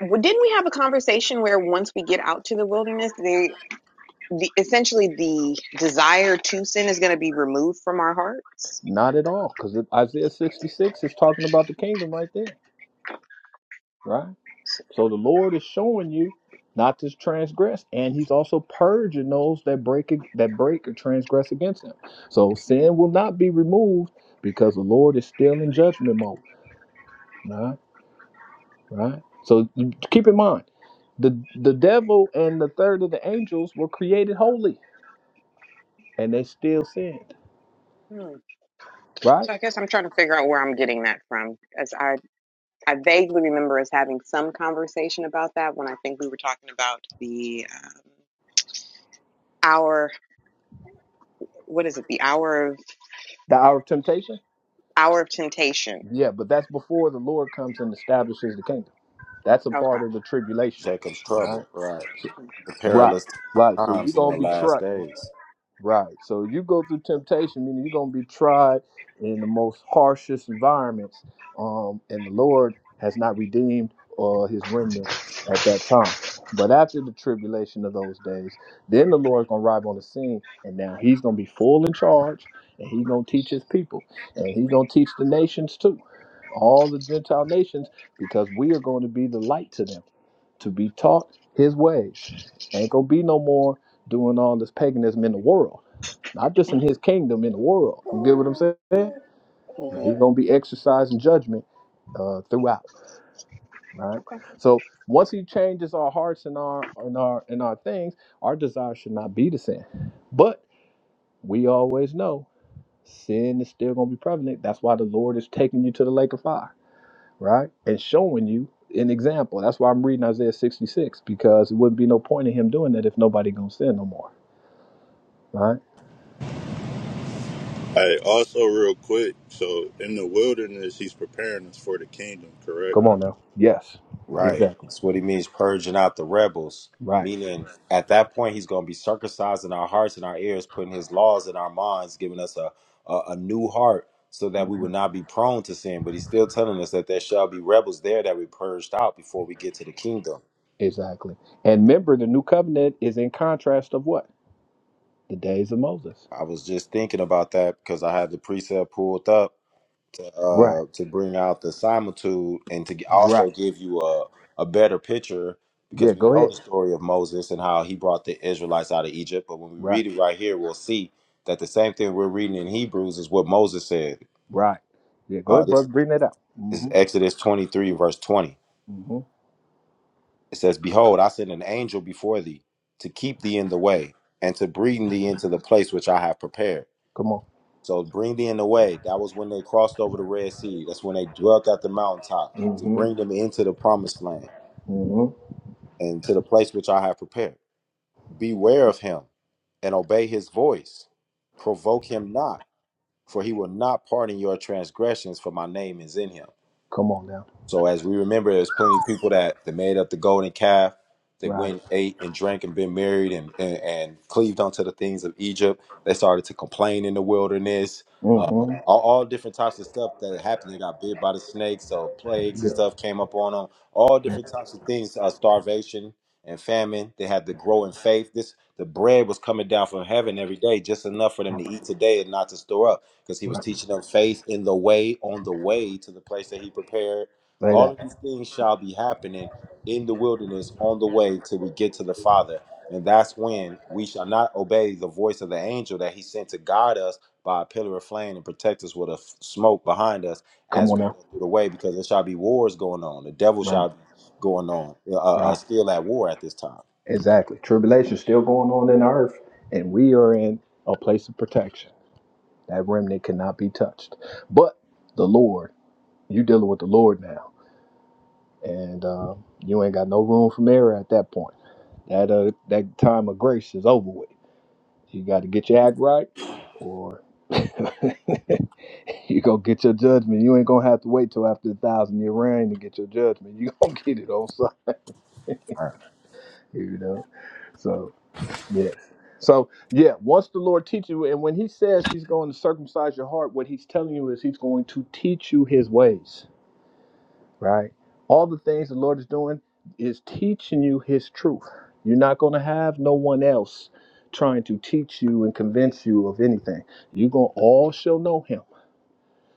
Speaker 3: w- didn't we have a conversation where once we get out to the wilderness, they the essentially the desire to sin is going to be removed from our hearts.
Speaker 2: Not at all, because Isaiah 66 is talking about the kingdom right there, right? So the Lord is showing you not to transgress, and He's also purging those that break that break or transgress against Him. So sin will not be removed because the Lord is still in judgment mode. Right, right. So keep in mind the the devil and the third of the angels were created holy, and they still sinned.
Speaker 3: Hmm.
Speaker 2: Right,
Speaker 3: So I guess I'm trying to figure out where I'm getting that from, as I I vaguely remember us having some conversation about that when I think we were talking about the um, hour. What is it? The hour of
Speaker 2: the hour of temptation.
Speaker 3: hour of temptation.
Speaker 2: Yeah, but that's before the Lord comes and establishes the kingdom. That's a
Speaker 3: Okay.
Speaker 2: part of the tribulation. Right, right, right. So you're gonna be tried. Right. So you go through temptation, meaning you're gonna be tried in the most harshest environments. Um, and the Lord has not redeemed uh, his remnant at that time. But after the tribulation of those days, then the Lord's gonna arrive on the scene, and now he's gonna be full in charge, and he's gonna teach his people, and he's gonna teach the nations too, all the Gentile nations, because we are going to be the light to them, to be taught his ways. Ain't gonna be no more doing all this paganism in the world not just in his kingdom, in the world. You get what I'm
Speaker 3: hmm
Speaker 2: saying? And He's going to be exercising judgment uh, throughout, right?
Speaker 3: Okay.
Speaker 2: So once he changes our hearts and our and our and our things, our desire should not be to sin. But we always know sin is still going to be prevalent. That's why the Lord is taking you to the lake of fire, right? And showing you an example. That's why I'm reading Isaiah 66 because it wouldn't be no point in him doing that if nobody going to sin no more, right?
Speaker 4: Hey, also real quick, so in the wilderness, he's preparing us for the kingdom, correct?
Speaker 2: Come on now. Yes,
Speaker 4: All right.
Speaker 2: exactly. Right. Exactly. And remember, the new covenant is in contrast of what? The days of Moses. Right. Right. Yeah, go ahead. Right. Right. Yeah, go ahead, brother. Bring that out. Mm-hmm. Mm-hmm. Come on. Mm-hmm. Mm-hmm. Come on now. Right. Mm-hmm. Yeah. Mhm. Right. Say that. Come on now. Right. Right. Exactly. Tribulation's still going on in the earth, and we are in a place of protection. That remnant cannot be touched. But the Lord, you dealing with the Lord now. and uh, you ain't got no room for error at that point. That uh, that time of grace is over with. You got to get your act right, or you gonna get your judgment. You ain't gonna have to wait till after the thousand year reign to get your judgment. You gonna get it on Sunday, you know. So yes. So yeah, once the Lord teaches you, and when He says He's going to circumcise your heart, what He's telling you is He's going to teach you His ways. right? All the things the Lord is doing is teaching you His truth. You're not going to have no one else trying to teach you and convince you of anything. You're going to all shall know Him.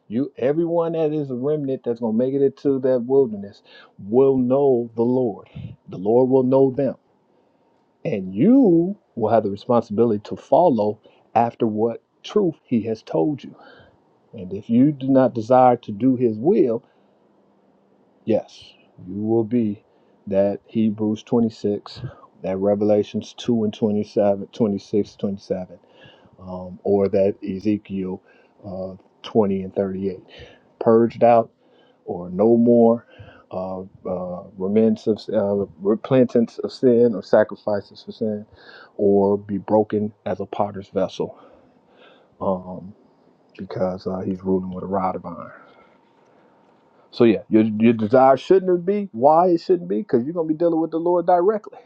Speaker 2: You, everyone that is a remnant that's going to make it into that wilderness will know the Lord. The Lord will know them. And you will have the responsibility to follow after what truth He has told you. And if you do not desire to do His will, Yes, you will be that Hebrews 26, that Revelations 2 and 27, 26, 27, um, or that Ezekiel uh, 20 and 38. Purged out or no more, uh, uh, remnants of, uh, repentance of sin or sacrifices for sin, or be broken as a potter's vessel um, because uh, he's ruling with a rod of iron. So yeah, your your desire shouldn't be. Why it shouldn't be? Because you're gonna be dealing with the Lord directly.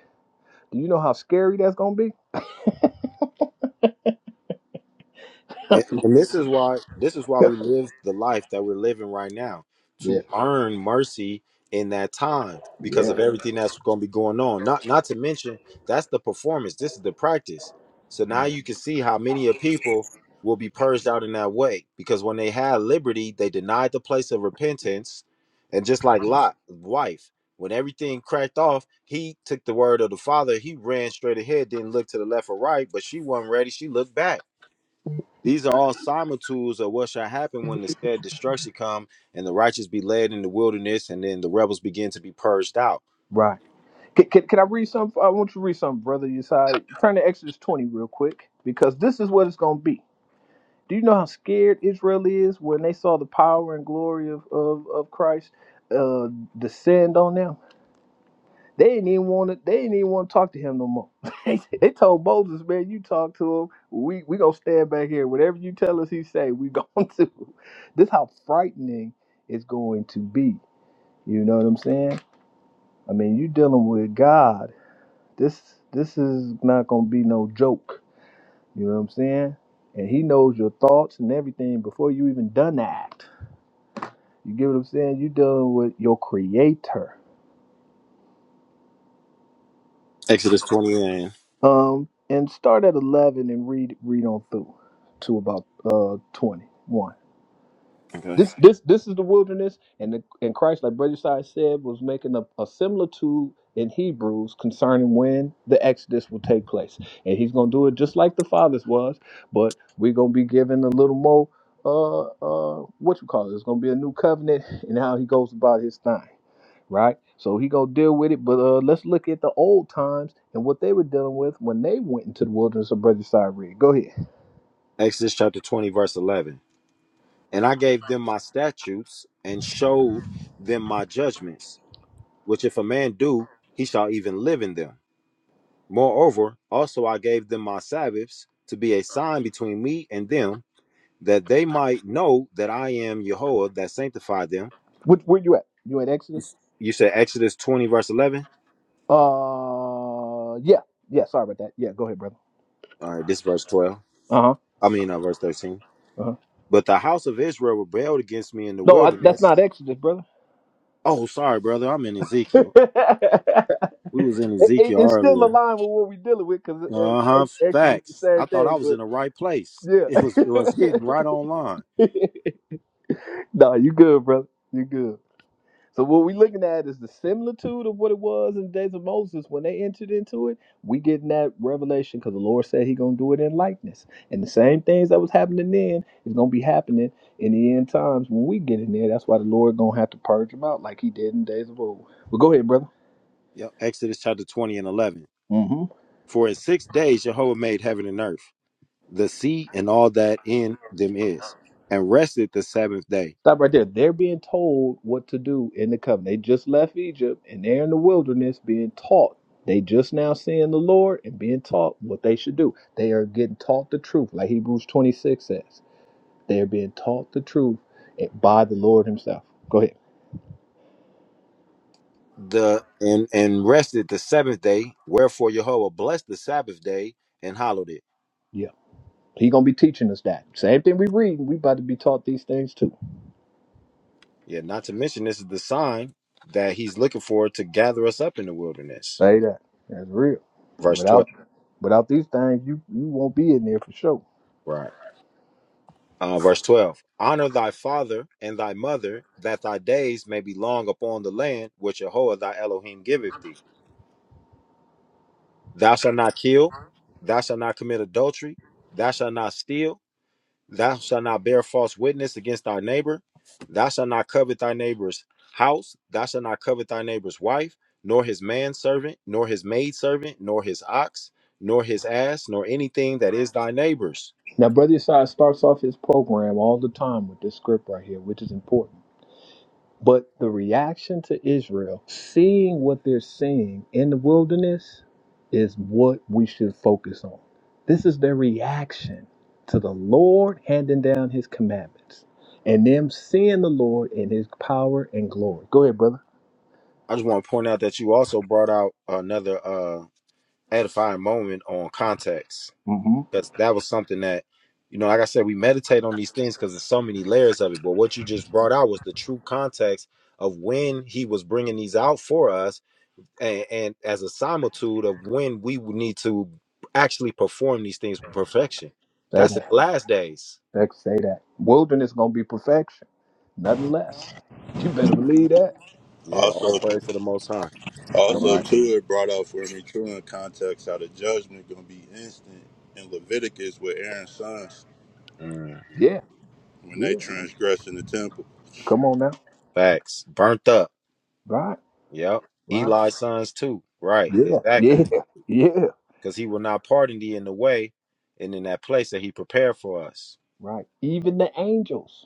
Speaker 2: Do you know how scary that's gonna be? Yeah. Yeah. Right. Can, can, can I read something? I want you to read something, brother. Yesai. Turn to Exodus 20 real quick because this is what it's going to be. Do you know how scared Israel is when they saw the power and glory of, of, of Christ uh, descend on them? They didn't even want to. They didn't even want to talk to him no more. they they told Moses, "Man, you talk to him. We we gonna stand back here. Whatever you tell us, he say we going to." This how frightening it's going to be. You know what I'm saying? I mean, you dealing with God. This this is not gonna be no joke. You know what I'm saying? And He knows your thoughts and everything before you even done the act. You get what I'm saying? You dealing with your Creator. Um, and start at eleven and read read on through to about uh twenty one. This this this is the wilderness, and the, and Christ, like Brother Side said, was making a, a similitude in Hebrews concerning when the Exodus will take place, and He's gonna do it just like the fathers was, but we're gonna be given a little more uh uh what you call it? It's gonna be a new covenant and how He goes about His thing right? So he gonna deal with it. But uh, let's look at the old times and what they were dealing with when they went into the wilderness of Brother Cyrene. Go ahead. Which, where you at? You at Exodus? Uh, yeah, yeah. Sorry about that. Yeah, go ahead, brother. Uh huh. Uh huh. No, I, that's not Exodus, brother. it, it- it's still aligned with what we're dealing with because Exodus is the same thing. But yeah. nah, you good, brother. You good. So what we're looking at is the similitude of what it was in the days of Moses when they entered into it. We getting that revelation because the Lord said He gonna do it in likeness, and the same things that was happening then is gonna be happening in the end times when we get in there. That's why the Lord gonna have to purge them out like He did in the days of old. But go ahead, brother. Stop right there. They're being told what to do in the covenant. They just left Egypt and they're in the wilderness being taught. They just now seeing the Lord and being taught what they should do. They are getting taught the truth, like Hebrews 26 says. They are being taught the truth by the Lord Himself. Go ahead. Yeah. He gonna be teaching us that. Same thing we read, we about to be taught these things too. Say that. That's real. Without without these things, you you won't be in there for sure. Now, Brother Yesai starts off his program all the time with this script right here, which is important. But the reaction to Israel, seeing what they're seeing in the wilderness, is what we should focus on. This is their reaction to the Lord handing down his commandments and them seeing the Lord in his power and glory. Go ahead, brother. mm hmm Say that. That- Say that. Wilderness gonna be perfection, nothing less. You better believe that.
Speaker 4: Also,
Speaker 2: Come
Speaker 4: also
Speaker 2: on.
Speaker 4: too, it brought out for me too in context how the judgment gonna be instant in Leviticus with Aaron's sons
Speaker 2: Yeah,
Speaker 4: when they
Speaker 2: yeah.
Speaker 4: transgress in the temple.
Speaker 2: Come on now. Right, right. Yeah, yeah, yeah. Right. Even the angels,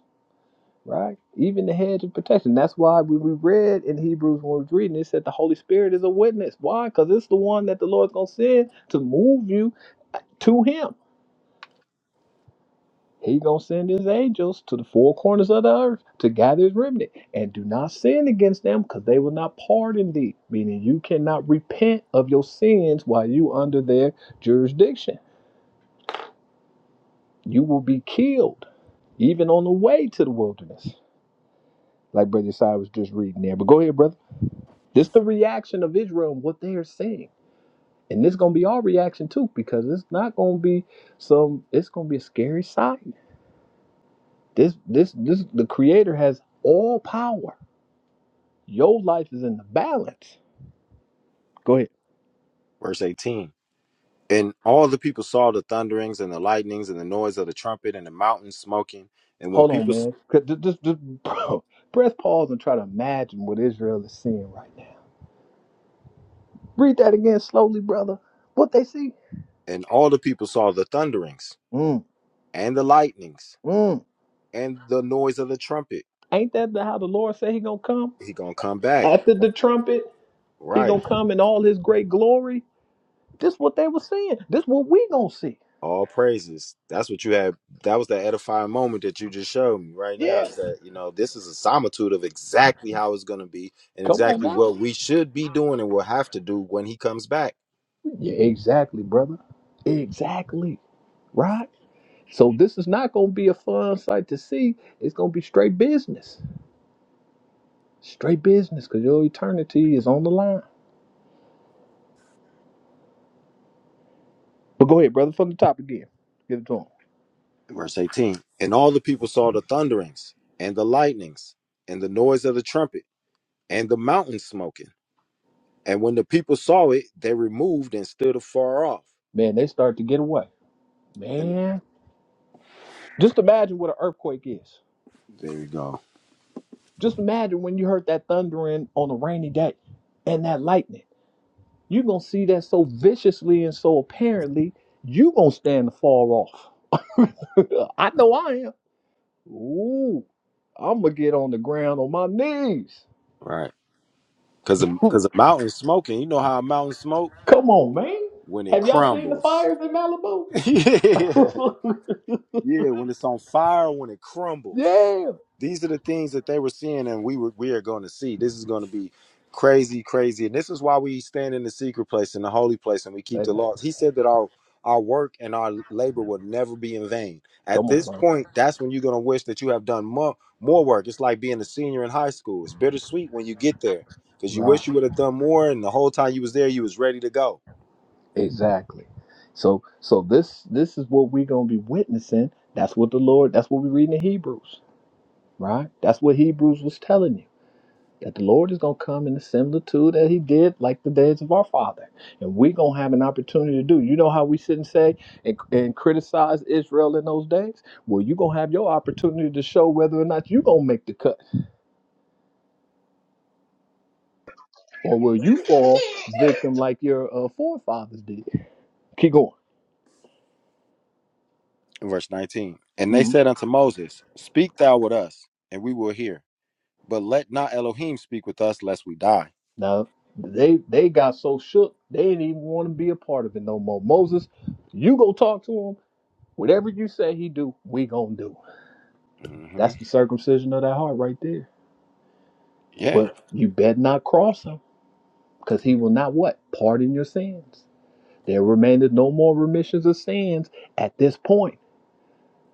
Speaker 2: right? Even the hedge of protection. That's why we, we read in Hebrews when we was reading, it said the Holy Spirit is a witness. Why? Because it's the one that the Lord's gonna send to move you to him. He gonna send his angels to the four corners of the earth to gather his remnant. And do not sin against them, because they will not pardon thee. Meaning you cannot repent of your sins while you under their jurisdiction You will be killed, even on the way to the wilderness, like Brother Side was just reading there. But go ahead, brother. This is the reaction of Israel and what they are saying. And this gonna be our reaction too, because it's not gonna be some it's gonna be a scary sight. This this this the creator has all power. Your life is in the balance. Go ahead. Hold on, man. 'Cause Just, just, just bro, press pause and try to imagine what Israel is seeing right now. Read that again slowly, brother. What they see? Mm, mm. Ain't that the, how the Lord said he gonna come? After the trumpet, he gonna come in all his great glory. This what they were saying. This what we gonna see. Yes. Come on now. Yeah, exactly, brother. Exactly. Right? So this is not gonna be a fun sight to see. It's gonna be straight business. Straight business, cause your eternity is on the line. But go ahead, brother, from the top again. Give it to him. Man, they start to get away. Man. Just imagine what an earthquake is. Just imagine when you heard that thundering on a rainy day and that lightning. You're going to see that so viciously and so apparently, you going to stand far off. I know I am. Ooh, I'm going to get on the ground on my knees. Come on, man. Have y'all seen the fires in Malibu? yeah. Hey, Come on, man. Right. Exactly. So so this this is what we're gonna be witnessing. That's what the Lord that's what we read in Hebrews. right? That's what Hebrews was telling you. That the Lord is going to come in the similitude that He did, like the days of our father. And we're going to have an opportunity to do. You know how we sit and say and, and criticize Israel in those days? Well, you're going to have your opportunity to show whether or not you're going to make the cut. Or will you fall victim like your uh, forefathers did? Keep going. hmm Now, they they got so shook, they didn't even want to be a part of it no more. Moses, you go talk to him. Whatever you say he do, we going to do. That's the circumcision of that heart right there. But you bet not cross him, because he will not what? Pardon your sins. There remaineth no more remissions of sins at this point.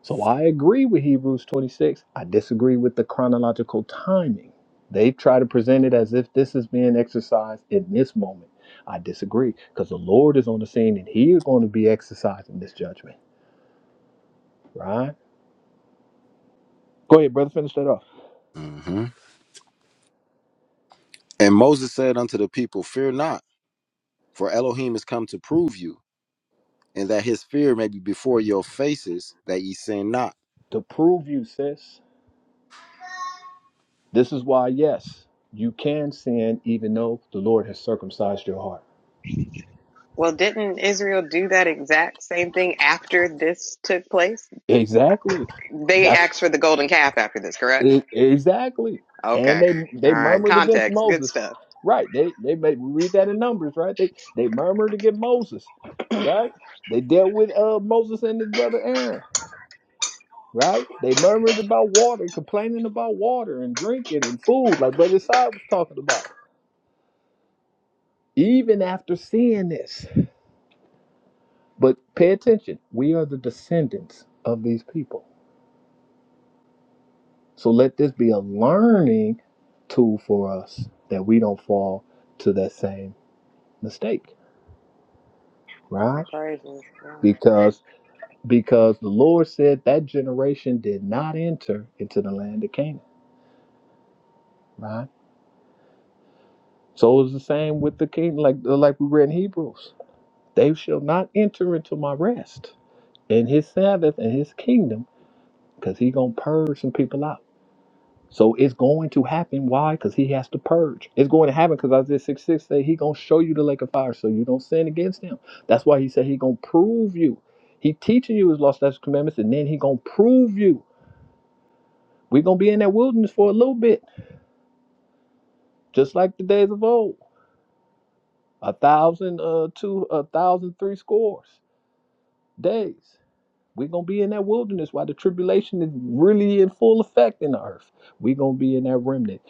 Speaker 2: So I agree with Hebrews 26. I disagree with the chronological timing. They try to present it as if this is being exercised in this moment. I disagree, because the Lord is on the scene and he is going to be exercising this judgment, right? Go ahead, brother, finish that off. To prove you, sis. This is why, yes, you can sin even though the Lord has circumcised your heart.
Speaker 3: Well, didn't Israel do that exact same thing after this took place?
Speaker 2: Exactly.
Speaker 3: They
Speaker 2: That's
Speaker 3: asked for the golden calf after this, correct?
Speaker 2: e- exactly. And
Speaker 3: Okay.
Speaker 2: they
Speaker 3: All
Speaker 2: they
Speaker 3: right.
Speaker 2: murmured against
Speaker 3: Context. Good
Speaker 2: Moses.
Speaker 3: stuff.
Speaker 2: Right. They they made we read that in Numbers, right? They they murmured against Moses. Right? They dealt with uh Moses and his brother Aaron. Right? They murmured about water, complaining about water and drinking and food, like Brother Side was talking about. Even after seeing this. But pay attention. We are the descendants of these people. So let this be a learning tool for us that we don't fall to that same mistake,
Speaker 3: Oh,
Speaker 2: right?
Speaker 3: praise him. Yeah.
Speaker 2: Because because the Lord said that generation did not enter into the land of Canaan, right? So it was the same with the king, like like we read in Hebrews. They shall not enter into my rest and his Sabbath and his kingdom, because he gonna purge some people out. So it's going to happen. Why? Because he has to purge. It's going to happen because Isaiah 6 6 said he going to show you the lake of fire so you don't sin against him. That's why he said he going to prove you. He teaching you his law, statutes, commandments, and then he going to prove you. we going to be in that wilderness for a little bit, just like the days of old. A thousand, uh, two, a thousand, three scores days. we going to be in that wilderness while the tribulation is really in full effect in the earth. we going to be in that remnant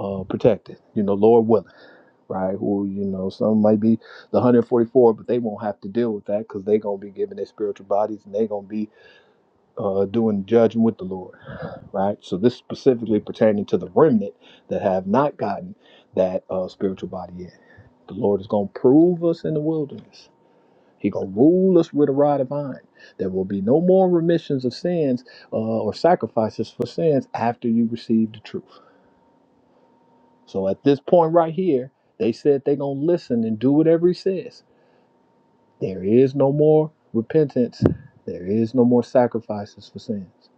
Speaker 2: uh, protected, you know, Lord willing. right? Who, you know, some might be the 144, but they won't have to deal with that because they're going to be given their spiritual bodies and they're going to be uh, doing judging with the Lord, right? So this specifically pertaining to the remnant that have not gotten that uh, spiritual body yet. The Lord is going to prove us in the wilderness. He going to rule us with a rod of iron. There will be no more remissions of sins uh, or sacrifices for sins after you receive the truth. So at this point right here, they said they're going to listen and do whatever he says There is no more repentance. There is no more sacrifices for sins.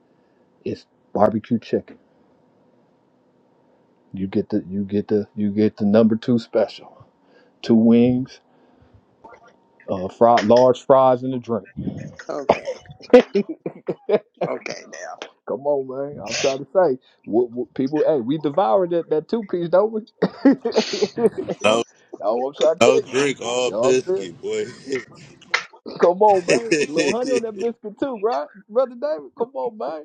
Speaker 2: It's barbecue chicken. You get the you get the you get the number two special. Two wings, uh, fried, large fries, and a drink.
Speaker 3: Okay. Okay, now.
Speaker 2: Come on, man. I'm trying to say, what, what people? Hey, we devoured that that two piece, don't we? no,
Speaker 4: No,
Speaker 2: I'm trying to
Speaker 4: no
Speaker 2: tell you.
Speaker 4: drink, all
Speaker 2: You know what I'm saying?
Speaker 4: biscuit, boy.
Speaker 2: Come on, man. A little honey on that biscuit too, right, brother David? Come on, man.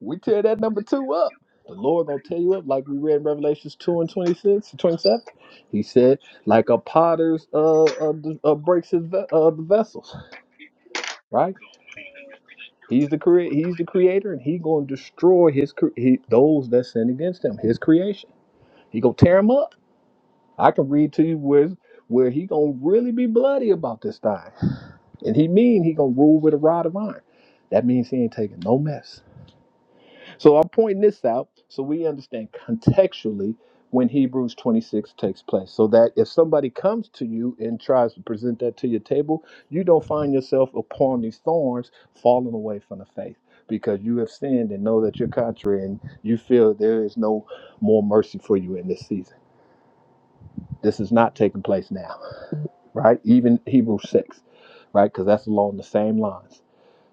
Speaker 2: We tear that number two up. The Lord gonna tear you up, like we read in Revelations two and 26 to 27. He said, like a potter's uh, uh, d- uh breaks his ve- uh, the vessels, right? He's the creator. He's the creator, and he gonna destroy his cre- he, those that sin against him, his creation. He gonna tear him up. I can read to you where where he gonna really be bloody about this thing, and he mean he gonna rule with a rod of iron. That means he ain't taking no mess. So I'm pointing this out so we understand contextually when Hebrews 26 takes place. So that if somebody comes to you and tries to present that to your table, you don't find yourself upon these thorns falling away from the faith because you have sinned and know that you're contrary and you feel there is no more mercy for you in this season. This is not taking place now, right? Even Hebrews 6, right? Because that's along the same lines,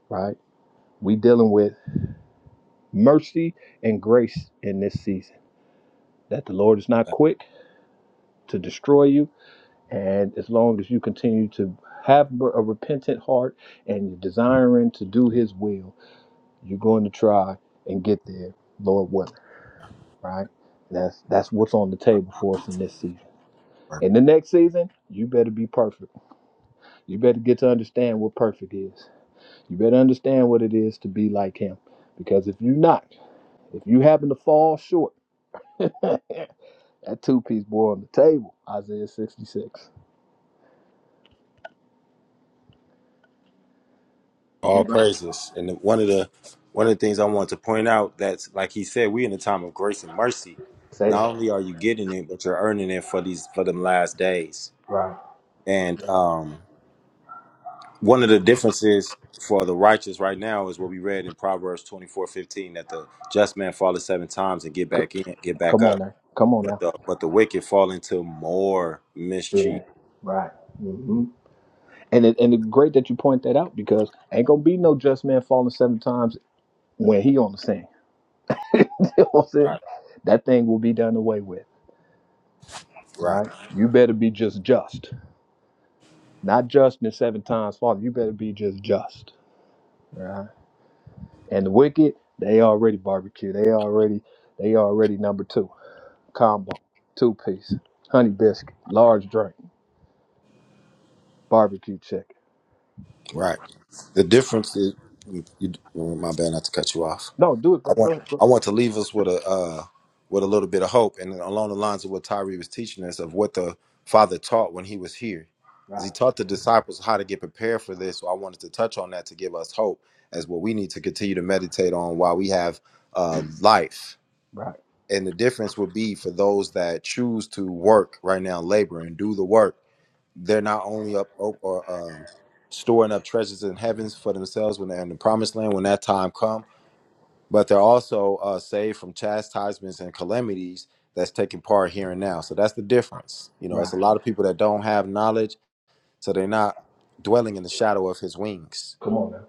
Speaker 2: right? We dealing with mercy and grace in this season that the Lord is not quick to destroy you. And as long as you continue to have a repentant heart and you're desiring to do His will, you're going to try and get there, Lord willing, right? That's that's what's on the table for us in this season. In the next season, you better be perfect. You better get to understand what perfect is. You better understand what it is to be like Him, because if you're not, if you happen to fall short, that two-piece boy on the table, Isaiah 66. Anybody Say that. Right. C- come on now. Come on now. Yeah. Right. hmm And it, and it's great that you point that out because ain't gonna be no just man falling seven times when he on the scene. you know what I'm saying? That thing will be done away with, right? You better be just just, not just in seven times falling. You better be just just, right? And the wicked, they already barbecue. They already they already number two combo, two piece, honey biscuit, large drink, barbecue chicken. No, do it, bro. Go ahead. Go. Right, right, right. Come on now.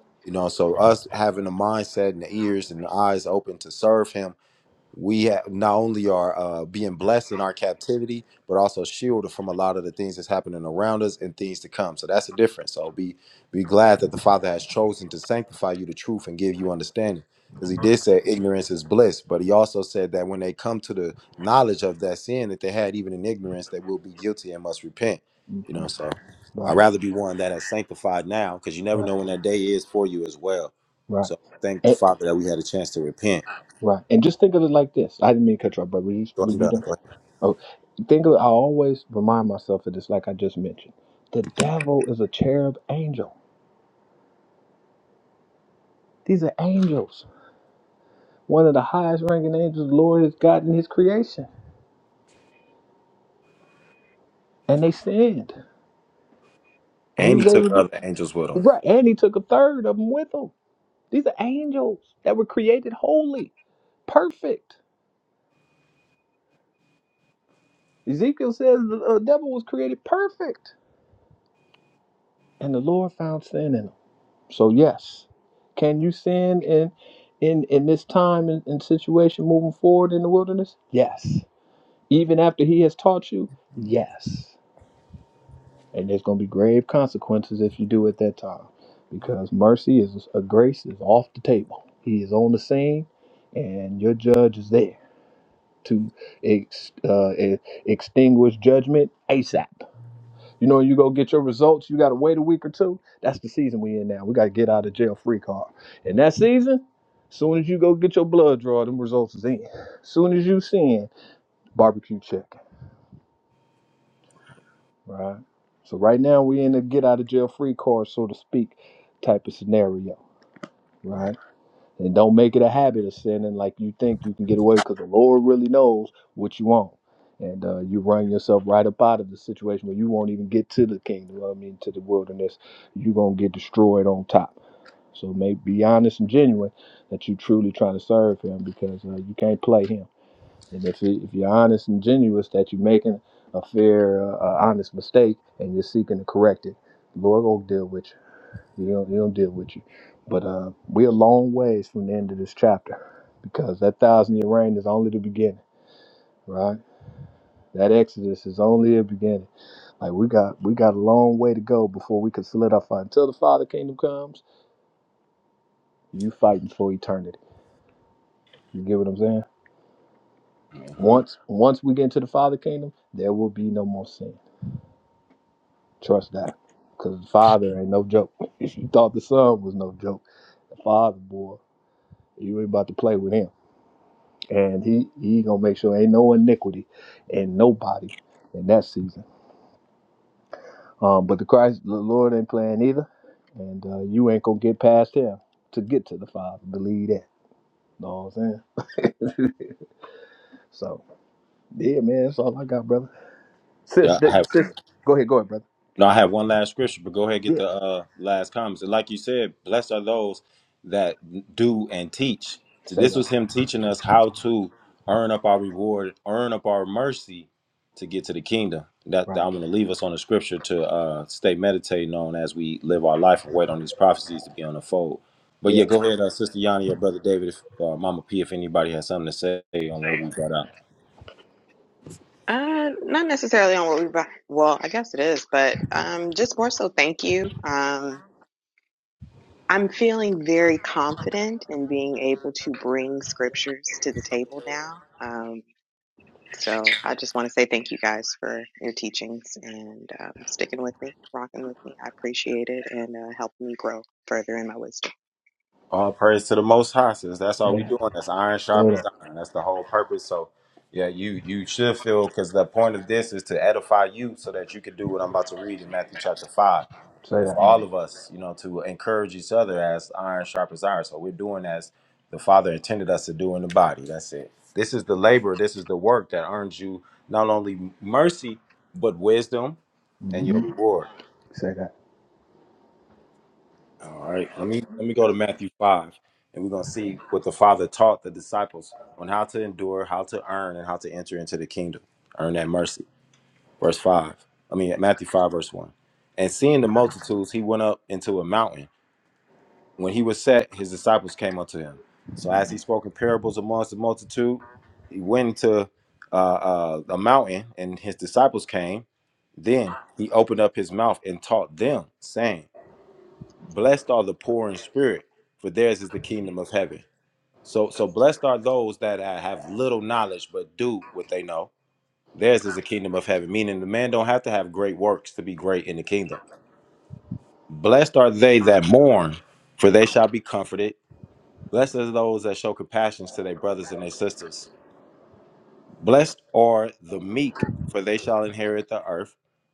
Speaker 2: hmm Right, right, right. And, right. And just think of it like this. I didn't mean to cut you off, but were you, were you done? Oh, think of it. I always remind myself of this, like I just mentioned. The devil is a cherub angel. These are angels. One of the highest ranking angels the Lord has gotten in his creation. And they sinned. And he was able to, right. And he took a third of them with him. These are angels that were created holy, perfect. Ezekiel says the uh, devil was created perfect, and the Lord found sin in him. So yes, can you sin in in in this time and, and situation moving forward in the wilderness? Yes. Even after He has taught you, yes. And there's going to be grave consequences if you do at that time, because mercy is a grace is off the table. He is on the scene, and your judge is there to ex, uh, e- extinguish judgment ASAP. You know, you go get your results, you got to wait a week or two. That's the season we in now. We got to get out of jail free card. And that season, soon as you go get your blood draw, them results is in. Soon as you send barbecue chicken, right? So right now we in the get out of jail free card, so to speak, type of scenario, right? And don't make it a habit of sinning like you think you can get away because the Lord really knows what you want. And uh, you run yourself right up out of the situation where you won't even get to the kingdom, I mean, to the wilderness. You're going to get destroyed on top. So may be honest and genuine that you truly trying to serve him because uh, you can't play him. And if, you- if you're honest and genuous that you're making a fair, uh, uh, honest mistake and you're seeking to correct it, the Lord going to deal with you. He don't, he don't deal with you. But uh, we're a long ways from the end of this chapter because that thousand year reign is only the beginning, right? That Exodus is only the beginning. Like we got we got a long way to go before we can solidify. Until the Father Kingdom comes, you fighting for eternity. You get what I'm saying? Once once we get into the Father Kingdom, there will be no more sin. Trust that. Cause the Father ain't no joke. If you thought the Son was no joke, the Father boy, you ain't about to play with him. and he he gonna make sure ain't no iniquity in nobody in that season. Um, but the Christ, the Lord ain't playing either, and uh, you ain't gonna get past him to get to the Father. Believe that. Know what I'm saying? so yeah, man, that's all I got, brother. Sis, th- sis, go ahead, go ahead, brother. Yeah, say that, right? Yeah,
Speaker 3: Uh, not necessarily on what we buy. Well, I guess it is, but um, just more so. Thank you. Um, I'm feeling very confident in being able to bring scriptures to the table now. Um, so I just want to say thank you guys for your teachings and um, sticking with me, rocking with me. I appreciate it and uh, helping me grow further in my wisdom.
Speaker 2: yeah, say that, say that. hmm Say that.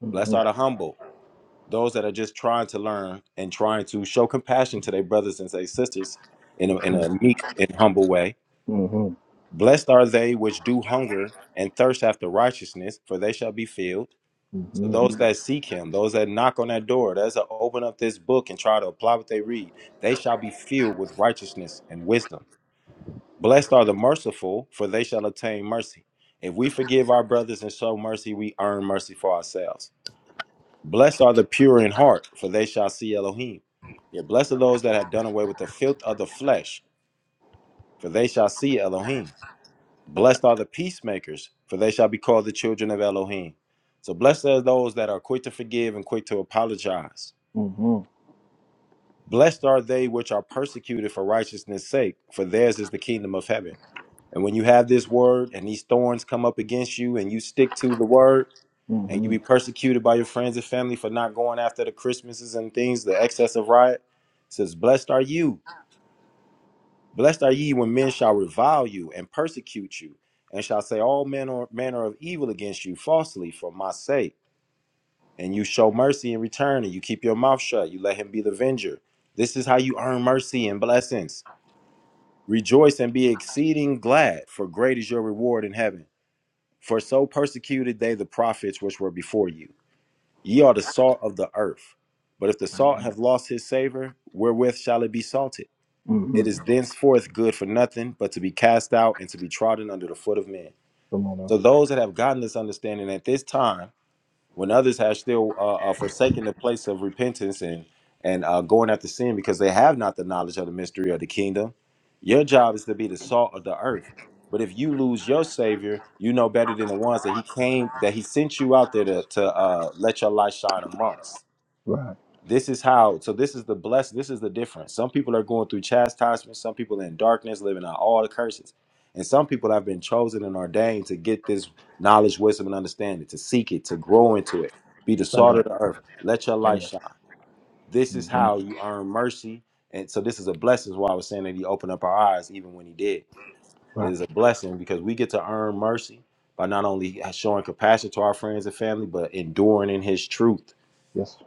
Speaker 2: hmm hmm hmm hmm hmm hmm Come on now, right? Say that. say that. Mhm. Right. Yes.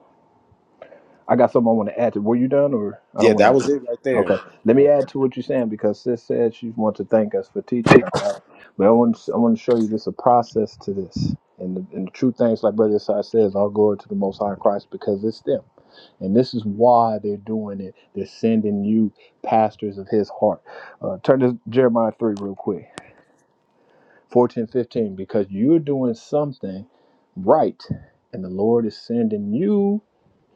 Speaker 2: I got something I want to add to. Were you done or I don't want to? Okay. Let me add to what you're saying because sis said she wants to thank us for teaching her, right? But I want to, I want to show you there's a process to this. And the, and the true things, like Brother Sai says, all glory to the Most High Christ because it's them. And this is why they're doing it. They're sending you pastors of his heart. Uh, turn to Jeremiah 3 real quick 14, 15, because you're doing something right. And the Lord is sending you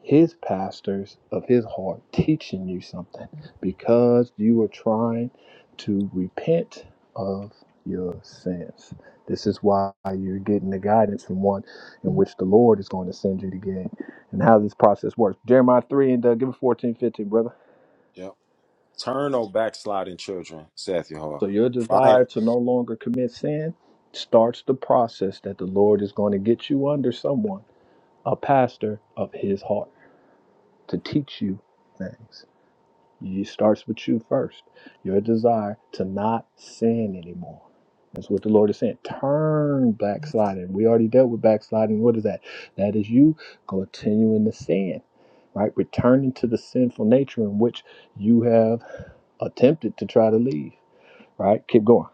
Speaker 2: his pastors of his heart teaching you something because you are trying to repent of your sins. This is why you're getting the guidance from one in which the Lord is going to send you to get and how this process works. Jeremiah 3 and uh, give it 14, fifteen, brother. So your desire to no longer commit sin starts the process that the Lord is going to get you under someone, a pastor of his heart, to teach you things. It starts with you first. Your desire to not sin anymore. That's what the Lord is saying. Turn backsliding. We already dealt with backsliding. What is that? That is you continuing to sin, right? Returning to the sinful nature in which you have attempted to try to leave, right? Keep going.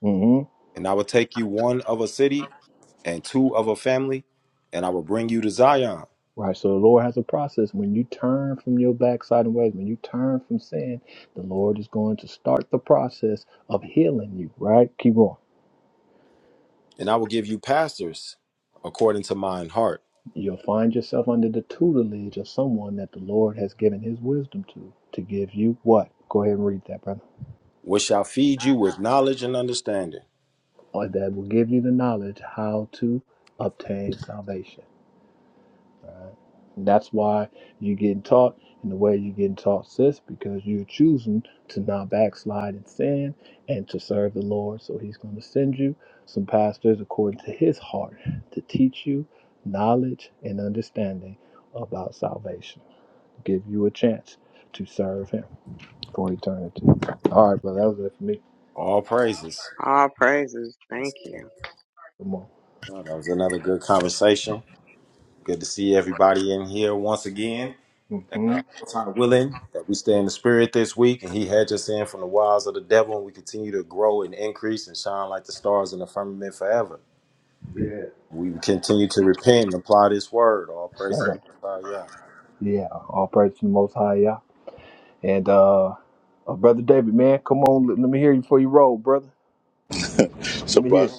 Speaker 2: hmm Right. So the Lord has a process. When you turn from your backsliding ways, when you turn from sin, the Lord is going to start the process of healing you, right? Keep going. You'll find yourself under the tutelage of someone that the Lord has given his wisdom to, to give you what? Go ahead and read that, brother. Or that will give you the knowledge how to obtain salvation. And that's why you're getting taught in the way you're getting taught, sis, because you're choosing to not backslide in sin and to serve the Lord. So he's going to send you some pastors according to his heart to teach you knowledge and understanding about salvation, give you a chance to serve him. for eternity. All right, brother, that was it for me.
Speaker 3: All praises. Thank you.
Speaker 2: Come on. Mm-hmm. Yeah. Sir. Yeah, all praise to the Most High, yeah. And uh, uh, brother David, man, come on, let, let me hear you before you roll, brother. Let
Speaker 4: so
Speaker 2: me hear.
Speaker 4: by
Speaker 2: it.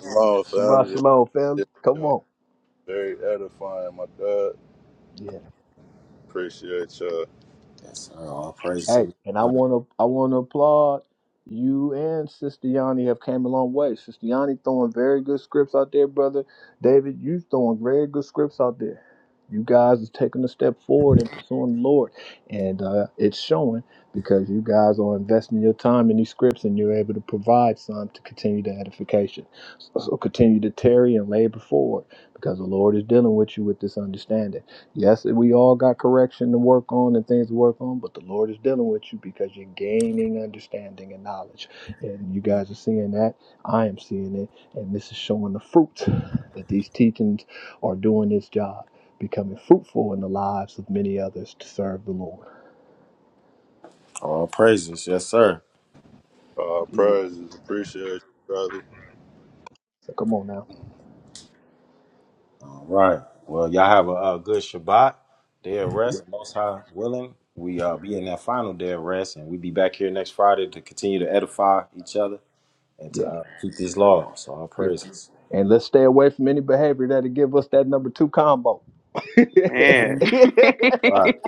Speaker 2: Shabbat
Speaker 4: family,
Speaker 2: shalom, family.
Speaker 4: it's,
Speaker 2: Come
Speaker 4: uh,
Speaker 2: on.
Speaker 4: very edifying. My God,
Speaker 2: Yeah.
Speaker 4: appreciate y'all.
Speaker 2: Hey, and I want to I want to applaud you and Sister Yanni have came a long way. Sister Yanni throwing very good scripts out there, brother. David, you throwing very good scripts out there. You guys is taking a step forward and pursuing the Lord, and uh, it's showing because you guys are investing your time in these scripts, and you're able to provide some to continue the edification. So, so continue to tarry and labor forward because the Lord is dealing with you with this understanding. Yes, we all got correction to work on and things to work on, but the Lord is dealing with you because you're gaining understanding and knowledge. And you guys are seeing that. I am seeing it. And this is showing the fruit that these teachings are doing its job, becoming fruitful in the lives of many others to serve the Lord.
Speaker 4: Uh,
Speaker 2: Yeah.
Speaker 4: praises, appreciate you, brother.
Speaker 2: So come on now. Yeah, yeah. And let's stay away from any behavior that'll give us that number two combo.
Speaker 3: Man,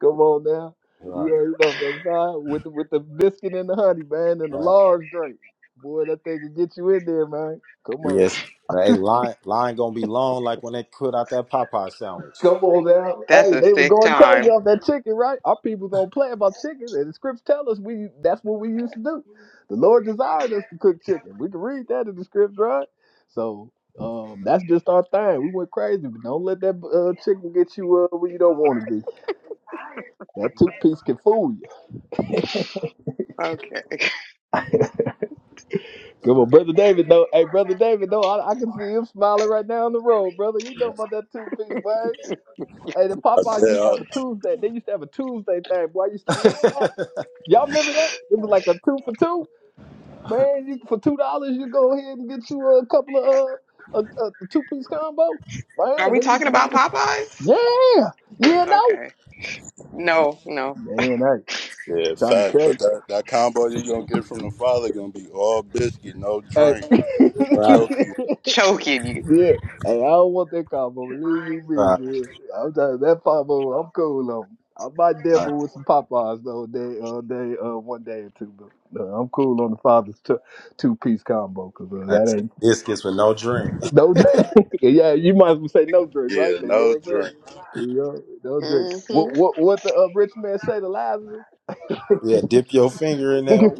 Speaker 2: Come on now. You already know, brother. Ty, With the, with the biscuit and the honey, man, and the large drink. Boy, that thing can get you in there, man. Come on. Come on now.
Speaker 3: that's
Speaker 2: Hey,
Speaker 3: a
Speaker 2: they were
Speaker 3: sick
Speaker 2: going crazy
Speaker 3: time.
Speaker 2: off that chicken, right? Our people don't play about chicken, and the scripts tell us we that's what we used to do. The Lord desired us to cook chicken. We can read that in the scripts, right? So um, that's just our thing. We went crazy, but don't let that uh, chicken get you uh, where you don't want to be. That two piece can fool you.
Speaker 3: Okay.
Speaker 2: Good one, brother David. Though, hey, brother David. Though, I, I can see him smiling right now on the road, brother. You know about that two piece, man. Hey, the
Speaker 4: I
Speaker 2: Popeyes used to have
Speaker 4: said,
Speaker 2: a Tuesday. They used to have a Tuesday thing. Boy, I used to be on that. Y'all remember that? It was like a two for two, man. You for two dollars, you go ahead and get you a couple of uh, a, a two piece combo,
Speaker 3: Are
Speaker 2: man.
Speaker 3: we
Speaker 2: They used
Speaker 3: talking
Speaker 2: to
Speaker 3: about
Speaker 2: bring,
Speaker 3: Popeyes?
Speaker 2: yeah, yeah, no,
Speaker 3: Okay. No, no.
Speaker 2: man. Hey, I'm
Speaker 4: Yeah,
Speaker 2: trying
Speaker 4: facts.
Speaker 2: to
Speaker 4: But that, that combo you're gonna get from the father gonna be all biscuit, no
Speaker 2: tell
Speaker 4: drink. Choke
Speaker 2: you,
Speaker 4: you.
Speaker 2: hey.
Speaker 3: Choking you.
Speaker 2: Yeah, hey, I don't want that combo. Believe you me, man. I'm telling you, that combo, I'm cool on. I might devil with some Popeyes though, day, uh, day, uh, one day or two. But no, I'm cool on the father's two, two piece combo because uh, that ain't no drink. yeah, you might as well say no drink, right?
Speaker 4: Yeah,
Speaker 2: Because
Speaker 4: no
Speaker 2: Lord say,
Speaker 4: drink.
Speaker 2: you know, no drink.
Speaker 3: Mm-hmm.
Speaker 2: What, what, what the uh, rich man say to Lazarus? Come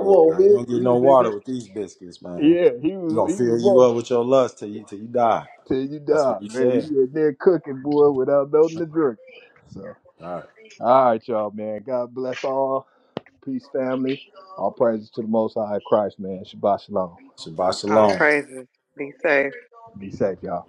Speaker 2: on, man. He was in there. Yeah, he was. He was. Tell you dog, man. You in there cooking, boy, without nothing to drink. So, all right, y'all, man. God bless all. Peace, family. All praises to the Most High Christ, man. Shabbat shalom.
Speaker 3: Ah, praises. Be safe.
Speaker 2: Be safe, y'all.